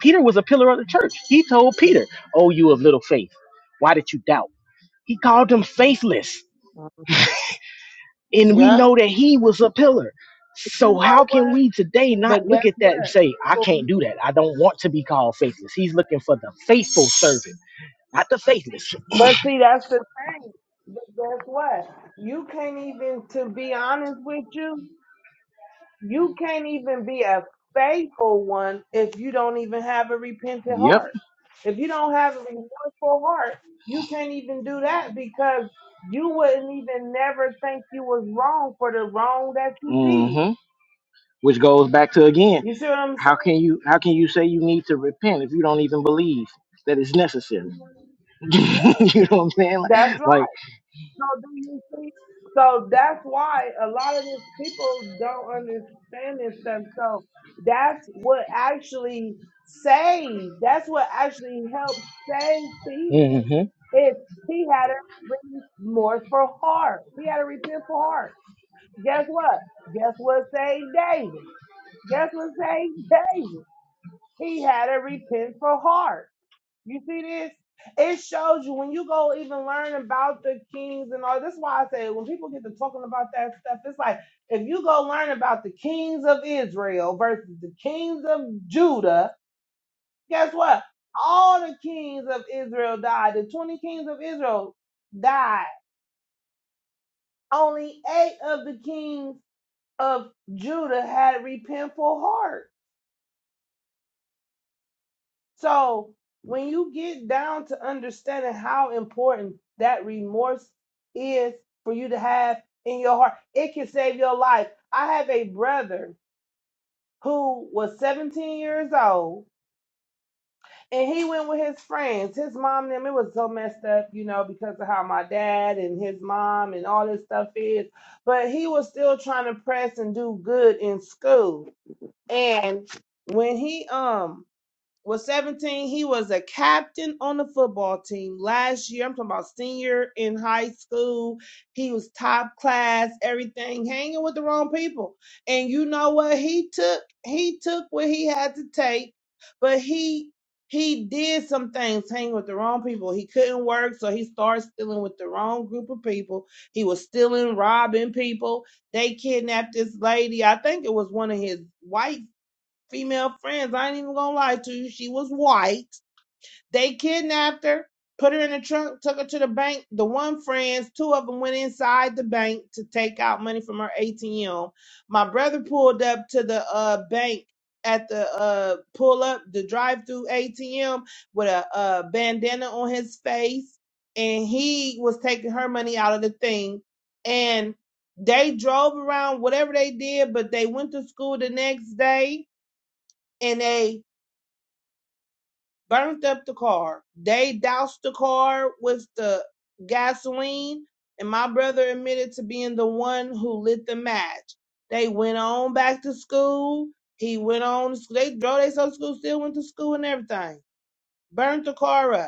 Speaker 2: peter was a pillar of the church he told peter oh you of little faith why did you doubt he called him faithless
Speaker 3: Mhm.
Speaker 2: and we
Speaker 3: Yeah.
Speaker 2: know that he was a pillar.
Speaker 3: But you
Speaker 2: So
Speaker 3: know
Speaker 2: how
Speaker 3: what?
Speaker 2: can we today not
Speaker 3: But guess
Speaker 2: look at that and say, I
Speaker 3: what?
Speaker 2: can't do that. I don't want to be called faithless. He's looking for the faithful servant, not the faithless.
Speaker 3: But see, that's the thing. But guess what? You can't even, to be honest with you, you can't even be a faithful one if you don't even have a repentant
Speaker 2: Yep.
Speaker 3: heart. If you don't have a remorseful heart, you can't even do that because you wouldn't even never think you was wrong for the wrong that you did.
Speaker 2: hmm Which goes back to again,
Speaker 3: You see what I'm saying?
Speaker 2: how can you how can you say you need to repent if you don't even believe that it's necessary?
Speaker 3: Yeah,
Speaker 2: you know what I'm saying? Like,
Speaker 3: That's
Speaker 2: like
Speaker 3: So do you see? So that's why a lot of these people don't understand this stuff. So that's what actually saved. That's what actually helped save Peter.
Speaker 2: hmm
Speaker 3: Is he had to repent more for heart. He had to repent for heart. Guess what? Guess what saved David? Guess what saved David? He had to repent for heart. You see this? It shows you when you go even learn about the kings and all. This is why I say when people get to talking about that stuff, it's like if you go learn about the kings of Israel versus the kings of Judah, guess what? All the kings of Israel died. The 20 kings of Israel died. Only eight of the kings of Judah had repentful hearts. So when you get down to understanding how important that remorse is for you to have in your heart, it can save your life. I have a brother who was 17 years old and he went with his friends. His mom and them, it was so messed up, you know, because of how my dad and his mom and all this stuff is. But he was still trying to press and do good in school. And when he um was 17. He was a captain on the football team last year. I'm talking about senior in high school. He was top class, everything, hanging with the wrong people. And you know what? He took he took what he had to take, but he he did some things hanging with the wrong people. He couldn't work, so he started stealing with the wrong group of people. He was stealing, robbing people. They kidnapped this lady. I think it was one of his white female friends. I ain't even gonna lie to you. She was white. They kidnapped her, put her in the trunk, took her to the bank. The one friends, two of them went inside the bank to take out money from her ATM. My brother pulled up to the uh bank at the uh pull up the drive through ATM with a uh bandana on his face and he was taking her money out of the thing and they drove around whatever they did but they went to school the next day and they burnt up the car. They doused the car with the gasoline, and my brother admitted to being the one who lit the match. They went on back to school. He went on. to sc- They drove themselves to school, still went to school and everything. Burnt the car up.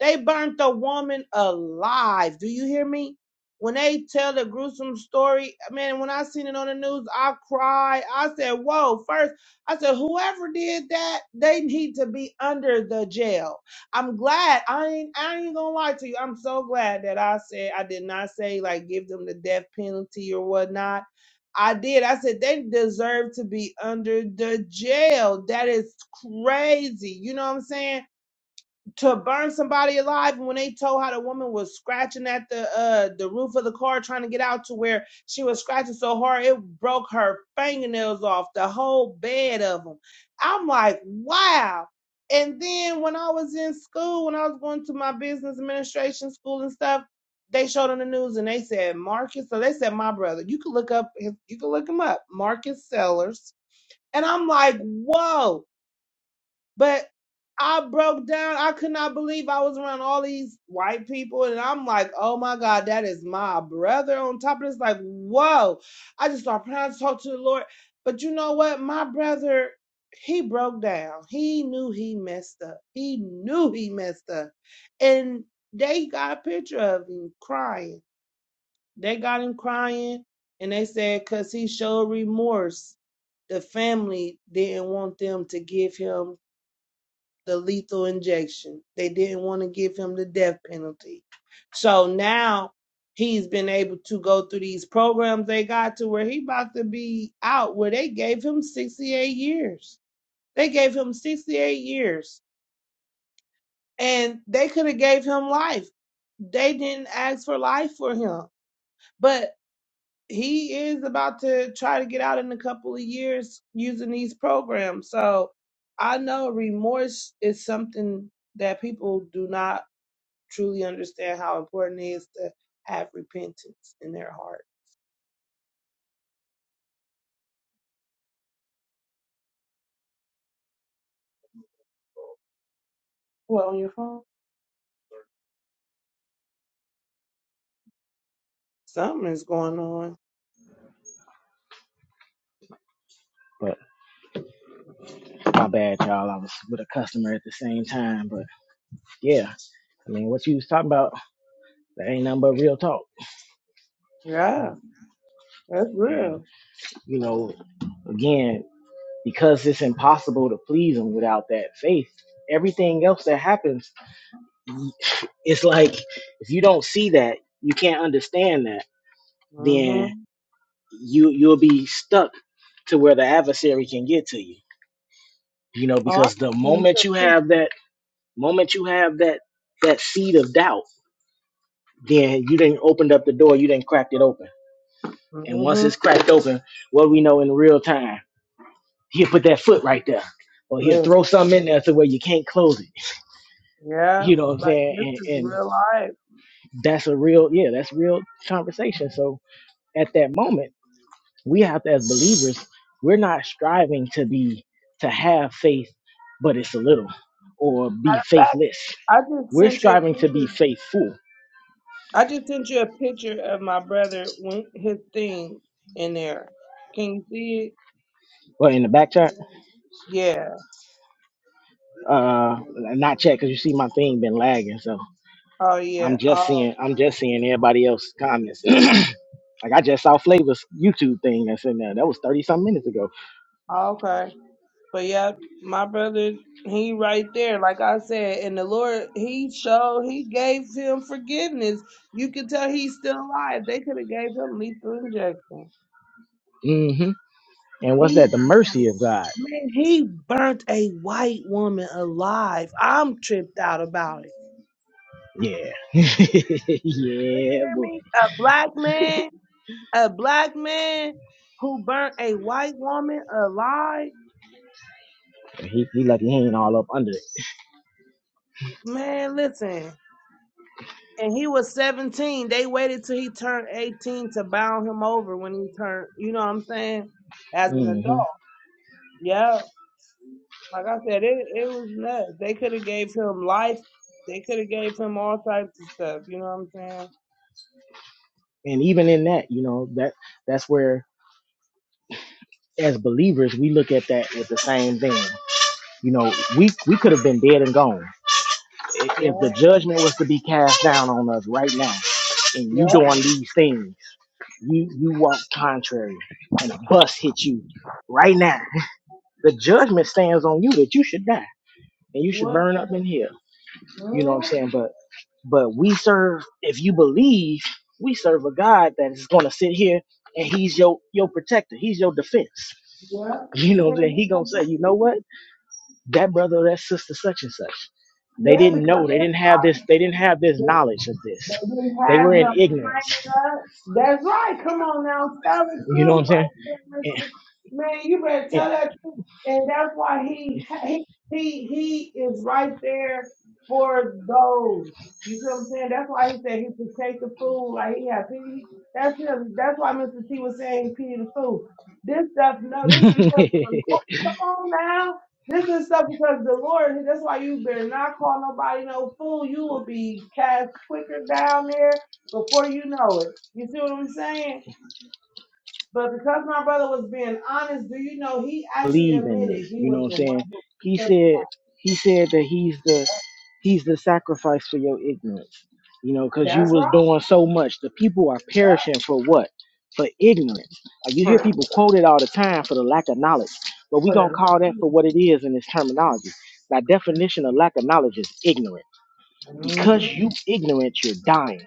Speaker 3: They burnt the woman alive. Do you hear me? When they tell the gruesome story, man, when I seen it on the news, I cried. I said, Whoa, first, I said, whoever did that, they need to be under the jail. I'm glad. I ain't I ain't gonna lie to you. I'm so glad that I said I did not say like give them the death penalty or whatnot. I did. I said they deserve to be under the jail. That is crazy. You know what I'm saying? to burn somebody alive and when they told how the woman was scratching at the uh the roof of the car trying to get out to where she was scratching so hard it broke her fingernails off the whole bed of them i'm like wow and then when i was in school when i was going to my business administration school and stuff they showed on the news and they said marcus so they said my brother you could look up his, you could look him up marcus sellers and i'm like whoa but I broke down. I could not believe I was around all these white people. And I'm like, oh my God, that is my brother on top of this. Like, whoa. I just started praying to talk to the Lord. But you know what? My brother, he broke down. He knew he messed up. He knew he messed up. And they got a picture of him crying. They got him crying. And they said, because he showed remorse, the family didn't want them to give him the lethal injection. They didn't want to give him the death penalty. So now he's been able to go through these programs they got to where he about to be out where they gave him 68 years. They gave him 68 years and they could have gave him life. They didn't ask for life for him. But he is about to try to get out in a couple of years using these programs. So I know remorse is something that people do not truly understand how important it is to have repentance in their heart. What on your phone? Something is going on.
Speaker 2: but my bad, y'all. I was with a customer at the same time. But yeah, I mean what you was talking about, that ain't nothing but real talk.
Speaker 3: Yeah, that's real.
Speaker 2: You know, again, because it's impossible to please him without that faith. Everything else that happens, it's like if you don't see that, you can't understand that, then
Speaker 3: Mm-hmm.
Speaker 2: you you'll be stuck to where the adversary can get to you. You know,
Speaker 3: Oh, I
Speaker 2: because the
Speaker 3: can see
Speaker 2: moment
Speaker 3: your
Speaker 2: you have
Speaker 3: picture.
Speaker 2: that moment you have that that seed of doubt, then you didn't opened up the door, you didn't cracked it open. And once
Speaker 3: Mm-hmm.
Speaker 2: it's cracked open, what we know in real time? he'll put that foot right there, or he'll
Speaker 3: Listen,
Speaker 2: throw something in there to where you can't close it.
Speaker 3: yeah,
Speaker 2: You know what I'm
Speaker 3: like
Speaker 2: saying?
Speaker 3: this is
Speaker 2: And, and
Speaker 3: real life. In
Speaker 2: that's a real, yeah, that's real conversation. So at that moment, we have to, as believers, we're not striving to be to have faith, but it's a little, or be
Speaker 3: fact,
Speaker 2: faithless.
Speaker 3: I just
Speaker 2: We're
Speaker 3: sent you a
Speaker 2: striving to be
Speaker 3: picture.
Speaker 2: faithful.
Speaker 3: I just sent you a picture of my brother when his thing in there. Can you see it?
Speaker 2: Well, in the back chart,
Speaker 3: Yeah.
Speaker 2: uh, not check because you see my thing been lagging, so
Speaker 3: Oh yeah.
Speaker 2: I'm just
Speaker 3: Oh,
Speaker 2: seeing I'm just seeing everybody else's comments. Like I just saw Flavor's YouTube thing that's in there. That was thirty some minutes ago.
Speaker 3: okay. But yeah, my brother, he right there, like I said, and the Lord, he showed, he gave him forgiveness. You can tell he's still alive. They could have gave him lethal injection.
Speaker 2: hmm And what's
Speaker 3: He
Speaker 2: that? The
Speaker 3: burnt a,
Speaker 2: mercy of God.
Speaker 3: man, he burnt a white woman alive. I'm tripped out about it.
Speaker 2: Yeah. yeah,
Speaker 3: Hear
Speaker 2: boy.
Speaker 3: me? A black man, a black man who burnt a white woman alive.
Speaker 2: He, he lucky he ain't all up under it.
Speaker 3: Man, listen. and he was 17. They waited till he turned 18 to bound him over when he turned, you know what I'm saying, as an
Speaker 2: hmm
Speaker 3: adult. Yeah, like I said, it, it was nuts. They could have gave him life. They could have gave him all types of stuff. You know what I'm saying?
Speaker 2: And even in that, you know, that that's where as believers we look at that with the same thing. You know, we we could have been dead and gone I- if
Speaker 3: Yeah,
Speaker 2: the judgment was to be cast down on us right now, and you
Speaker 3: yeah.
Speaker 2: doing these things, you you walk contrary, and a bus hit you right now. the judgment stands on you that you should die and you should
Speaker 3: What?
Speaker 2: burn up in hell. You know what I'm
Speaker 3: Girl,
Speaker 2: saying? But but we serve if you believe, we serve a God that is gonna sit here and he's your your protector, he's your defense.
Speaker 3: yeah.
Speaker 2: You know what I'm saying? He gonna say, you know what? That brother or that sister such and such. They
Speaker 3: Yeah,
Speaker 2: didn't
Speaker 3: because,
Speaker 2: know, they didn't have this, they didn't have this
Speaker 3: yeah.
Speaker 2: knowledge of
Speaker 3: They
Speaker 2: this.
Speaker 3: didn't
Speaker 2: They were
Speaker 3: have
Speaker 2: in
Speaker 3: no
Speaker 2: ignorance.
Speaker 3: training up. That's right. Come on now, tell the
Speaker 2: You know
Speaker 3: truth
Speaker 2: what
Speaker 3: right there, Miss
Speaker 2: I'm
Speaker 3: Ma- Man, you better tell that truth. And that's why he he he he is right there for those. You feel what I'm saying? That's why he said he could take the food like he had pity. That's him. That's why Mr. T was saying pity the food. This stuff, no, this because
Speaker 2: saying?
Speaker 3: come on now. This is stuff because the Lord, that's why you better not call nobody no fool. You will be cast quicker down there before you know it. You see what I'm saying? But because my brother was being honest, do you know he actually
Speaker 2: believe in
Speaker 3: admitted
Speaker 2: this.
Speaker 3: he
Speaker 2: You know
Speaker 3: was the
Speaker 2: what I'm
Speaker 3: one
Speaker 2: saying?
Speaker 3: who
Speaker 2: He said he said that he's the he's the sacrifice for your ignorance. You know, because you
Speaker 3: that's
Speaker 2: was
Speaker 3: right.
Speaker 2: doing so much. The people are
Speaker 3: Yeah.
Speaker 2: perishing for what? For ignorance. Like you hear
Speaker 3: For,
Speaker 2: people quoted all the time for the lack of knowledge, but we
Speaker 3: for
Speaker 2: gonna
Speaker 3: the
Speaker 2: call that for what it is in this terminology. By definition, a lack of knowledge is ignorant.
Speaker 3: Mhm.
Speaker 2: Because you ignorant, you're dying,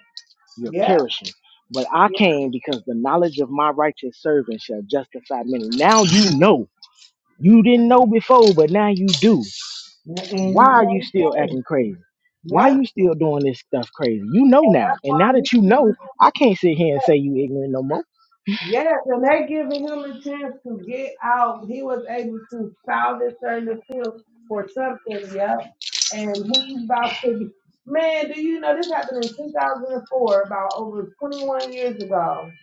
Speaker 2: you're
Speaker 3: Yep. Yeah.
Speaker 2: perishing. But I came because the knowledge of my righteous servant shall justify many. Now you know you didn't know before, but now you do.
Speaker 3: And
Speaker 2: Why
Speaker 3: you
Speaker 2: are you
Speaker 3: can't
Speaker 2: still
Speaker 3: say.
Speaker 2: acting crazy? Why you
Speaker 3: Yep.
Speaker 2: still doing this stuff crazy? You know now. And now that you know, I can't sit here and say you ignorant no more.
Speaker 3: Yes, and they giving him a chance to get out. He was able to file this certain appeal for something, yeah. And he's about to be, man, do you know this happened in 2004, about over 21 years ago.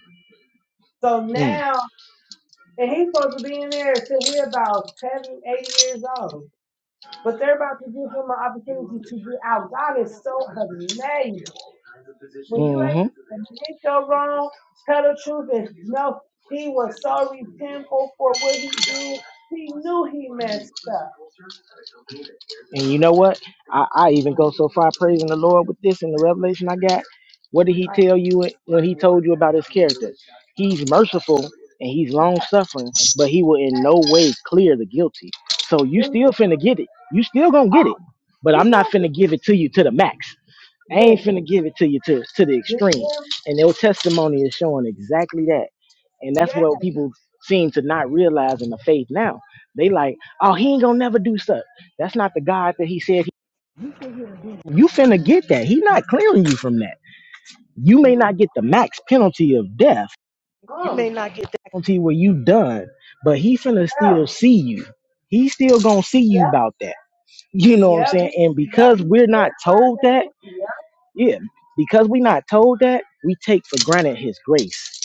Speaker 3: So
Speaker 2: Mm.
Speaker 3: now, and he's supposed to be in there till he about seven, eight years old. But they're about to give him an opportunity to get out. God is so amazing. When you
Speaker 2: Mm-hmm.
Speaker 3: able to admit your wrong, tell the truth, and no, he was so repentful for what he did. He knew he messed up.
Speaker 2: And you know what? I, I even go so far praising the Lord with this and the revelation I got. What did he
Speaker 3: Uh,
Speaker 2: tell you when he told you about his character? He's merciful and he's long suffering, but he will in no way clear the guilty. So you
Speaker 3: do
Speaker 2: still finna get it. You still gonna get it.
Speaker 3: oh,
Speaker 2: But
Speaker 3: he
Speaker 2: I'm not
Speaker 3: gonna
Speaker 2: finna give
Speaker 3: be-
Speaker 2: it to you to the max. I ain't
Speaker 3: listen.
Speaker 2: finna give it to you to, to the
Speaker 3: Did you
Speaker 2: extreme.
Speaker 3: hear me?
Speaker 2: And their testimony is showing exactly that. And that's
Speaker 3: Yeah.
Speaker 2: what people seem to not realize in the faith now. They like, oh, he ain't gonna never do such. That's not the God that he said. you finna get that. He not clearing you from that. You may not get the max penalty of death. You may
Speaker 3: Mm,
Speaker 2: not get the penalty where you done, but he finna still
Speaker 3: ever.
Speaker 2: see you. He still gonna see you about that. You know what I'm
Speaker 3: Yep,
Speaker 2: saying?
Speaker 3: he,
Speaker 2: And
Speaker 3: yep,
Speaker 2: because
Speaker 3: he
Speaker 2: we're
Speaker 3: still
Speaker 2: not
Speaker 3: turned
Speaker 2: told
Speaker 3: that.
Speaker 2: that,
Speaker 3: Yep.
Speaker 2: Yeah, because we not told that, we take for granted his grace.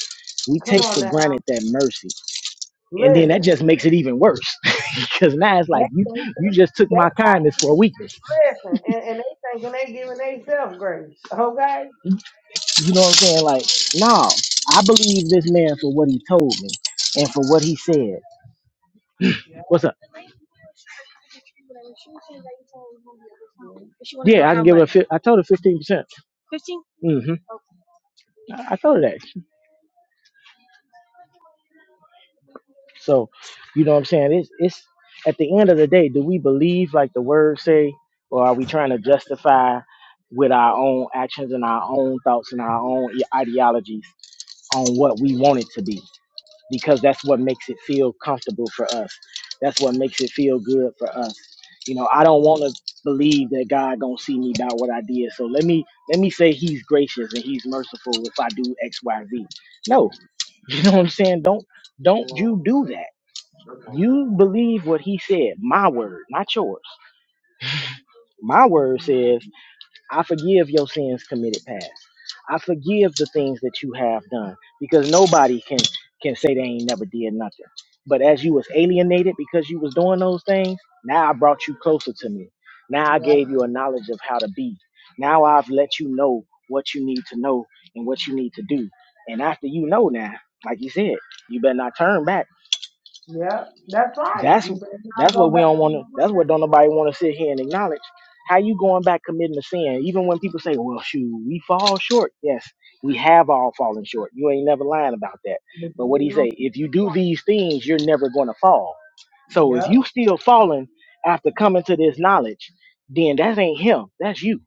Speaker 2: We
Speaker 3: Come
Speaker 2: take
Speaker 3: on
Speaker 2: for
Speaker 3: now.
Speaker 2: granted that mercy. And then that
Speaker 3: Listen.
Speaker 2: just makes it even worse. because now it's like
Speaker 3: They,
Speaker 2: you
Speaker 3: think
Speaker 2: you
Speaker 3: they,
Speaker 2: just took
Speaker 3: they
Speaker 2: my kindness for
Speaker 3: actually
Speaker 2: weakness.
Speaker 3: listen, and, and they thinking they giving themselves grace. Okay?
Speaker 2: You know what I'm saying? Like, no, I believe this man for what he told me and for what he said.
Speaker 3: Yeah.
Speaker 2: What's up? Yeah, I can give her. fif- I told her fifteen percent. hmm I I told her that. So, you know what I'm saying? It's it's at the end of the day, do we believe like the words say, or are we trying to justify with our own actions and our own thoughts and our own i- ideologies on what we want it to be? Because that's what makes it feel comfortable for us. That's what makes it feel good for us. You know, I don't want to believe that God gonna see me about what I did. So let me let me say He's gracious and He's merciful if I do X, Y, Z. No, you know what I'm saying? Don't don't you do that
Speaker 3: Mhm.
Speaker 2: you believe what he said, my word, not yours. My word
Speaker 3: Mhm.
Speaker 2: says, I forgive your sins committed past. I forgive the things that you have done because nobody can can say they ain't never did nothing. But as you was alienated because you was doing those things, now I brought you closer to me. Now I
Speaker 3: Yeah,
Speaker 2: gave you a knowledge of how to be. Now I've let you know what you need to know and what you need to do. And after you know now, like you said, you better not turn back
Speaker 3: yeah, that's right.
Speaker 2: That's
Speaker 3: You better not
Speaker 2: that's
Speaker 3: go
Speaker 2: what we
Speaker 3: back to
Speaker 2: don't want to.
Speaker 3: the point,
Speaker 2: That's what don't nobody want to sit here and acknowledge. How you going back committing a sin? Even when people say, "Well, shoot, we fall short." Yes, we have all fallen short. You ain't never lying about that.
Speaker 3: but you
Speaker 2: But what he
Speaker 3: ain't no
Speaker 2: say? If you do
Speaker 3: point.
Speaker 2: these things, you're never going to fall. So if
Speaker 3: Yeah,
Speaker 2: you still falling after coming to this knowledge, then that ain't him. That's you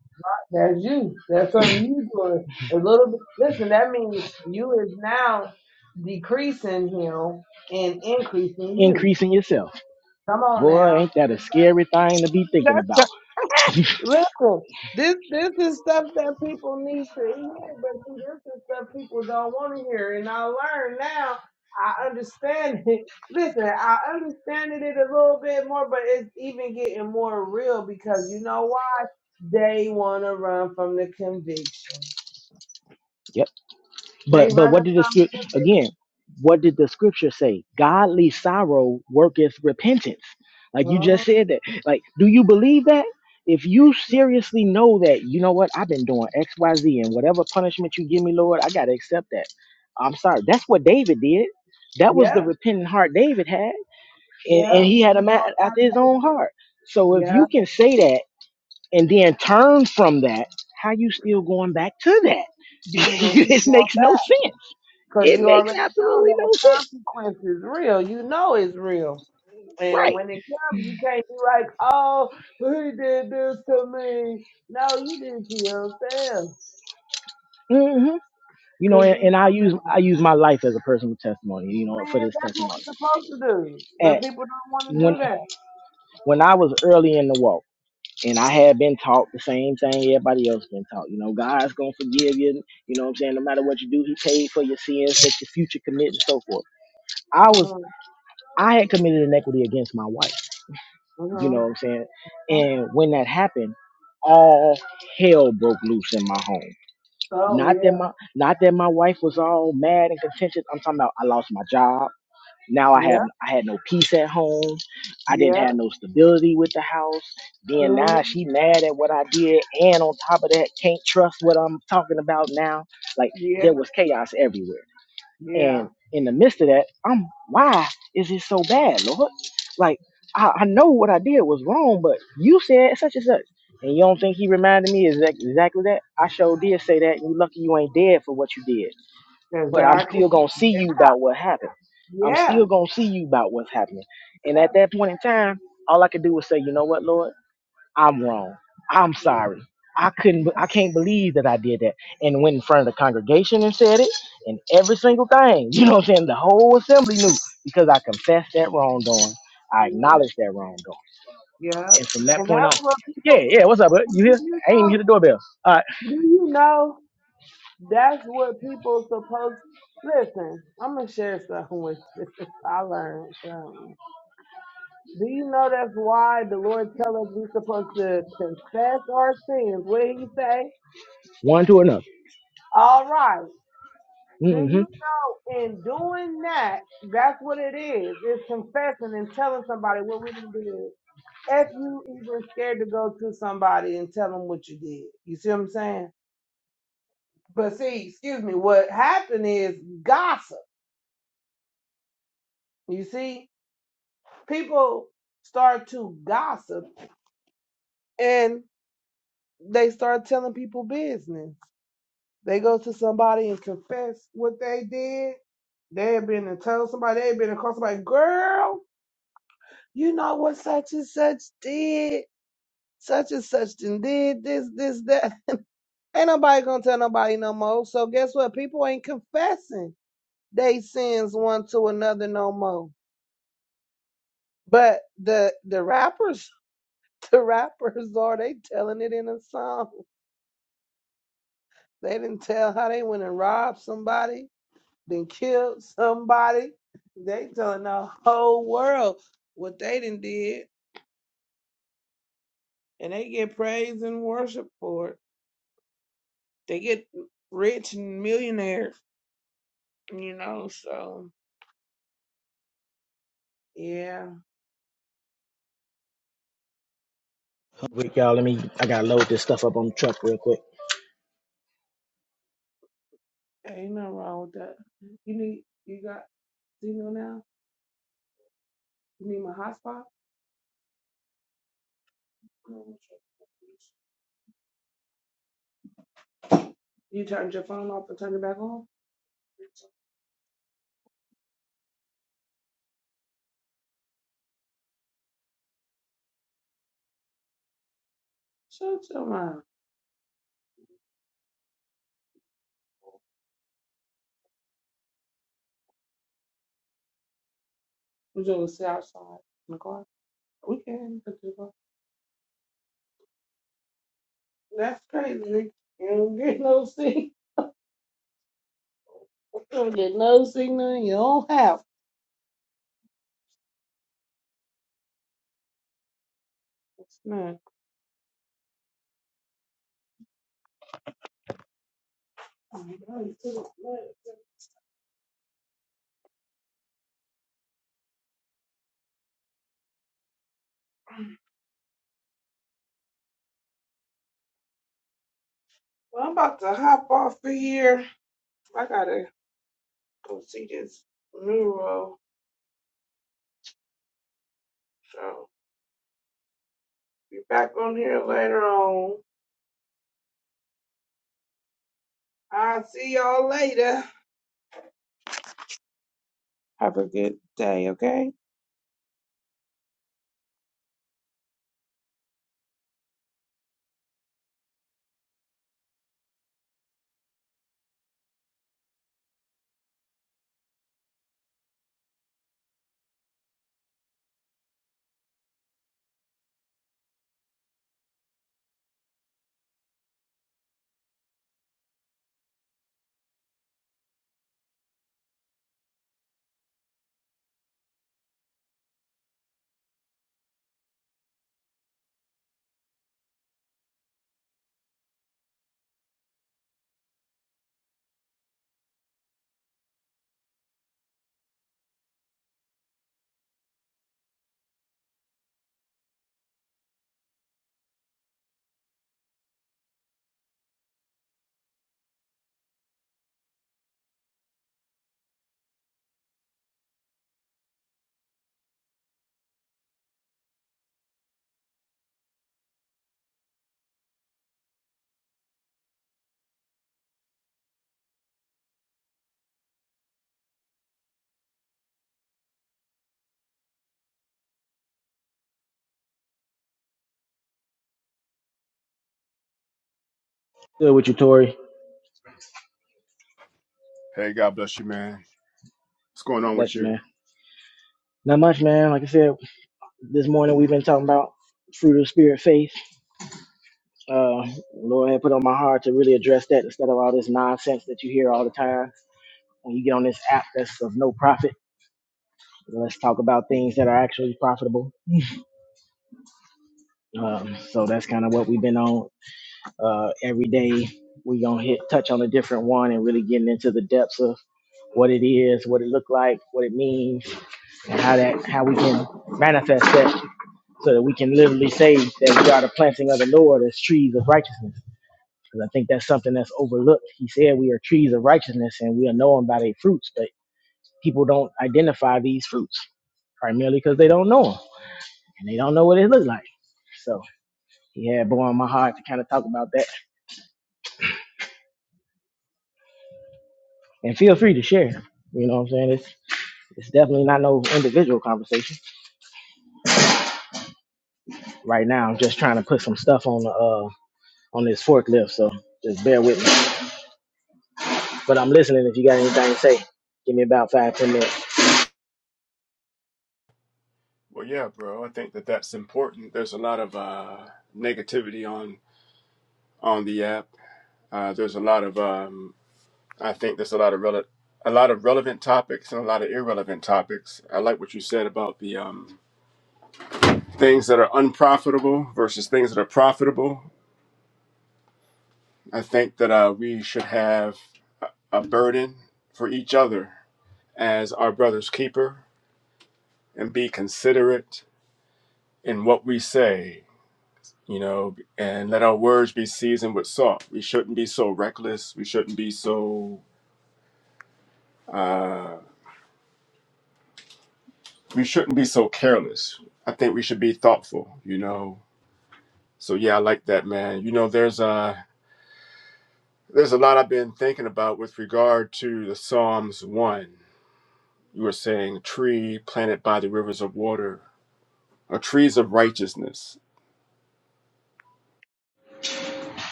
Speaker 3: that's you. That's something you doing. A little bit. Listen, that means you is now decreasing him and increasing you.
Speaker 2: increasing yourself.
Speaker 3: Come on
Speaker 2: Boy,
Speaker 3: now.
Speaker 2: ain't that a scary thing to be thinking
Speaker 3: That's.
Speaker 2: about?
Speaker 3: Listen, this this is stuff that people need to hear, but see, this is stuff people don't want to hear. And I learned now, I understand it. Listen, I understand it a little bit more, but it's even getting more real because you know why? They want to run from the conviction.
Speaker 2: Yep.
Speaker 3: They
Speaker 2: But but
Speaker 3: running
Speaker 2: what did the
Speaker 3: from
Speaker 2: scrip-
Speaker 3: the conviction.
Speaker 2: again? What did the scripture say? Godly sorrow worketh repentance. Like you
Speaker 3: Uh-huh.
Speaker 2: just said that. Like, do you believe that? If you seriously know that, you know what, I've been doing X, Y, Z, and whatever punishment you give me, Lord, I gotta accept that. I'm sorry. That's what David did. That was the
Speaker 3: Yep,
Speaker 2: repentant heart David had, and, and
Speaker 3: yep.
Speaker 2: he
Speaker 3: We
Speaker 2: had
Speaker 3: gonna
Speaker 2: a man
Speaker 3: stop
Speaker 2: after his
Speaker 3: that.
Speaker 2: own heart. So if you
Speaker 3: Yep,
Speaker 2: can say that and then turn from that, how you still going back to that?
Speaker 3: you ain't gonna keep
Speaker 2: this
Speaker 3: going
Speaker 2: makes
Speaker 3: back
Speaker 2: no sense
Speaker 3: because
Speaker 2: it
Speaker 3: you
Speaker 2: makes
Speaker 3: already know
Speaker 2: absolutely
Speaker 3: that the
Speaker 2: no sense.
Speaker 3: consequence is real. You know it's real. And
Speaker 2: Right.
Speaker 3: when it comes, you can't be like, oh, he did this to me. No, you did it to yourself.
Speaker 2: hmm You know,
Speaker 3: Cause
Speaker 2: and,
Speaker 3: you
Speaker 2: and I
Speaker 3: know that.
Speaker 2: use I use my life as a personal testimony. You know,
Speaker 3: Man,
Speaker 2: for this
Speaker 3: that's what
Speaker 2: testimony.
Speaker 3: we're supposed to do. But
Speaker 2: At
Speaker 3: people don't want to
Speaker 2: when
Speaker 3: do that.
Speaker 2: when I was early in the walk, and I had been taught the same thing everybody else been taught. You know, God's gonna forgive you. You know, what I'm saying no matter what you do, He paid for your sins that your future commit and so forth. I was
Speaker 3: Mm-hmm.
Speaker 2: I had committed inequity against my wife. You know
Speaker 3: Mm-hmm.
Speaker 2: what I'm saying?
Speaker 3: huh?
Speaker 2: And when that happened, all hell broke loose in my home
Speaker 3: So
Speaker 2: Not that
Speaker 3: yeah.
Speaker 2: my not that my wife was all mad and contentious. I'm talking about I lost my job. Now I
Speaker 3: Yeah.
Speaker 2: have I had no peace at home. I didn't have
Speaker 3: Yeah.
Speaker 2: no stability with the house. Then
Speaker 3: mm
Speaker 2: now
Speaker 3: hmm
Speaker 2: she mad at what I did, and on top of that, can't trust what I'm talking about now. Like
Speaker 3: Yeah.
Speaker 2: there was chaos everywhere.
Speaker 3: Yeah.
Speaker 2: And in the midst of that, I'm why is it so bad, Lord? Like I, I know what I did was wrong, but you said such and such. And you don't think he reminded me exact, exactly that? I sure did say that, and you lucky you ain't dead for what you did. But I'm still
Speaker 3: Exactly.
Speaker 2: gonna see
Speaker 3: Yeah.
Speaker 2: you about what happened. I'm
Speaker 3: Yeah.
Speaker 2: still gonna see you about what's happening. And at that point in time, all I could do was say, you know what, Lord? I'm wrong. I'm
Speaker 3: Yeah.
Speaker 2: sorry. I couldn't.
Speaker 3: Yeah.
Speaker 2: I can't believe that I did that, and went in front of the congregation and said it, and every single thing. You know what I'm saying? The whole assembly knew because I confessed that wrongdoing. I
Speaker 3: Yeah. Yeah.
Speaker 2: acknowledged that wrongdoing,
Speaker 3: yeah.
Speaker 2: and from that
Speaker 3: And
Speaker 2: point
Speaker 3: that's
Speaker 2: on,
Speaker 3: what
Speaker 2: yeah,
Speaker 3: people
Speaker 2: yeah. What's up? bud? You
Speaker 3: do
Speaker 2: here?
Speaker 3: you
Speaker 2: I ain't even
Speaker 3: know?
Speaker 2: hit the doorbell. All right,
Speaker 3: Do you know? That's what people supposed listen, I'm gonna share something with you. I learned something. Do you know that's why the Lord tell us we supposed to confess our sins? What he say?
Speaker 2: one to another.
Speaker 3: All right. Do
Speaker 2: Mm-hmm.
Speaker 3: you know in doing that, that's what it is. It's confessing and telling somebody what we done did. If you even scared to go to somebody and tell them what you did. You see what I'm saying? But see, excuse me, what happened is gossip. You see? people start to gossip and they start telling people business. They go to somebody and confess what they did. They have been and told somebody, they have been and called somebody, girl, you know what such and such did. Such and such done did this, this, that. ain't nobody gonna tell nobody no more. So guess what? People ain't confessing they sins one to another no more. But the the rappers, the rappers are they telling it in a song. They didn't tell how they went and robbed somebody, then killed somebody. They telling the whole world what they done did, and they get praise and worship for it. They get rich and millionaires, you know. So yeah,
Speaker 2: Wait, y'all. Let me. I gotta load this stuff up on the truck real quick.
Speaker 3: ain't nothing wrong with that. You need you got you know now. You need my hotspot. You turned your phone off and turned it back on. Shut your mouth. We just gonna sit outside in the car. We can. That's crazy. You don't get no signal. You don't get no signal. You don't have. It's not. Well, I'm about to hop off of here. I gotta go see this neuro. So be back on here later on. I'll see y'all later. Have a good day, okay?
Speaker 2: Good with you, Tori.
Speaker 4: Hey, God bless you, man. What's going on with
Speaker 2: Bless you,
Speaker 4: you?
Speaker 2: man. Not much, man. Like I said, this morning we've been talking about fruit of the spirit, faith Uh, Lord had put on my heart to really address that instead of all this nonsense that you hear all the time when you get on this app that's of no profit. So Let's talk about things that are actually profitable. Um, so that's kind of what we've been on uh, every We're gonna hit touch on a different one and really getting into the depths of what it is, what it looked like, what it means, and how that how we can manifest that so that we can literally say that we are the planting of the Lord as trees of righteousness. Because I think that's something that's overlooked. He said we are trees of righteousness and we are known by their fruits, but people don't identify these fruits primarily because they don't know them and they don't know what it looks like. So he had born on my heart to kind of talk about that. And feel free to share. You know what I'm saying? It's it's definitely not no individual conversation right now. I'm just trying to put some stuff on the uh on this forklift, so just bear with me. But I'm listening. If you got anything to say, give me about five ten minutes.
Speaker 4: Well, yeah, bro. I think that that's important. There's a lot of uh, negativity on on the app. Uh, there's a lot of um, I think there's a lot of rele- a lot of relevant topics and a lot of irrelevant topics. I like what you said about the um, things that are unprofitable versus things that are profitable. I think that uh, we should have a burden for each other as our brother's keeper and be considerate in what we say, you know, and let our words be seasoned with salt. We shouldn't be so reckless. We shouldn't be so uh, we shouldn't be so careless. I think we should be thoughtful, you know. So yeah, I like that, man. You know, there's a there's a lot I've been thinking about with regard to the Psalms one. You were saying tree planted by the rivers of water, or trees of righteousness.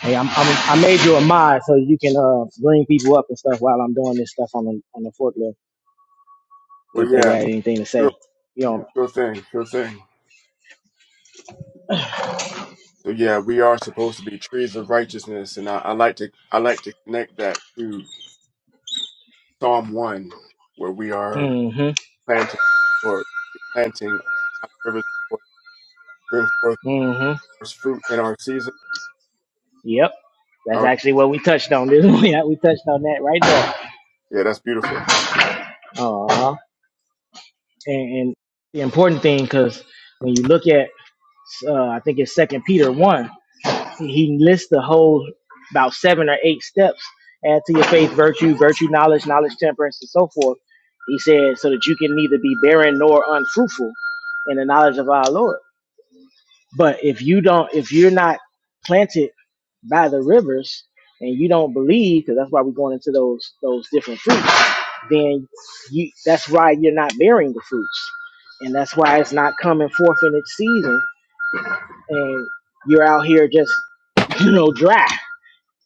Speaker 2: Hey, I'm, I'm I made you a mod so you can uh bring people up and stuff while I'm doing this stuff on the on the forklift if
Speaker 4: Well,
Speaker 2: they
Speaker 4: yeah,
Speaker 2: got anything to say.
Speaker 4: sure,
Speaker 2: You know.
Speaker 4: sure thing, sure thing. So yeah, we are supposed to be trees of righteousness, and I, I like to I like to connect that to Psalm one, where we are
Speaker 2: Mm-hmm.
Speaker 4: planting or planting by the rivers of water, bring forth
Speaker 2: Mm-hmm.
Speaker 4: our fruit in our season.
Speaker 2: Yep. That's
Speaker 4: Our,
Speaker 2: actually what we touched on. This yeah, we touched on that right there.
Speaker 4: yeah, that's beautiful.
Speaker 2: Uh and, and the important thing because when you look at uh, I think it's Second Peter one. he lists the whole about seven or eight steps add to your faith virtue virtue knowledge knowledge temperance and so forth he said so that you can neither be barren nor unfruitful in the knowledge of our lord but if you don't if you're not planted by the rivers and you don't believe because that's why we're going into those those different fruits then you that's why you're not bearing the fruits and that's why it's not coming forth in its season and you're out here just you know dry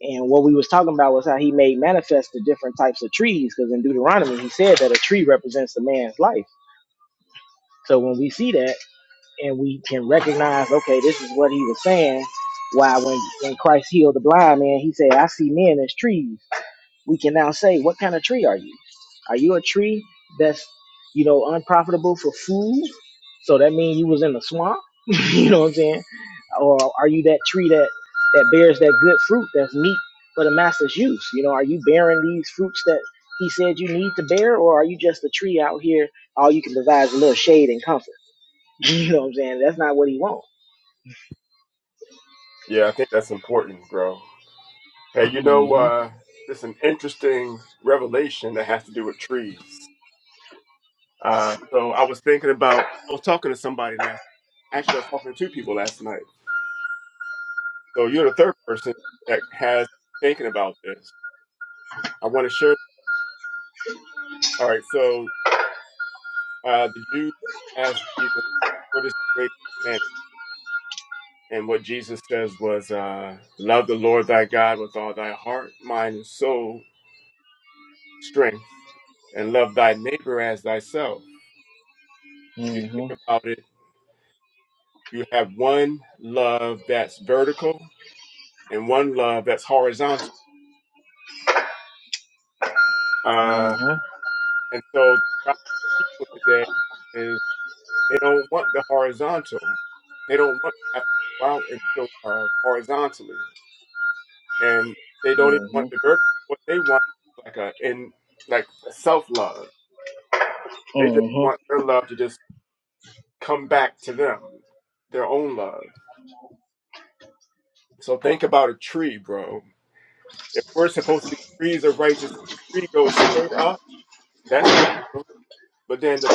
Speaker 2: and what we was talking about was how he made manifest the different types of trees, because in Deuteronomy he said that a tree represents the man's life. So when we see that and we can recognize, okay, this is what he was saying. Why when when Christ healed the blind man, he said, "I see men as trees." we can now say, what kind of tree are you? Are you a tree that's, you know, unprofitable for food? So that means you was in the swamp? you know what I'm saying? Or are you that tree that that bears that good fruit that's meat for the master's use? You know, are you bearing these fruits that he said you need to bear, or are you just a tree out here? All you can provide is a little shade and comfort. You know what I'm saying? That's not what he wants.
Speaker 4: Yeah, I think that's important, bro. Hey, you know, uh, there's an interesting revelation that has to do with trees. Uh, so I was thinking about I was talking to somebody last. Actually, I was talking to two people last night So you're the third person that has me thinking about this. I want to share. All right. So uh, the Jews asked Jesus, "What is the greatest commandment?" And what Jesus says was, uh, "Love the Lord thy God with all thy heart, mind, and soul, strength, and love thy neighbor as thyself." If you
Speaker 2: Mm-hmm.
Speaker 4: think about it, you have one love that's vertical and one love that's horizontal. Uh,
Speaker 2: Mm-hmm.
Speaker 4: and so the problem with people today is. They don't want the horizontal. They don't want to have to go out and show uh, horizontally, and they don't even want the vertical. What they want is like a in like self love. They just
Speaker 2: Mm-hmm.
Speaker 4: want their love to just come back to them, their own love. So think about a tree, bro. If we're supposed to be trees of righteousness, the tree goes straight up. That's vertical, but then the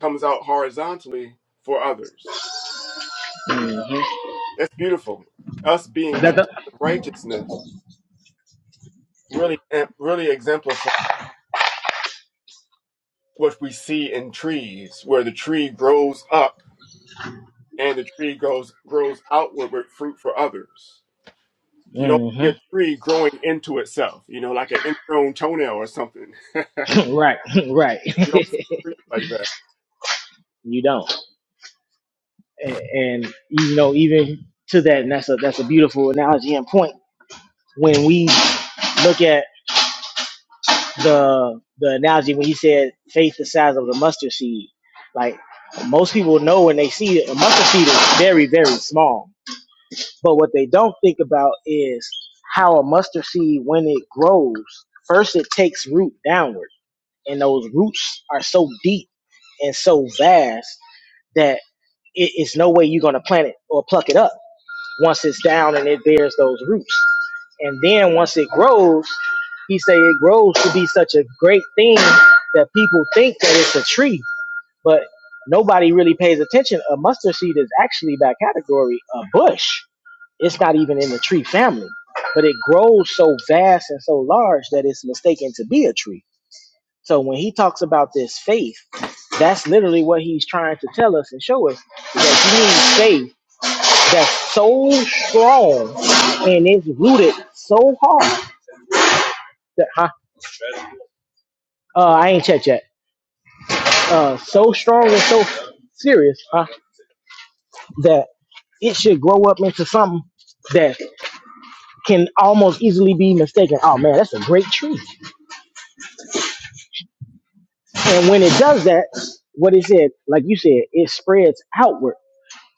Speaker 4: comes out horizontally for others.
Speaker 2: Mm-hmm. Mm-hmm.
Speaker 4: That's beautiful. Us being
Speaker 2: That the.
Speaker 4: trees of righteousness really really exemplifies what we see in trees where the tree grows up and the tree grows grows outward with fruit for others you don't
Speaker 2: Mm-hmm.
Speaker 4: see a tree growing into itself you know like an ingrown toenail or something
Speaker 2: right, right.
Speaker 4: you don't see trees like that
Speaker 2: you don't, and, and you know even to that, and that's a that's a beautiful analogy and point. When we look at the the analogy when he said faith the size of the mustard seed, like most people know when they see it, a mustard seed is very very small. But what they don't think about is how a mustard seed when it grows, first it takes root downward, and those roots are so deep and so vast that. it, it's no way you're going to plant it or pluck it up once it's down and it bears those roots. And then once it grows, he say it grows to be such a great thing that people think that it's a tree, but nobody really pays attention. A mustard seed is actually by category a bush. It's not even in the tree family, but it grows so vast and so large that it's mistaken to be a tree. So when he talks about this faith, that's literally what he's trying to tell us and show us is that you need faith that's so strong and it's rooted so hard that huh, uh, I ain't checked yet. Uh, so strong and so serious huh, that it should grow up into something that can almost easily be mistaken. Oh man, that's a great tree. And when it does that, what it said, like you said, it spreads outward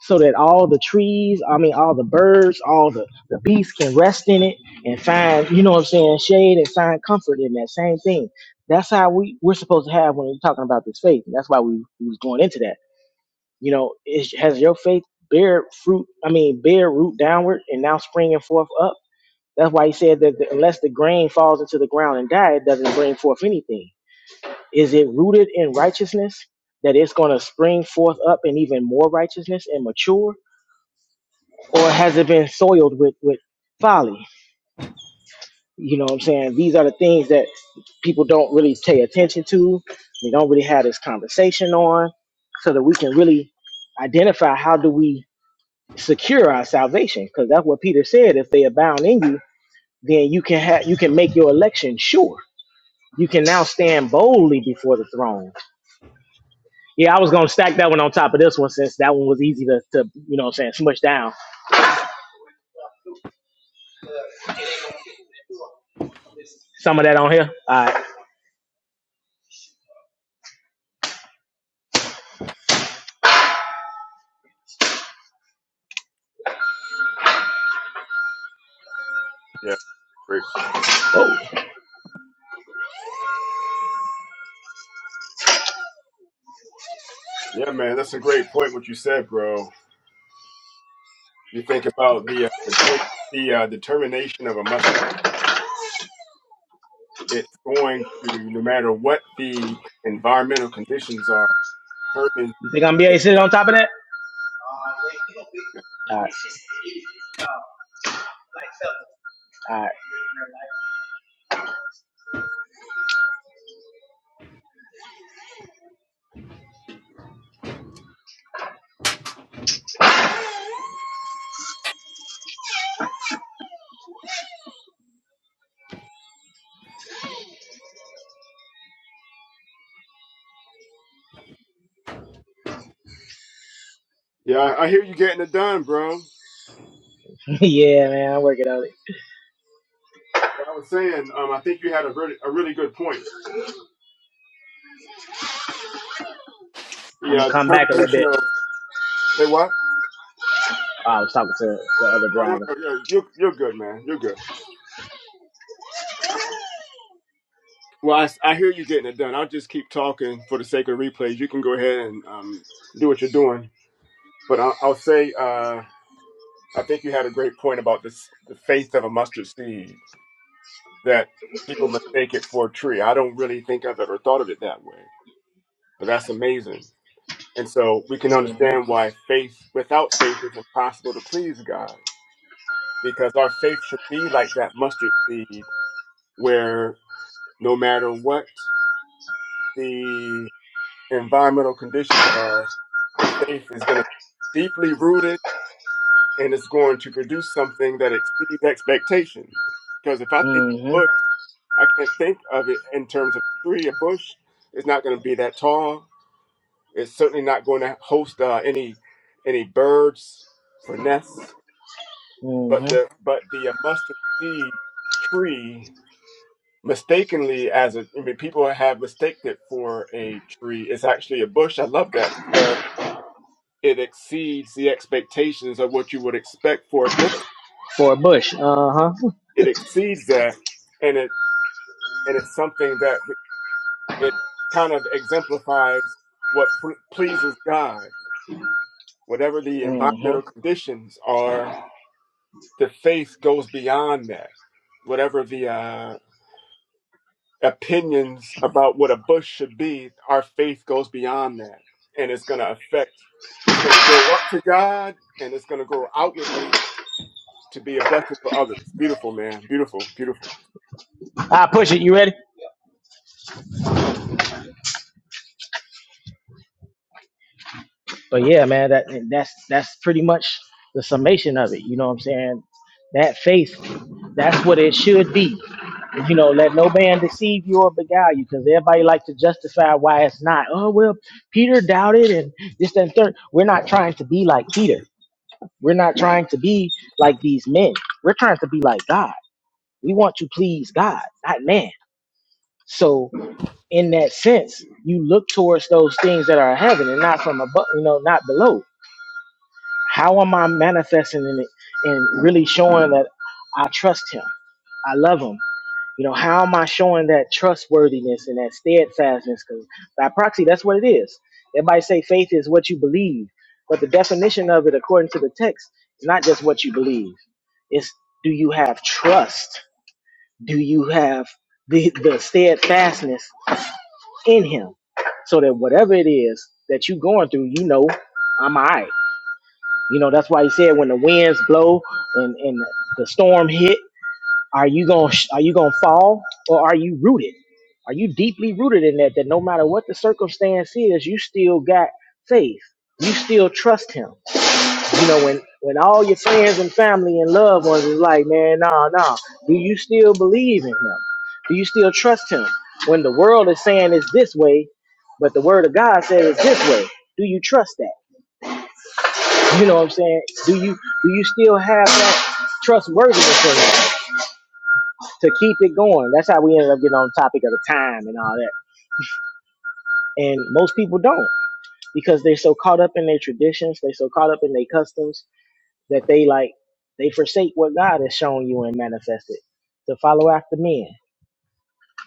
Speaker 2: so that all the trees, I mean, all the birds, all the, the beasts can rest in it and find, you know what I'm saying, shade and find comfort in that same thing. That's how we, we're supposed to have when we're talking about this faith. And that's why we, we was going into that. You know, is, has your faith bear fruit, I mean, bear root downward and now springing forth up? That's why he said that the, unless the grain falls into the ground and die, it doesn't bring forth anything. Is it rooted in righteousness that it's going to spring forth up in even more righteousness and mature? or has it been soiled with with folly you know what i'm saying these are the things that people don't really pay attention to we don't really have this conversation on so that we can really identify how do we secure our salvation because that's what peter said if they abound in you then you can have you can make your election sure you can now stand boldly before the throne yeah i was gonna stack that one on top of this one since that one was easy to, to you know what i'm saying smush down some of that on here all right
Speaker 4: yeah great. yeah man that's a great point what you said bro you think about the uh, the, ter- the uh, determination of a mustard it's going to no matter what the environmental conditions are determine
Speaker 2: you think i'm gonna be able to sit on top of that All right. All right.
Speaker 4: yeah, I I hear you getting it done, bro.
Speaker 2: yeah, man, I'm working on it.
Speaker 4: I was saying, um, I think you had a really, a really good point.
Speaker 2: I'm gonna
Speaker 4: Yeah, The uh,
Speaker 2: come back a little
Speaker 4: determination
Speaker 2: bit.
Speaker 4: of say what?
Speaker 2: Oh, I was talking to the other
Speaker 4: Oh no,
Speaker 2: driver.
Speaker 4: no, yeah, you're you're good, man. You're good. Well, I, s- I hear you getting it done. I'll just keep talking for the sake of replays. You can go ahead and um, do what you're doing, but I, I'll say uh, I think you had a great point about this the faith of a mustard seed that people mistake it for a tree. I don't really think I've ever thought of it that way, but that's amazing. And so we can understand
Speaker 2: Mm-hmm.
Speaker 4: why faith without faith is impossible to please God because our faith should be like that mustard seed where no matter what the environmental conditions are, the faith is going to be deeply rooted and it's going to produce something that exceeds expectation. Because if I think of a bush,
Speaker 2: Mm-hmm.
Speaker 4: I can't think of it in terms of a tree. A bush is not going to be that tall. It's certainly not going to host uh, any any birds for nests. But
Speaker 2: Mm-hmm.
Speaker 4: the but the uh, mustard seed tree mistakenly as a I mean people have mistaken it for a tree. It's actually a bush. I love that because it exceeds the expectations of what you would expect for a bush.
Speaker 2: For a bush. Uh-huh.
Speaker 4: It exceeds that and it and it's something that it kind of exemplifies what pl- pleases God. Whatever the environmental
Speaker 2: Mm-hmm.
Speaker 4: conditions are, the faith goes beyond that. Whatever the uh opinions about what a bush should be, our faith goes beyond that. And it's going to affect, it's going to grow up to God and it's going to grow outwardly to be a blessing for others. Beautiful, man. Beautiful, beautiful.
Speaker 2: I push it. You ready? but yeah, man, that and that's that's pretty much the summation of it. You know what I'm saying? That faith, that's what it should be. You know, let no man deceive you or beguile you, because everybody like to justify why it's not. Oh well, Peter doubted and this that, and third. We're not trying to be like Peter. We're not trying to be like these men. We're trying to be like God. We want to please God, not man. So in that sense, you look towards those things that are in heaven and not from above, you know, not below how am I manifesting in it and really showing that I trust him? I love him. You know, how am I showing that trustworthiness and that steadfastness? Because by proxy, that's what it is. Everybody say faith is what you believe, but the definition of it, according to the text, is not just what you believe. It's do you have trust? Do you have the, the steadfastness in him? So that whatever it is that you're going through, you know, I'm all right. You know, that's why he said when the winds blow and, and the storm hit, are you going to are you going to fall or are you rooted? Are you deeply rooted in that that no matter what the circumstance is, you still got faith. You still trust him. You know, when when all your friends and family and loved ones is like, "Man, no, nah, no." Nah. Do you still believe in him? Do you still trust him? When the world is saying it's this way, but the word of God says it's this way. Do you trust that? You know what I'm saying? Do you do you still have that trustworthiness in you to keep it going? That's how we ended up getting on the topic of the time and all that. And most people don't because they're so caught up in their traditions, they're so caught up in their customs that they like they forsake what God has shown you and manifested to follow after men.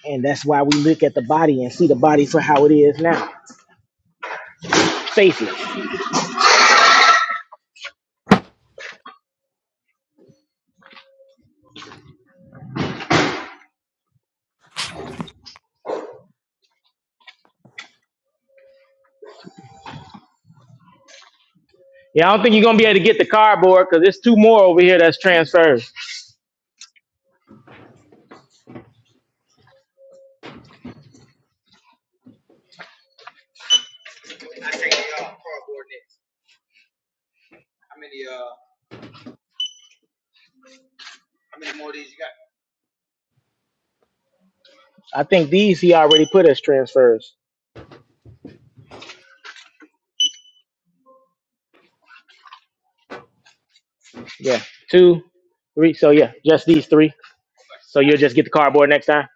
Speaker 2: And that's why we look at the body and see the body for how it is now. Faithless. Yeah, I don't think transfers. I think these he already put as transfers. Yeah. Two, three. So yeah, just these three. So you'll just get the cardboard next time.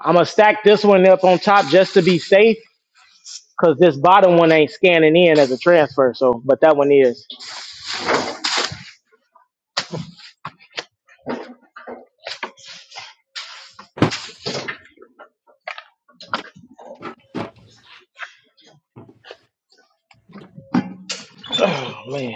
Speaker 2: I'm gonna stack this one up on top just to be safe, cause this bottom one ain't scanning in as a transfer. So, but that one is. Oh man,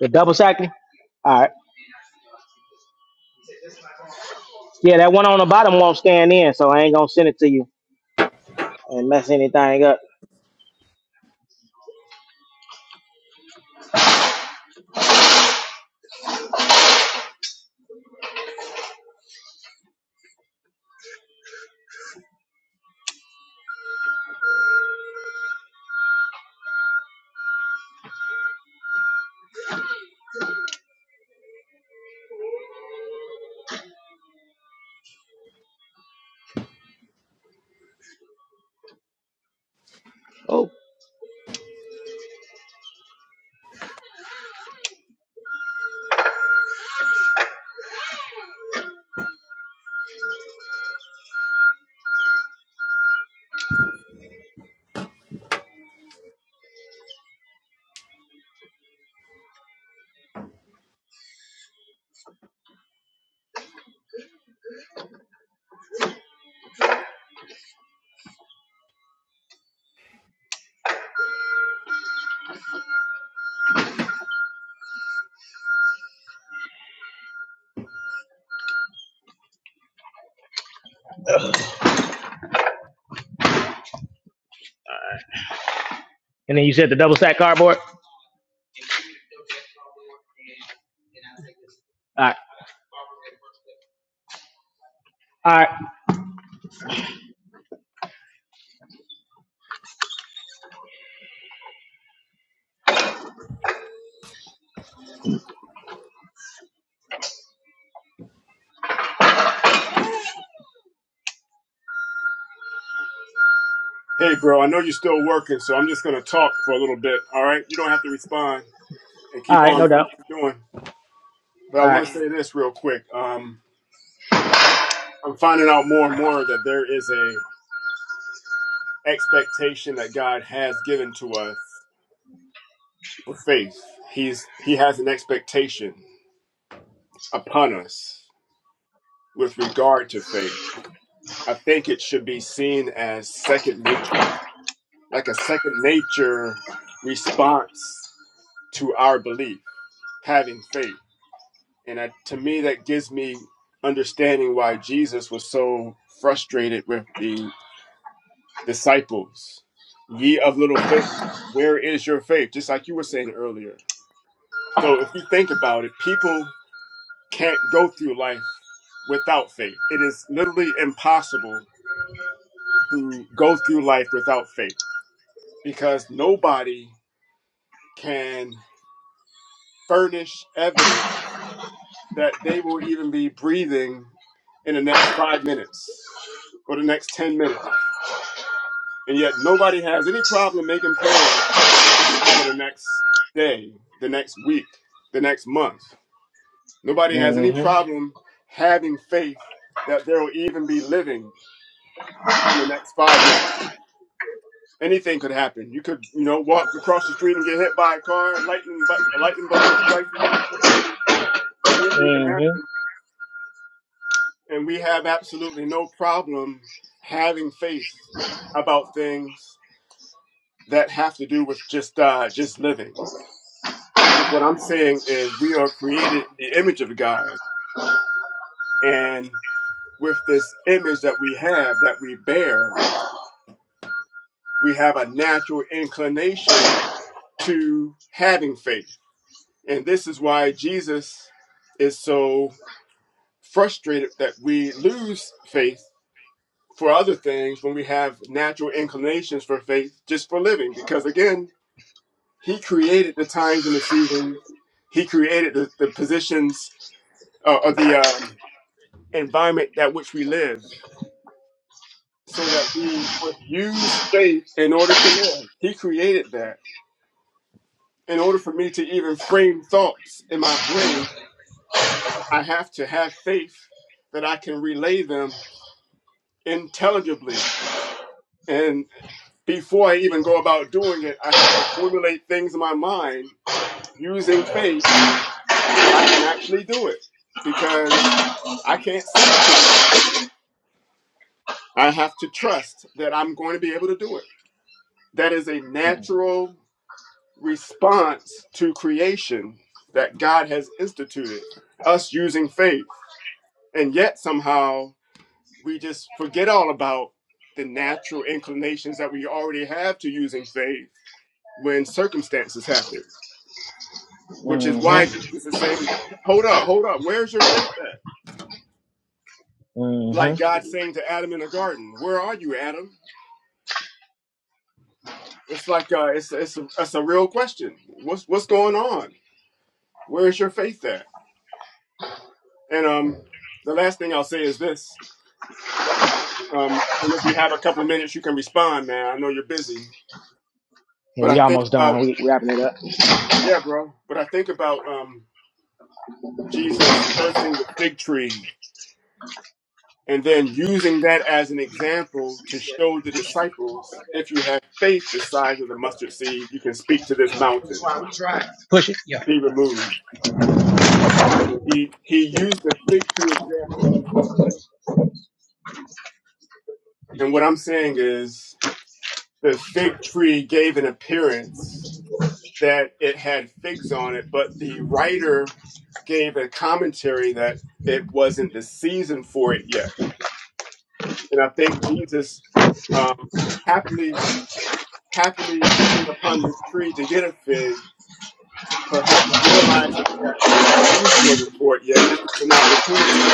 Speaker 2: the double stacking. All right, yeah, that one on the bottom won't scan in, so I ain't gonna send it to you and mess anything up. And then you said the double stack cardboard. All right, all right,
Speaker 4: Hey, bro, I know you're still working, so I'm just going to talk for a little bit. All right. You don't have to respond and
Speaker 2: all
Speaker 4: keep
Speaker 2: right,
Speaker 4: on
Speaker 2: no
Speaker 4: doing
Speaker 2: doubt.
Speaker 4: what you're doing. But I
Speaker 2: All right.
Speaker 4: want to say this real quick. Um, I'm finding out more and more that there is a expectation that God has given to us for faith. He's he has an expectation upon us with regard to faith, I think it should be seen as second nature, like a second nature response to our belief, having faith. And I, to me, that gives me understanding why Jesus was so frustrated with the disciples. Ye of little faith, where is your faith? Just like you were saying earlier. So if you think about it, people can't go through life without faith. It is literally impossible to go through life without faith because nobody can furnish evidence that they will even be breathing in the next five minutes or the next 10 minutes. And yet nobody has any problem making plans for the next day, the next week, the next month. Nobody has any
Speaker 2: Mhm,
Speaker 4: problem having faith that there will even be living in the next five minutes. anything could happen. You could, you know, walk across the street and get hit by a car. Lightning, but a lightning bolt could strike you. Anything can
Speaker 2: mhm,
Speaker 4: happen, and we have absolutely no problem having faith about things that have to do with just uh, just living. And what I'm saying is, we are created in the image of God, and with this image that we have, that we bear, we have a natural inclination to having faith. And this is why Jesus is so frustrated that we lose faith for other things when we have natural inclinations for faith just for living. Because again, He created the times and the seasons, He created the, the positions uh, or the um, environment that which we live so that we would use faith in order to live. He created that. In order for me to even frame thoughts in my brain, I have to have faith that I can relay them intelligibly and. before I even go about doing it, I have to formulate things in my mind using faith that I can actually do it because I can't see into the future. I have to trust that I'm going to be able to do it. That is a natural response to creation that God has instituted, us using faith. And yet somehow we just forget all about the natural inclinations that we already have to using faith when circumstances happen which is why
Speaker 2: mhm,
Speaker 4: Jesus is saying, Hold up, hold up, where's your faith at? Like
Speaker 2: mhm.
Speaker 4: God saying to Adam in the garden, Where are you, Adam? It's like uh it's it's a, it's a real question. What's what's going on? Where is your faith at? And um the last thing I'll say is this. Um and if you have a couple minutes you can respond, man. I know you're busy.
Speaker 2: Yeah,
Speaker 4: But
Speaker 2: we
Speaker 4: I think
Speaker 2: almost done.
Speaker 4: about
Speaker 2: We wrapping it up.
Speaker 4: yeah, bro. But I think about um Jesus cursing the fig tree and then using that as an example to show the disciples if you have faith the size of the mustard seed you can speak to this mountain be removed he he used the fig tree example and what i'm saying is the fig tree gave an appearance that it had figs on it but the writer gave a commentary that it wasn't the season for it yet and i think jesus um, happily happily coming upon this tree to get a fig, perhaps realizing that the uh, season wasn't short yet, this was an opportunity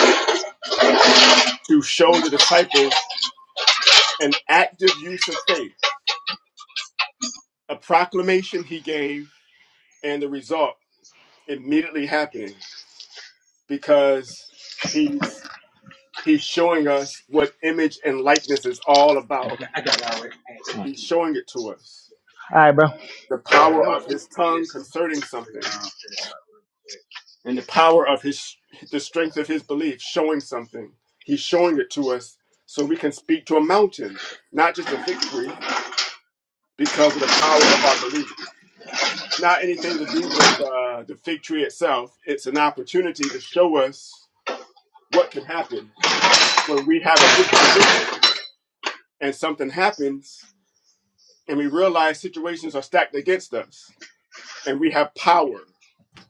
Speaker 4: to show the disciples an active use of faith, a proclamation he gave, and the result immediately happening because he's he's showing us what image and likeness is all about. He's showing it to us.
Speaker 2: All right, bro.
Speaker 4: The power of his tongue concerning something and the power of his the strength of his belief showing something he's showing it to us so we can speak to a mountain not just a fig tree because of the power of our belief not anything to do with uh, the fig tree itself it's an opportunity to show us what can happen when we have a disposition and something happens and we realize situations are stacked against us and we have power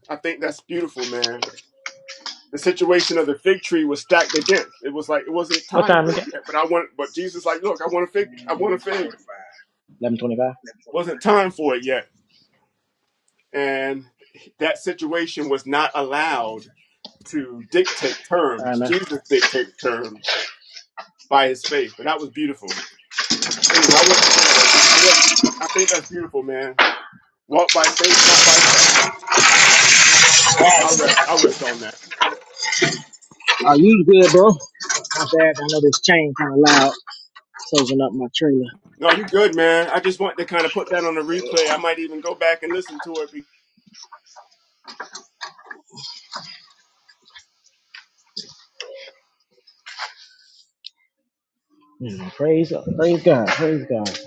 Speaker 4: i think that's beautiful man the situation of the fig tree was stacked against. It was like it wasn't
Speaker 2: What
Speaker 4: time
Speaker 2: time is
Speaker 4: for
Speaker 2: it?
Speaker 4: it yet. But I want but Jesus like, look, I want a fig I want a fig.
Speaker 2: Eleven twenty-five.
Speaker 4: Wasn't time for it yet. And that situation was not allowed to dictate
Speaker 2: All right,
Speaker 4: terms.
Speaker 2: man.
Speaker 4: Jesus dictated terms by his faith. And that was beautiful. Anyway, I want to share that. I, I want I think that's beautiful, man. Walk by faith, not by sight. I'll rest. I'll rest on that.
Speaker 2: Are you good, bro? My bad. I know this chain kind of loud, soaking up my trailer.
Speaker 4: No, you good, man. I just want to kind of put that on the replay. I might even go back and listen to it. Be-
Speaker 2: Mm, praise, praise God, praise God.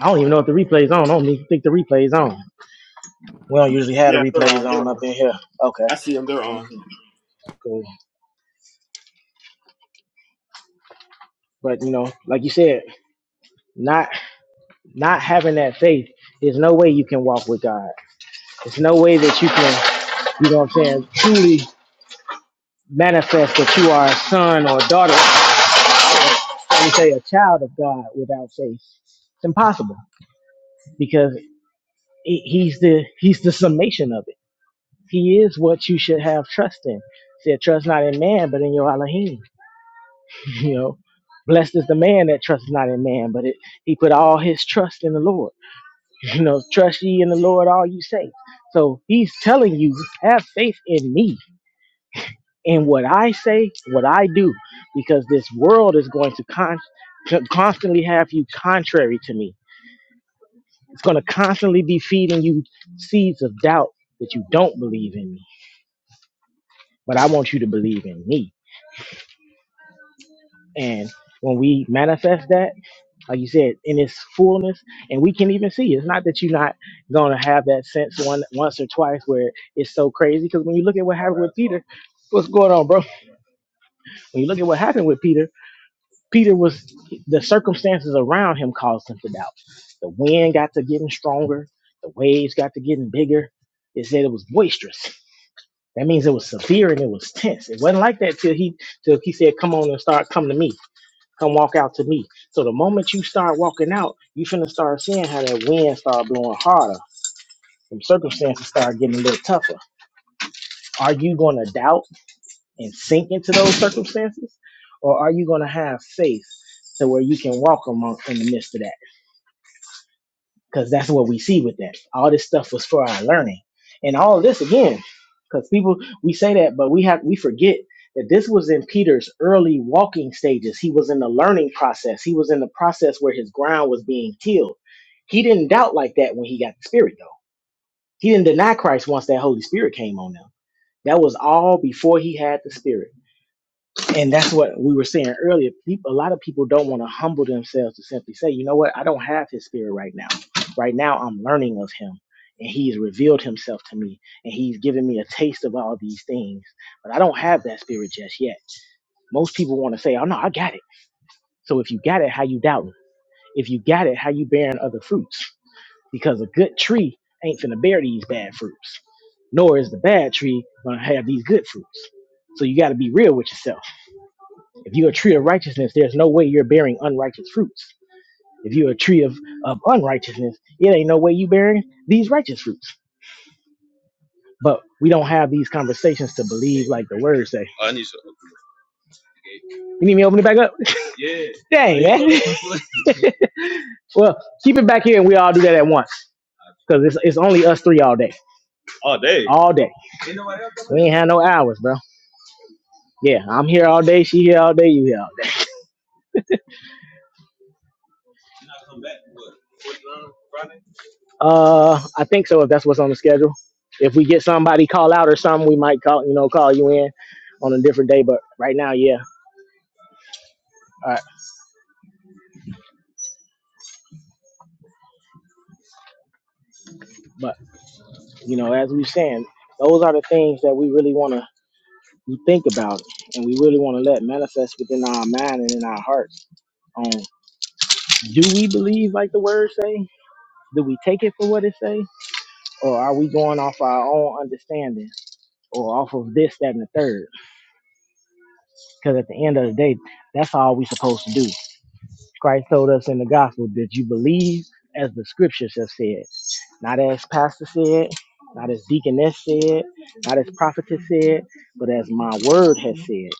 Speaker 2: I don't even know if the replay's on. I don't even think the replay's on. We don't usually have the
Speaker 4: yeah, they're on.
Speaker 2: replays
Speaker 4: They're
Speaker 2: on up
Speaker 4: on.
Speaker 2: in here. Okay,
Speaker 4: I see them. They're
Speaker 2: okay,
Speaker 4: on.
Speaker 2: cool, cool. But you know, like you said, not not having that faith is no way you can walk with God. It's no way that you can, you know, what I'm saying, truly manifest that you are a son or a daughter, let me say, a child of God without faith. It's impossible because. he's the he's the summation of it. He is what you should have trust in. He said, trust not in man, but in your Elohim. You know, blessed is the man that trusts not in man, but it, he put all his trust in the Lord. You know, trust ye in the Lord all you say. So he's telling you, have faith in me in what I say, what I do, because this world is going to con- to constantly have you contrary to me. It's going to constantly be feeding you seeds of doubt that you don't believe in me but I want you to believe in me. And when we manifest that, like you said, in its fullness, and we can even see, it's not that you're not gonna have that sense one once or twice where it's so crazy. Because when you look at what happened with Peter, what's going on, bro? When you look at what happened with Peter, Peter was the circumstances around him caused him to doubt. The wind got to getting stronger, the waves got to getting bigger. It said it was boisterous. That means it was severe and it was tense. It wasn't like that till he till he said, "Come on and start, come to me." Come walk out to me. So the moment you start walking out, you finna start seeing how that wind start blowing harder. Some circumstances start getting a little tougher. Are you gonna doubt and sink into those circumstances? Or are you gonna have faith to where you can walk among in the midst of that? because that's what we see with that. All this stuff was for our learning, and all this again, because people we say that, but we have we forget that this was in Peter's early walking stages. He was in the learning process. He was in the process where his ground was being tilled. He didn't doubt like that when he got the Spirit, though. He didn't deny Christ once that Holy Spirit came on him. That was all before he had the Spirit and that's what we were saying earlier. People, a lot of people don't want to humble themselves to simply say, you know what, I don't have his spirit right now. Right now, I'm learning of him, and he's revealed himself to me, and he's given me a taste of all these things. But I don't have that spirit just yet. Most people want to say, oh no, I got it. So if you got it, how you doubting? If you got it, how you bearing other fruits? Because a good tree ain't finna bear these bad fruits, nor is the bad tree gonna have these good fruits. So you got to be real with yourself if you're a tree of righteousness, there's no way you're bearing unrighteous fruits. If you're a tree of, of unrighteousness, it ain't no way you bearing these righteous fruits. But we don't have these conversations to believe like the words say. You need me to open it back up? Dang, man. well, keep it back here and we all do that at once. Because it's, it's only us three all day. All day. Ain't nobody else coming? We ain't had no hours, bro. Yeah, I'm here all day. She here all day. You here Uh, I think so. If that's what's on the schedule, if we get somebody call out or something, we might call you know call you in on a different day. But right now, yeah. All right. But you know, as we saying, those are the things that we really want to think about, and we really want to let manifest within our mind and in our hearts. On do we believe like the word say? Do we take it for what it say, or are we going off our own understanding or off of this, that, and the third? Because at the end of the day, that's all we supposed to do. Christ told us in the gospel that you believe as the scriptures have said, not as pastor said, not as deaconess said, not as prophetess said, but as my word has said.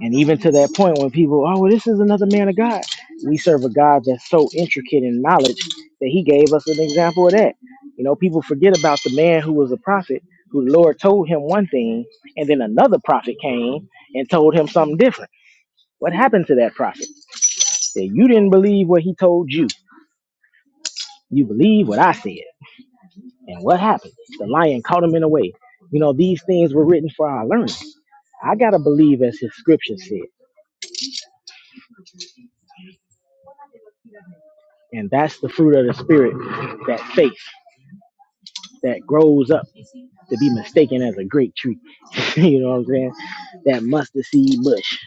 Speaker 2: And even to that point, when people, oh, well, this is another man of God, we serve a God that's so intricate in knowledge that he gave us an example of that. You know, people forget about the man who was a prophet, who the Lord told him one thing, and then another prophet came and told him something different. What happened to that prophet? That you didn't believe what he told you You believe what I said. And what happened? The lion caught him in a way. You know, these things were written for our learning. I got to believe as his scripture said. And that's the fruit of the spirit, that faith that grows up to be mistaken as a great tree. you know what I'm saying? That mustard seed bush.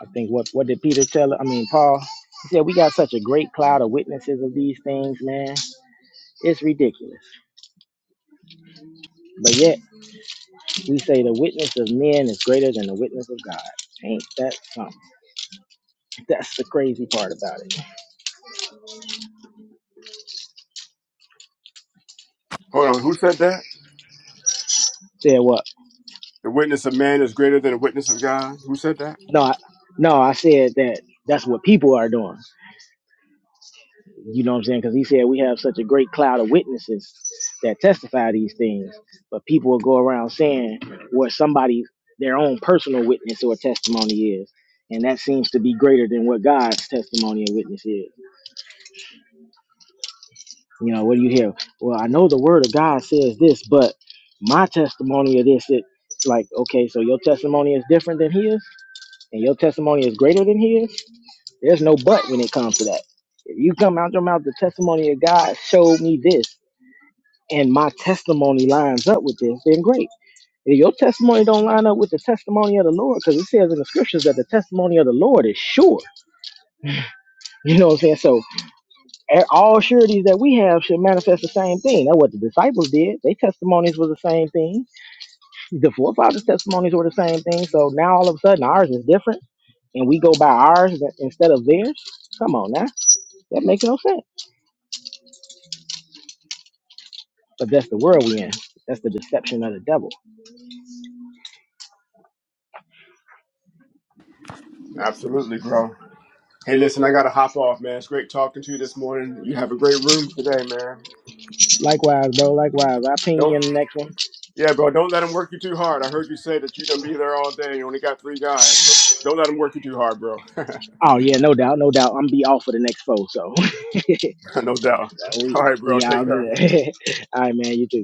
Speaker 2: I think what what did Peter tell? I mean Paul. He said we got such a great cloud of witnesses of these things, man. It's ridiculous. But yet we say the witness of men is greater than the witness of God. Ain't that something? That's the crazy part about it.
Speaker 4: Hold on, who said that?
Speaker 2: Said what?
Speaker 4: The witness of man is greater than the witness of God. Who said that?
Speaker 2: No, I, no, I said that that's what people are doing. You know what I'm saying? Because he said we have such a great cloud of witnesses that testify these things, but people will go around saying what somebody their own personal witness or testimony is. And that seems to be greater than what God's testimony and witness is. You know, what do you hear? Well, I know the word of God says this, but my testimony of this, it, like, okay, so your testimony is different than his, and your testimony is greater than his There's no but when it comes to that. If you come out your mouth, the testimony of God showed me this, and my testimony lines up with this, then great. If your testimony don't line up with the testimony of the Lord, because it says in the scriptures that the testimony of the Lord is sure. You know what I'm saying? So a- all sureties that we have should manifest the same thing. That's what the disciples did. Their testimonies were the same thing. The forefathers' testimonies were the same thing. So now all of a sudden ours is different, and we go by ours instead of theirs. Come on now, that makes no sense. But that's the world we in. That's the deception of the devil.
Speaker 4: Absolutely, bro. Hey, listen, I gotta hop off, man. It's great talking to you this morning. You have a great room today, man.
Speaker 2: Likewise, bro. Likewise. I'll ping you
Speaker 4: Don't,
Speaker 2: in the next one.
Speaker 4: yeah, bro. Don't let them work you too hard. I heard you say that you're gonna be there all day. You only got three guys, so don't let them work you too hard, bro.
Speaker 2: Oh yeah, no doubt, no doubt. I'm be off for the next four, so
Speaker 4: no doubt.
Speaker 2: we
Speaker 4: All right, bro.
Speaker 2: we all
Speaker 4: Take care.
Speaker 2: good. all right, man. You too.